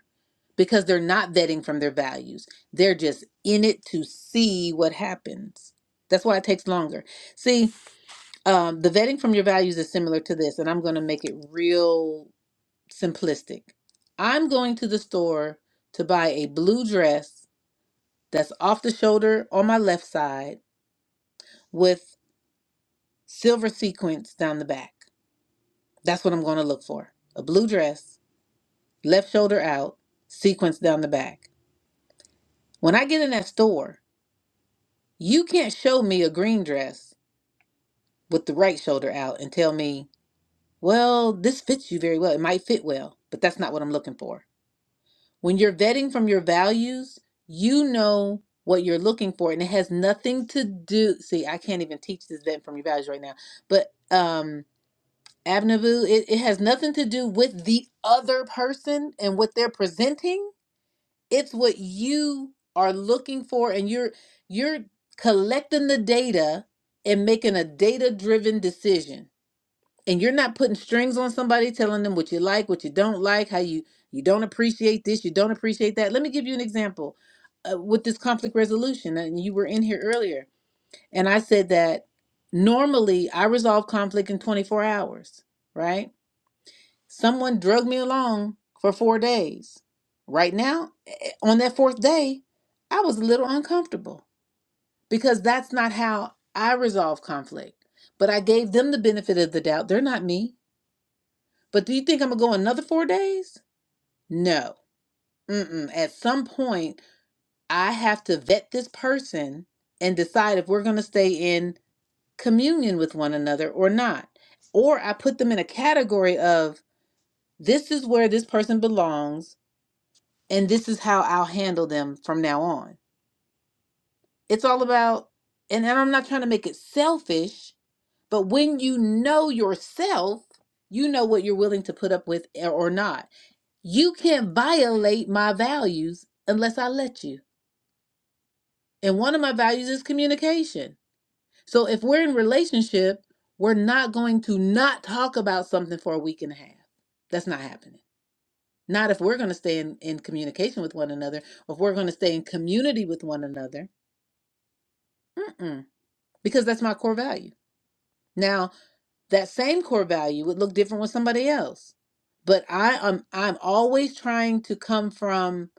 because they're not vetting from their values. They're just in it to see what happens. That's why it takes longer. See, um, the vetting from your values is similar to this, and I'm going to make it real simplistic. I'm going to the store to buy a blue dress that's off the shoulder on my left side with silver sequins down the back. That's what I'm going to look for. A blue dress, left shoulder out, sequins down the back. When I get in that store, You can't show me a green dress with the right shoulder out and tell me, well, this fits you very well. It might fit well, but that's not what I'm looking for. When you're vetting from your values, you know what you're looking for, and it has nothing to do. See, I can't even teach this vetting from your values right now, but um, Abnavu, it, it has nothing to do with the other person and what they're presenting it's what you are looking for and you're you're collecting the data and making a data driven decision and you're not putting strings on somebody telling them what you like what you don't like how you you don't appreciate this you don't appreciate that let me give you an example uh, with this conflict resolution uh, and you were in here earlier and i said that normally i resolve conflict in 24 hours right Someone drugged me along for four days. Right now, eh, on that fourth day, I was a little uncomfortable because that's not how I resolve conflict. But I gave them the benefit of the doubt. They're not me. But do you think I'm going to go another four days? No. Mm-mm. At some point, I have to vet this person and decide if we're going to stay in communion with one another or not. Or I put them in a category of this is where this person belongs and this is how I'll handle them from now on. It's all about, and, and I'm not trying to make it selfish, but when you know yourself, you know what you're willing to put up with or or not. You can't violate my values unless I let you. And one of my values is communication. So if we're in relationship, we're not going to not talk about something for a week and a half. That's not happening. Not if we're going to stay in, in communication with one another, or if we're going to stay in community with one another Mm-mm. Because that's my core value. Now, that same core value would look different with somebody else. But I am I'm always trying to come from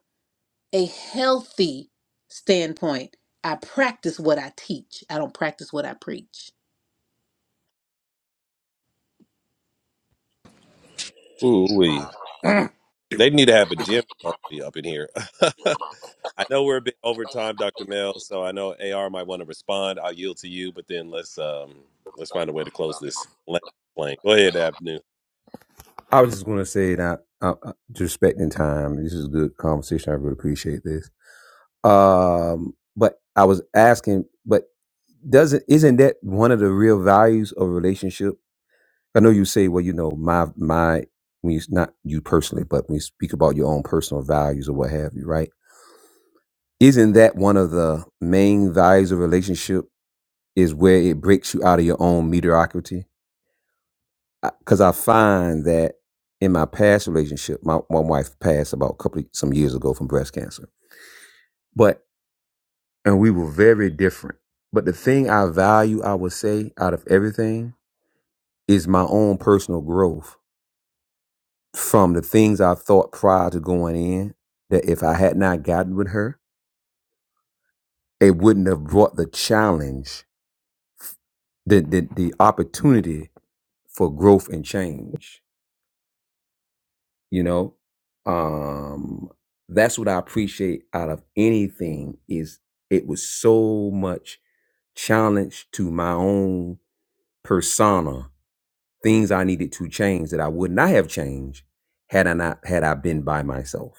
a healthy standpoint. I practice what I teach. I don't practice what I preach.
Ooh,
know.
They need to have a gym trophy up in here. [laughs] I know we're a bit over time, Dr. Mel, so I know AR might want to respond. I'll yield to you, but then let's um let's find a way to close this land plane. Go ahead, Abnu.
i was just going to say that uh, uh, just respecting time this is a good conversation i really appreciate this Um, but I was asking, but doesn't isn't that one of the real values of relationship? I know you say, well, you know, my my when you not you personally, but when you speak about your own personal values or what have you, right? Isn't that one of the main values of relationship is where it breaks you out of your own mediocrity? Because I find that in my past relationship, my, my wife passed about a couple of, some years ago from breast cancer, but and we were very different. But the thing I value, I would say, out of everything is my own personal growth from the things I thought prior to going in that if I had not gotten with her, it wouldn't have brought the challenge, the the, the opportunity for growth and change, you know? Um that's what I appreciate out of anything is it was so much challenge to my own persona things I needed to change that I would not have changed had I not had I been by myself.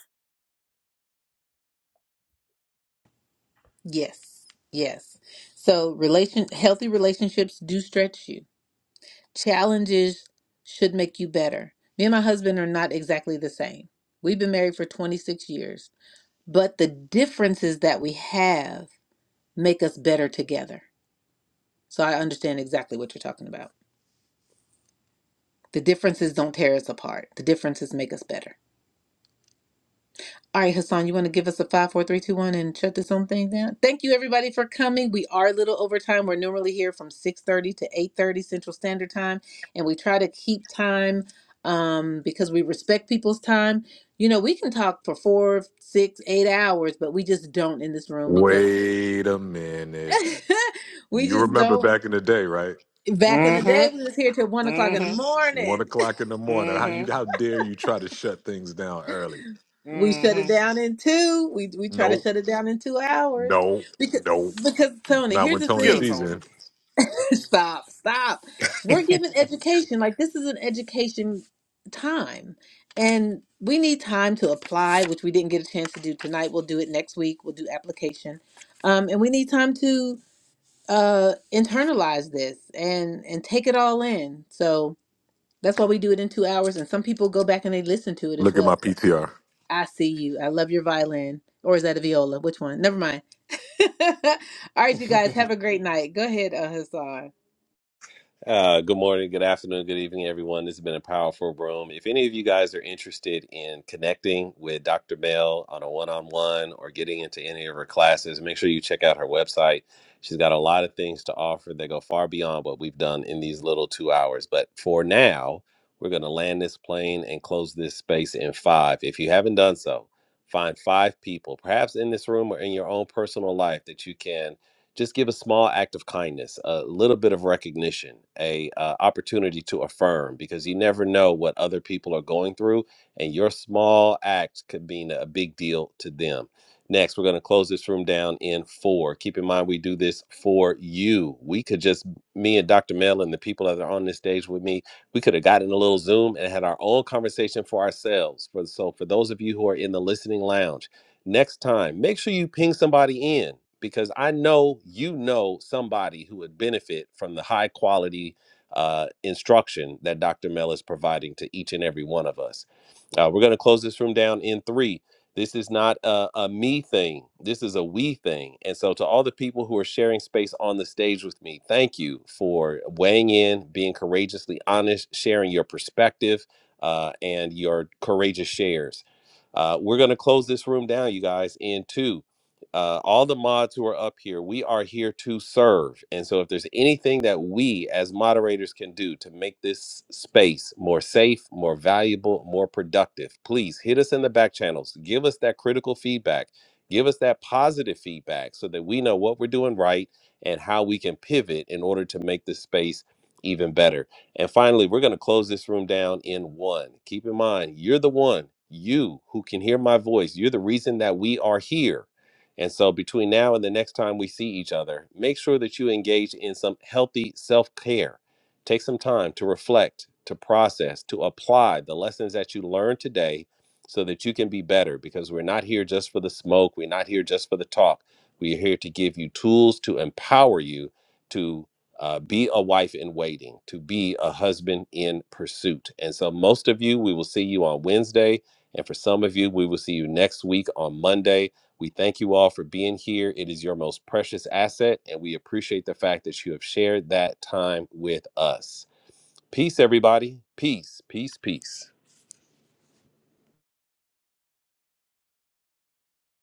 Yes. Yes. So relation healthy relationships do stretch you. Challenges should make you better. Me and my husband are not exactly the same. We've been married for 26 years, but the differences that we have make us better together. So I understand exactly what you're talking about. The differences don't tear us apart. The differences make us better. All right, Hassan, you want to give us a five, four, three, two, one, and shut this own thing down? Thank you, everybody, for coming. We are a little over time. We're normally here from six thirty to eight thirty Central Standard Time, and we try to keep time um, because we respect people's time. You know, we can talk for four, six, eight hours, but we just don't in this room because [laughs] we just don't Back in the day,
Mm-hmm.
we was here till one o'clock in the
Mm-hmm.
morning. [laughs]
Mm-hmm.
We shut it
Mm-hmm.
down in two. We we try to shut it down in two hours because because Tony, here's the
Get it,
thing.
Tony.
[laughs] Stop, stop. We're giving education like this is an education time, and we need time to apply, which we didn't get a chance to do tonight. We'll do it next week. We'll do application, um, and we need time to uh internalize this and and take it all in. So That's why we do it in two hours, and some people go back and they listen to it as well. So, I see you. I love your violin, or is that a viola? Which one? Never mind. [laughs] All right, you guys have a great night. Go ahead, uh, Hassan.
Uh, good morning, good afternoon, good evening, everyone. This has been a powerful room. If any of you guys are interested in connecting with Dr. Bell on a one on one or getting into any of her classes, make sure you check out her website. She's got a lot of things to offer that go far beyond what we've done in these little two hours. But for now, we're going to land this plane and close this space in five. If you haven't done so, find five people, perhaps in this room or in your own personal life, that you can just give a small act of kindness a little bit of recognition a uh, opportunity to affirm because you never know what other people are going through and your small act could mean a big deal to them next we're going to close this room down in four keep in mind we do this for you we could just me and dr mel and the people that are on this stage with me we could have gotten a little zoom and had our own conversation for ourselves for so for those of you who are in the listening lounge Next time, make sure you ping somebody in because I know you know somebody who would benefit from the high quality uh, instruction that Dr. Mel is providing to each and every one of us. Uh, we're going to close this room down in three. This is not a, a me thing. This is a we thing. And so, to all the people who are sharing space on the stage with me, thank you for weighing in, being courageously honest, sharing your perspective, uh, and your courageous shares. Uh, we're going to close this room down, you guys, in two uh, all the mods who are up here, we are here to serve. And so, if there's anything that we as moderators can do to make this space more safe, more valuable, more productive, please hit us in the back channels. Give us that critical feedback. Give us that positive feedback so that we know what we're doing right and how we can pivot in order to make this space even better. And finally, we're going to close this room down in one. Keep in mind, you're the one, you who can hear my voice. You're the reason that we are here and so, between now and the next time we see each other, make sure that you engage in some healthy self care. Take some time to reflect, to process, to apply the lessons that you learned today so that you can be better because we're not here just for the smoke. We're not here just for the talk. We're here to give you tools to empower you to uh, be a wife in waiting, to be a husband in pursuit. And so, most of you, we will see you on Wednesday. And for some of you, we will see you next week on Monday. We thank you all for being here. It is your most precious asset, and we appreciate the fact that you have shared that time with us. Peace, everybody. Peace, peace, peace.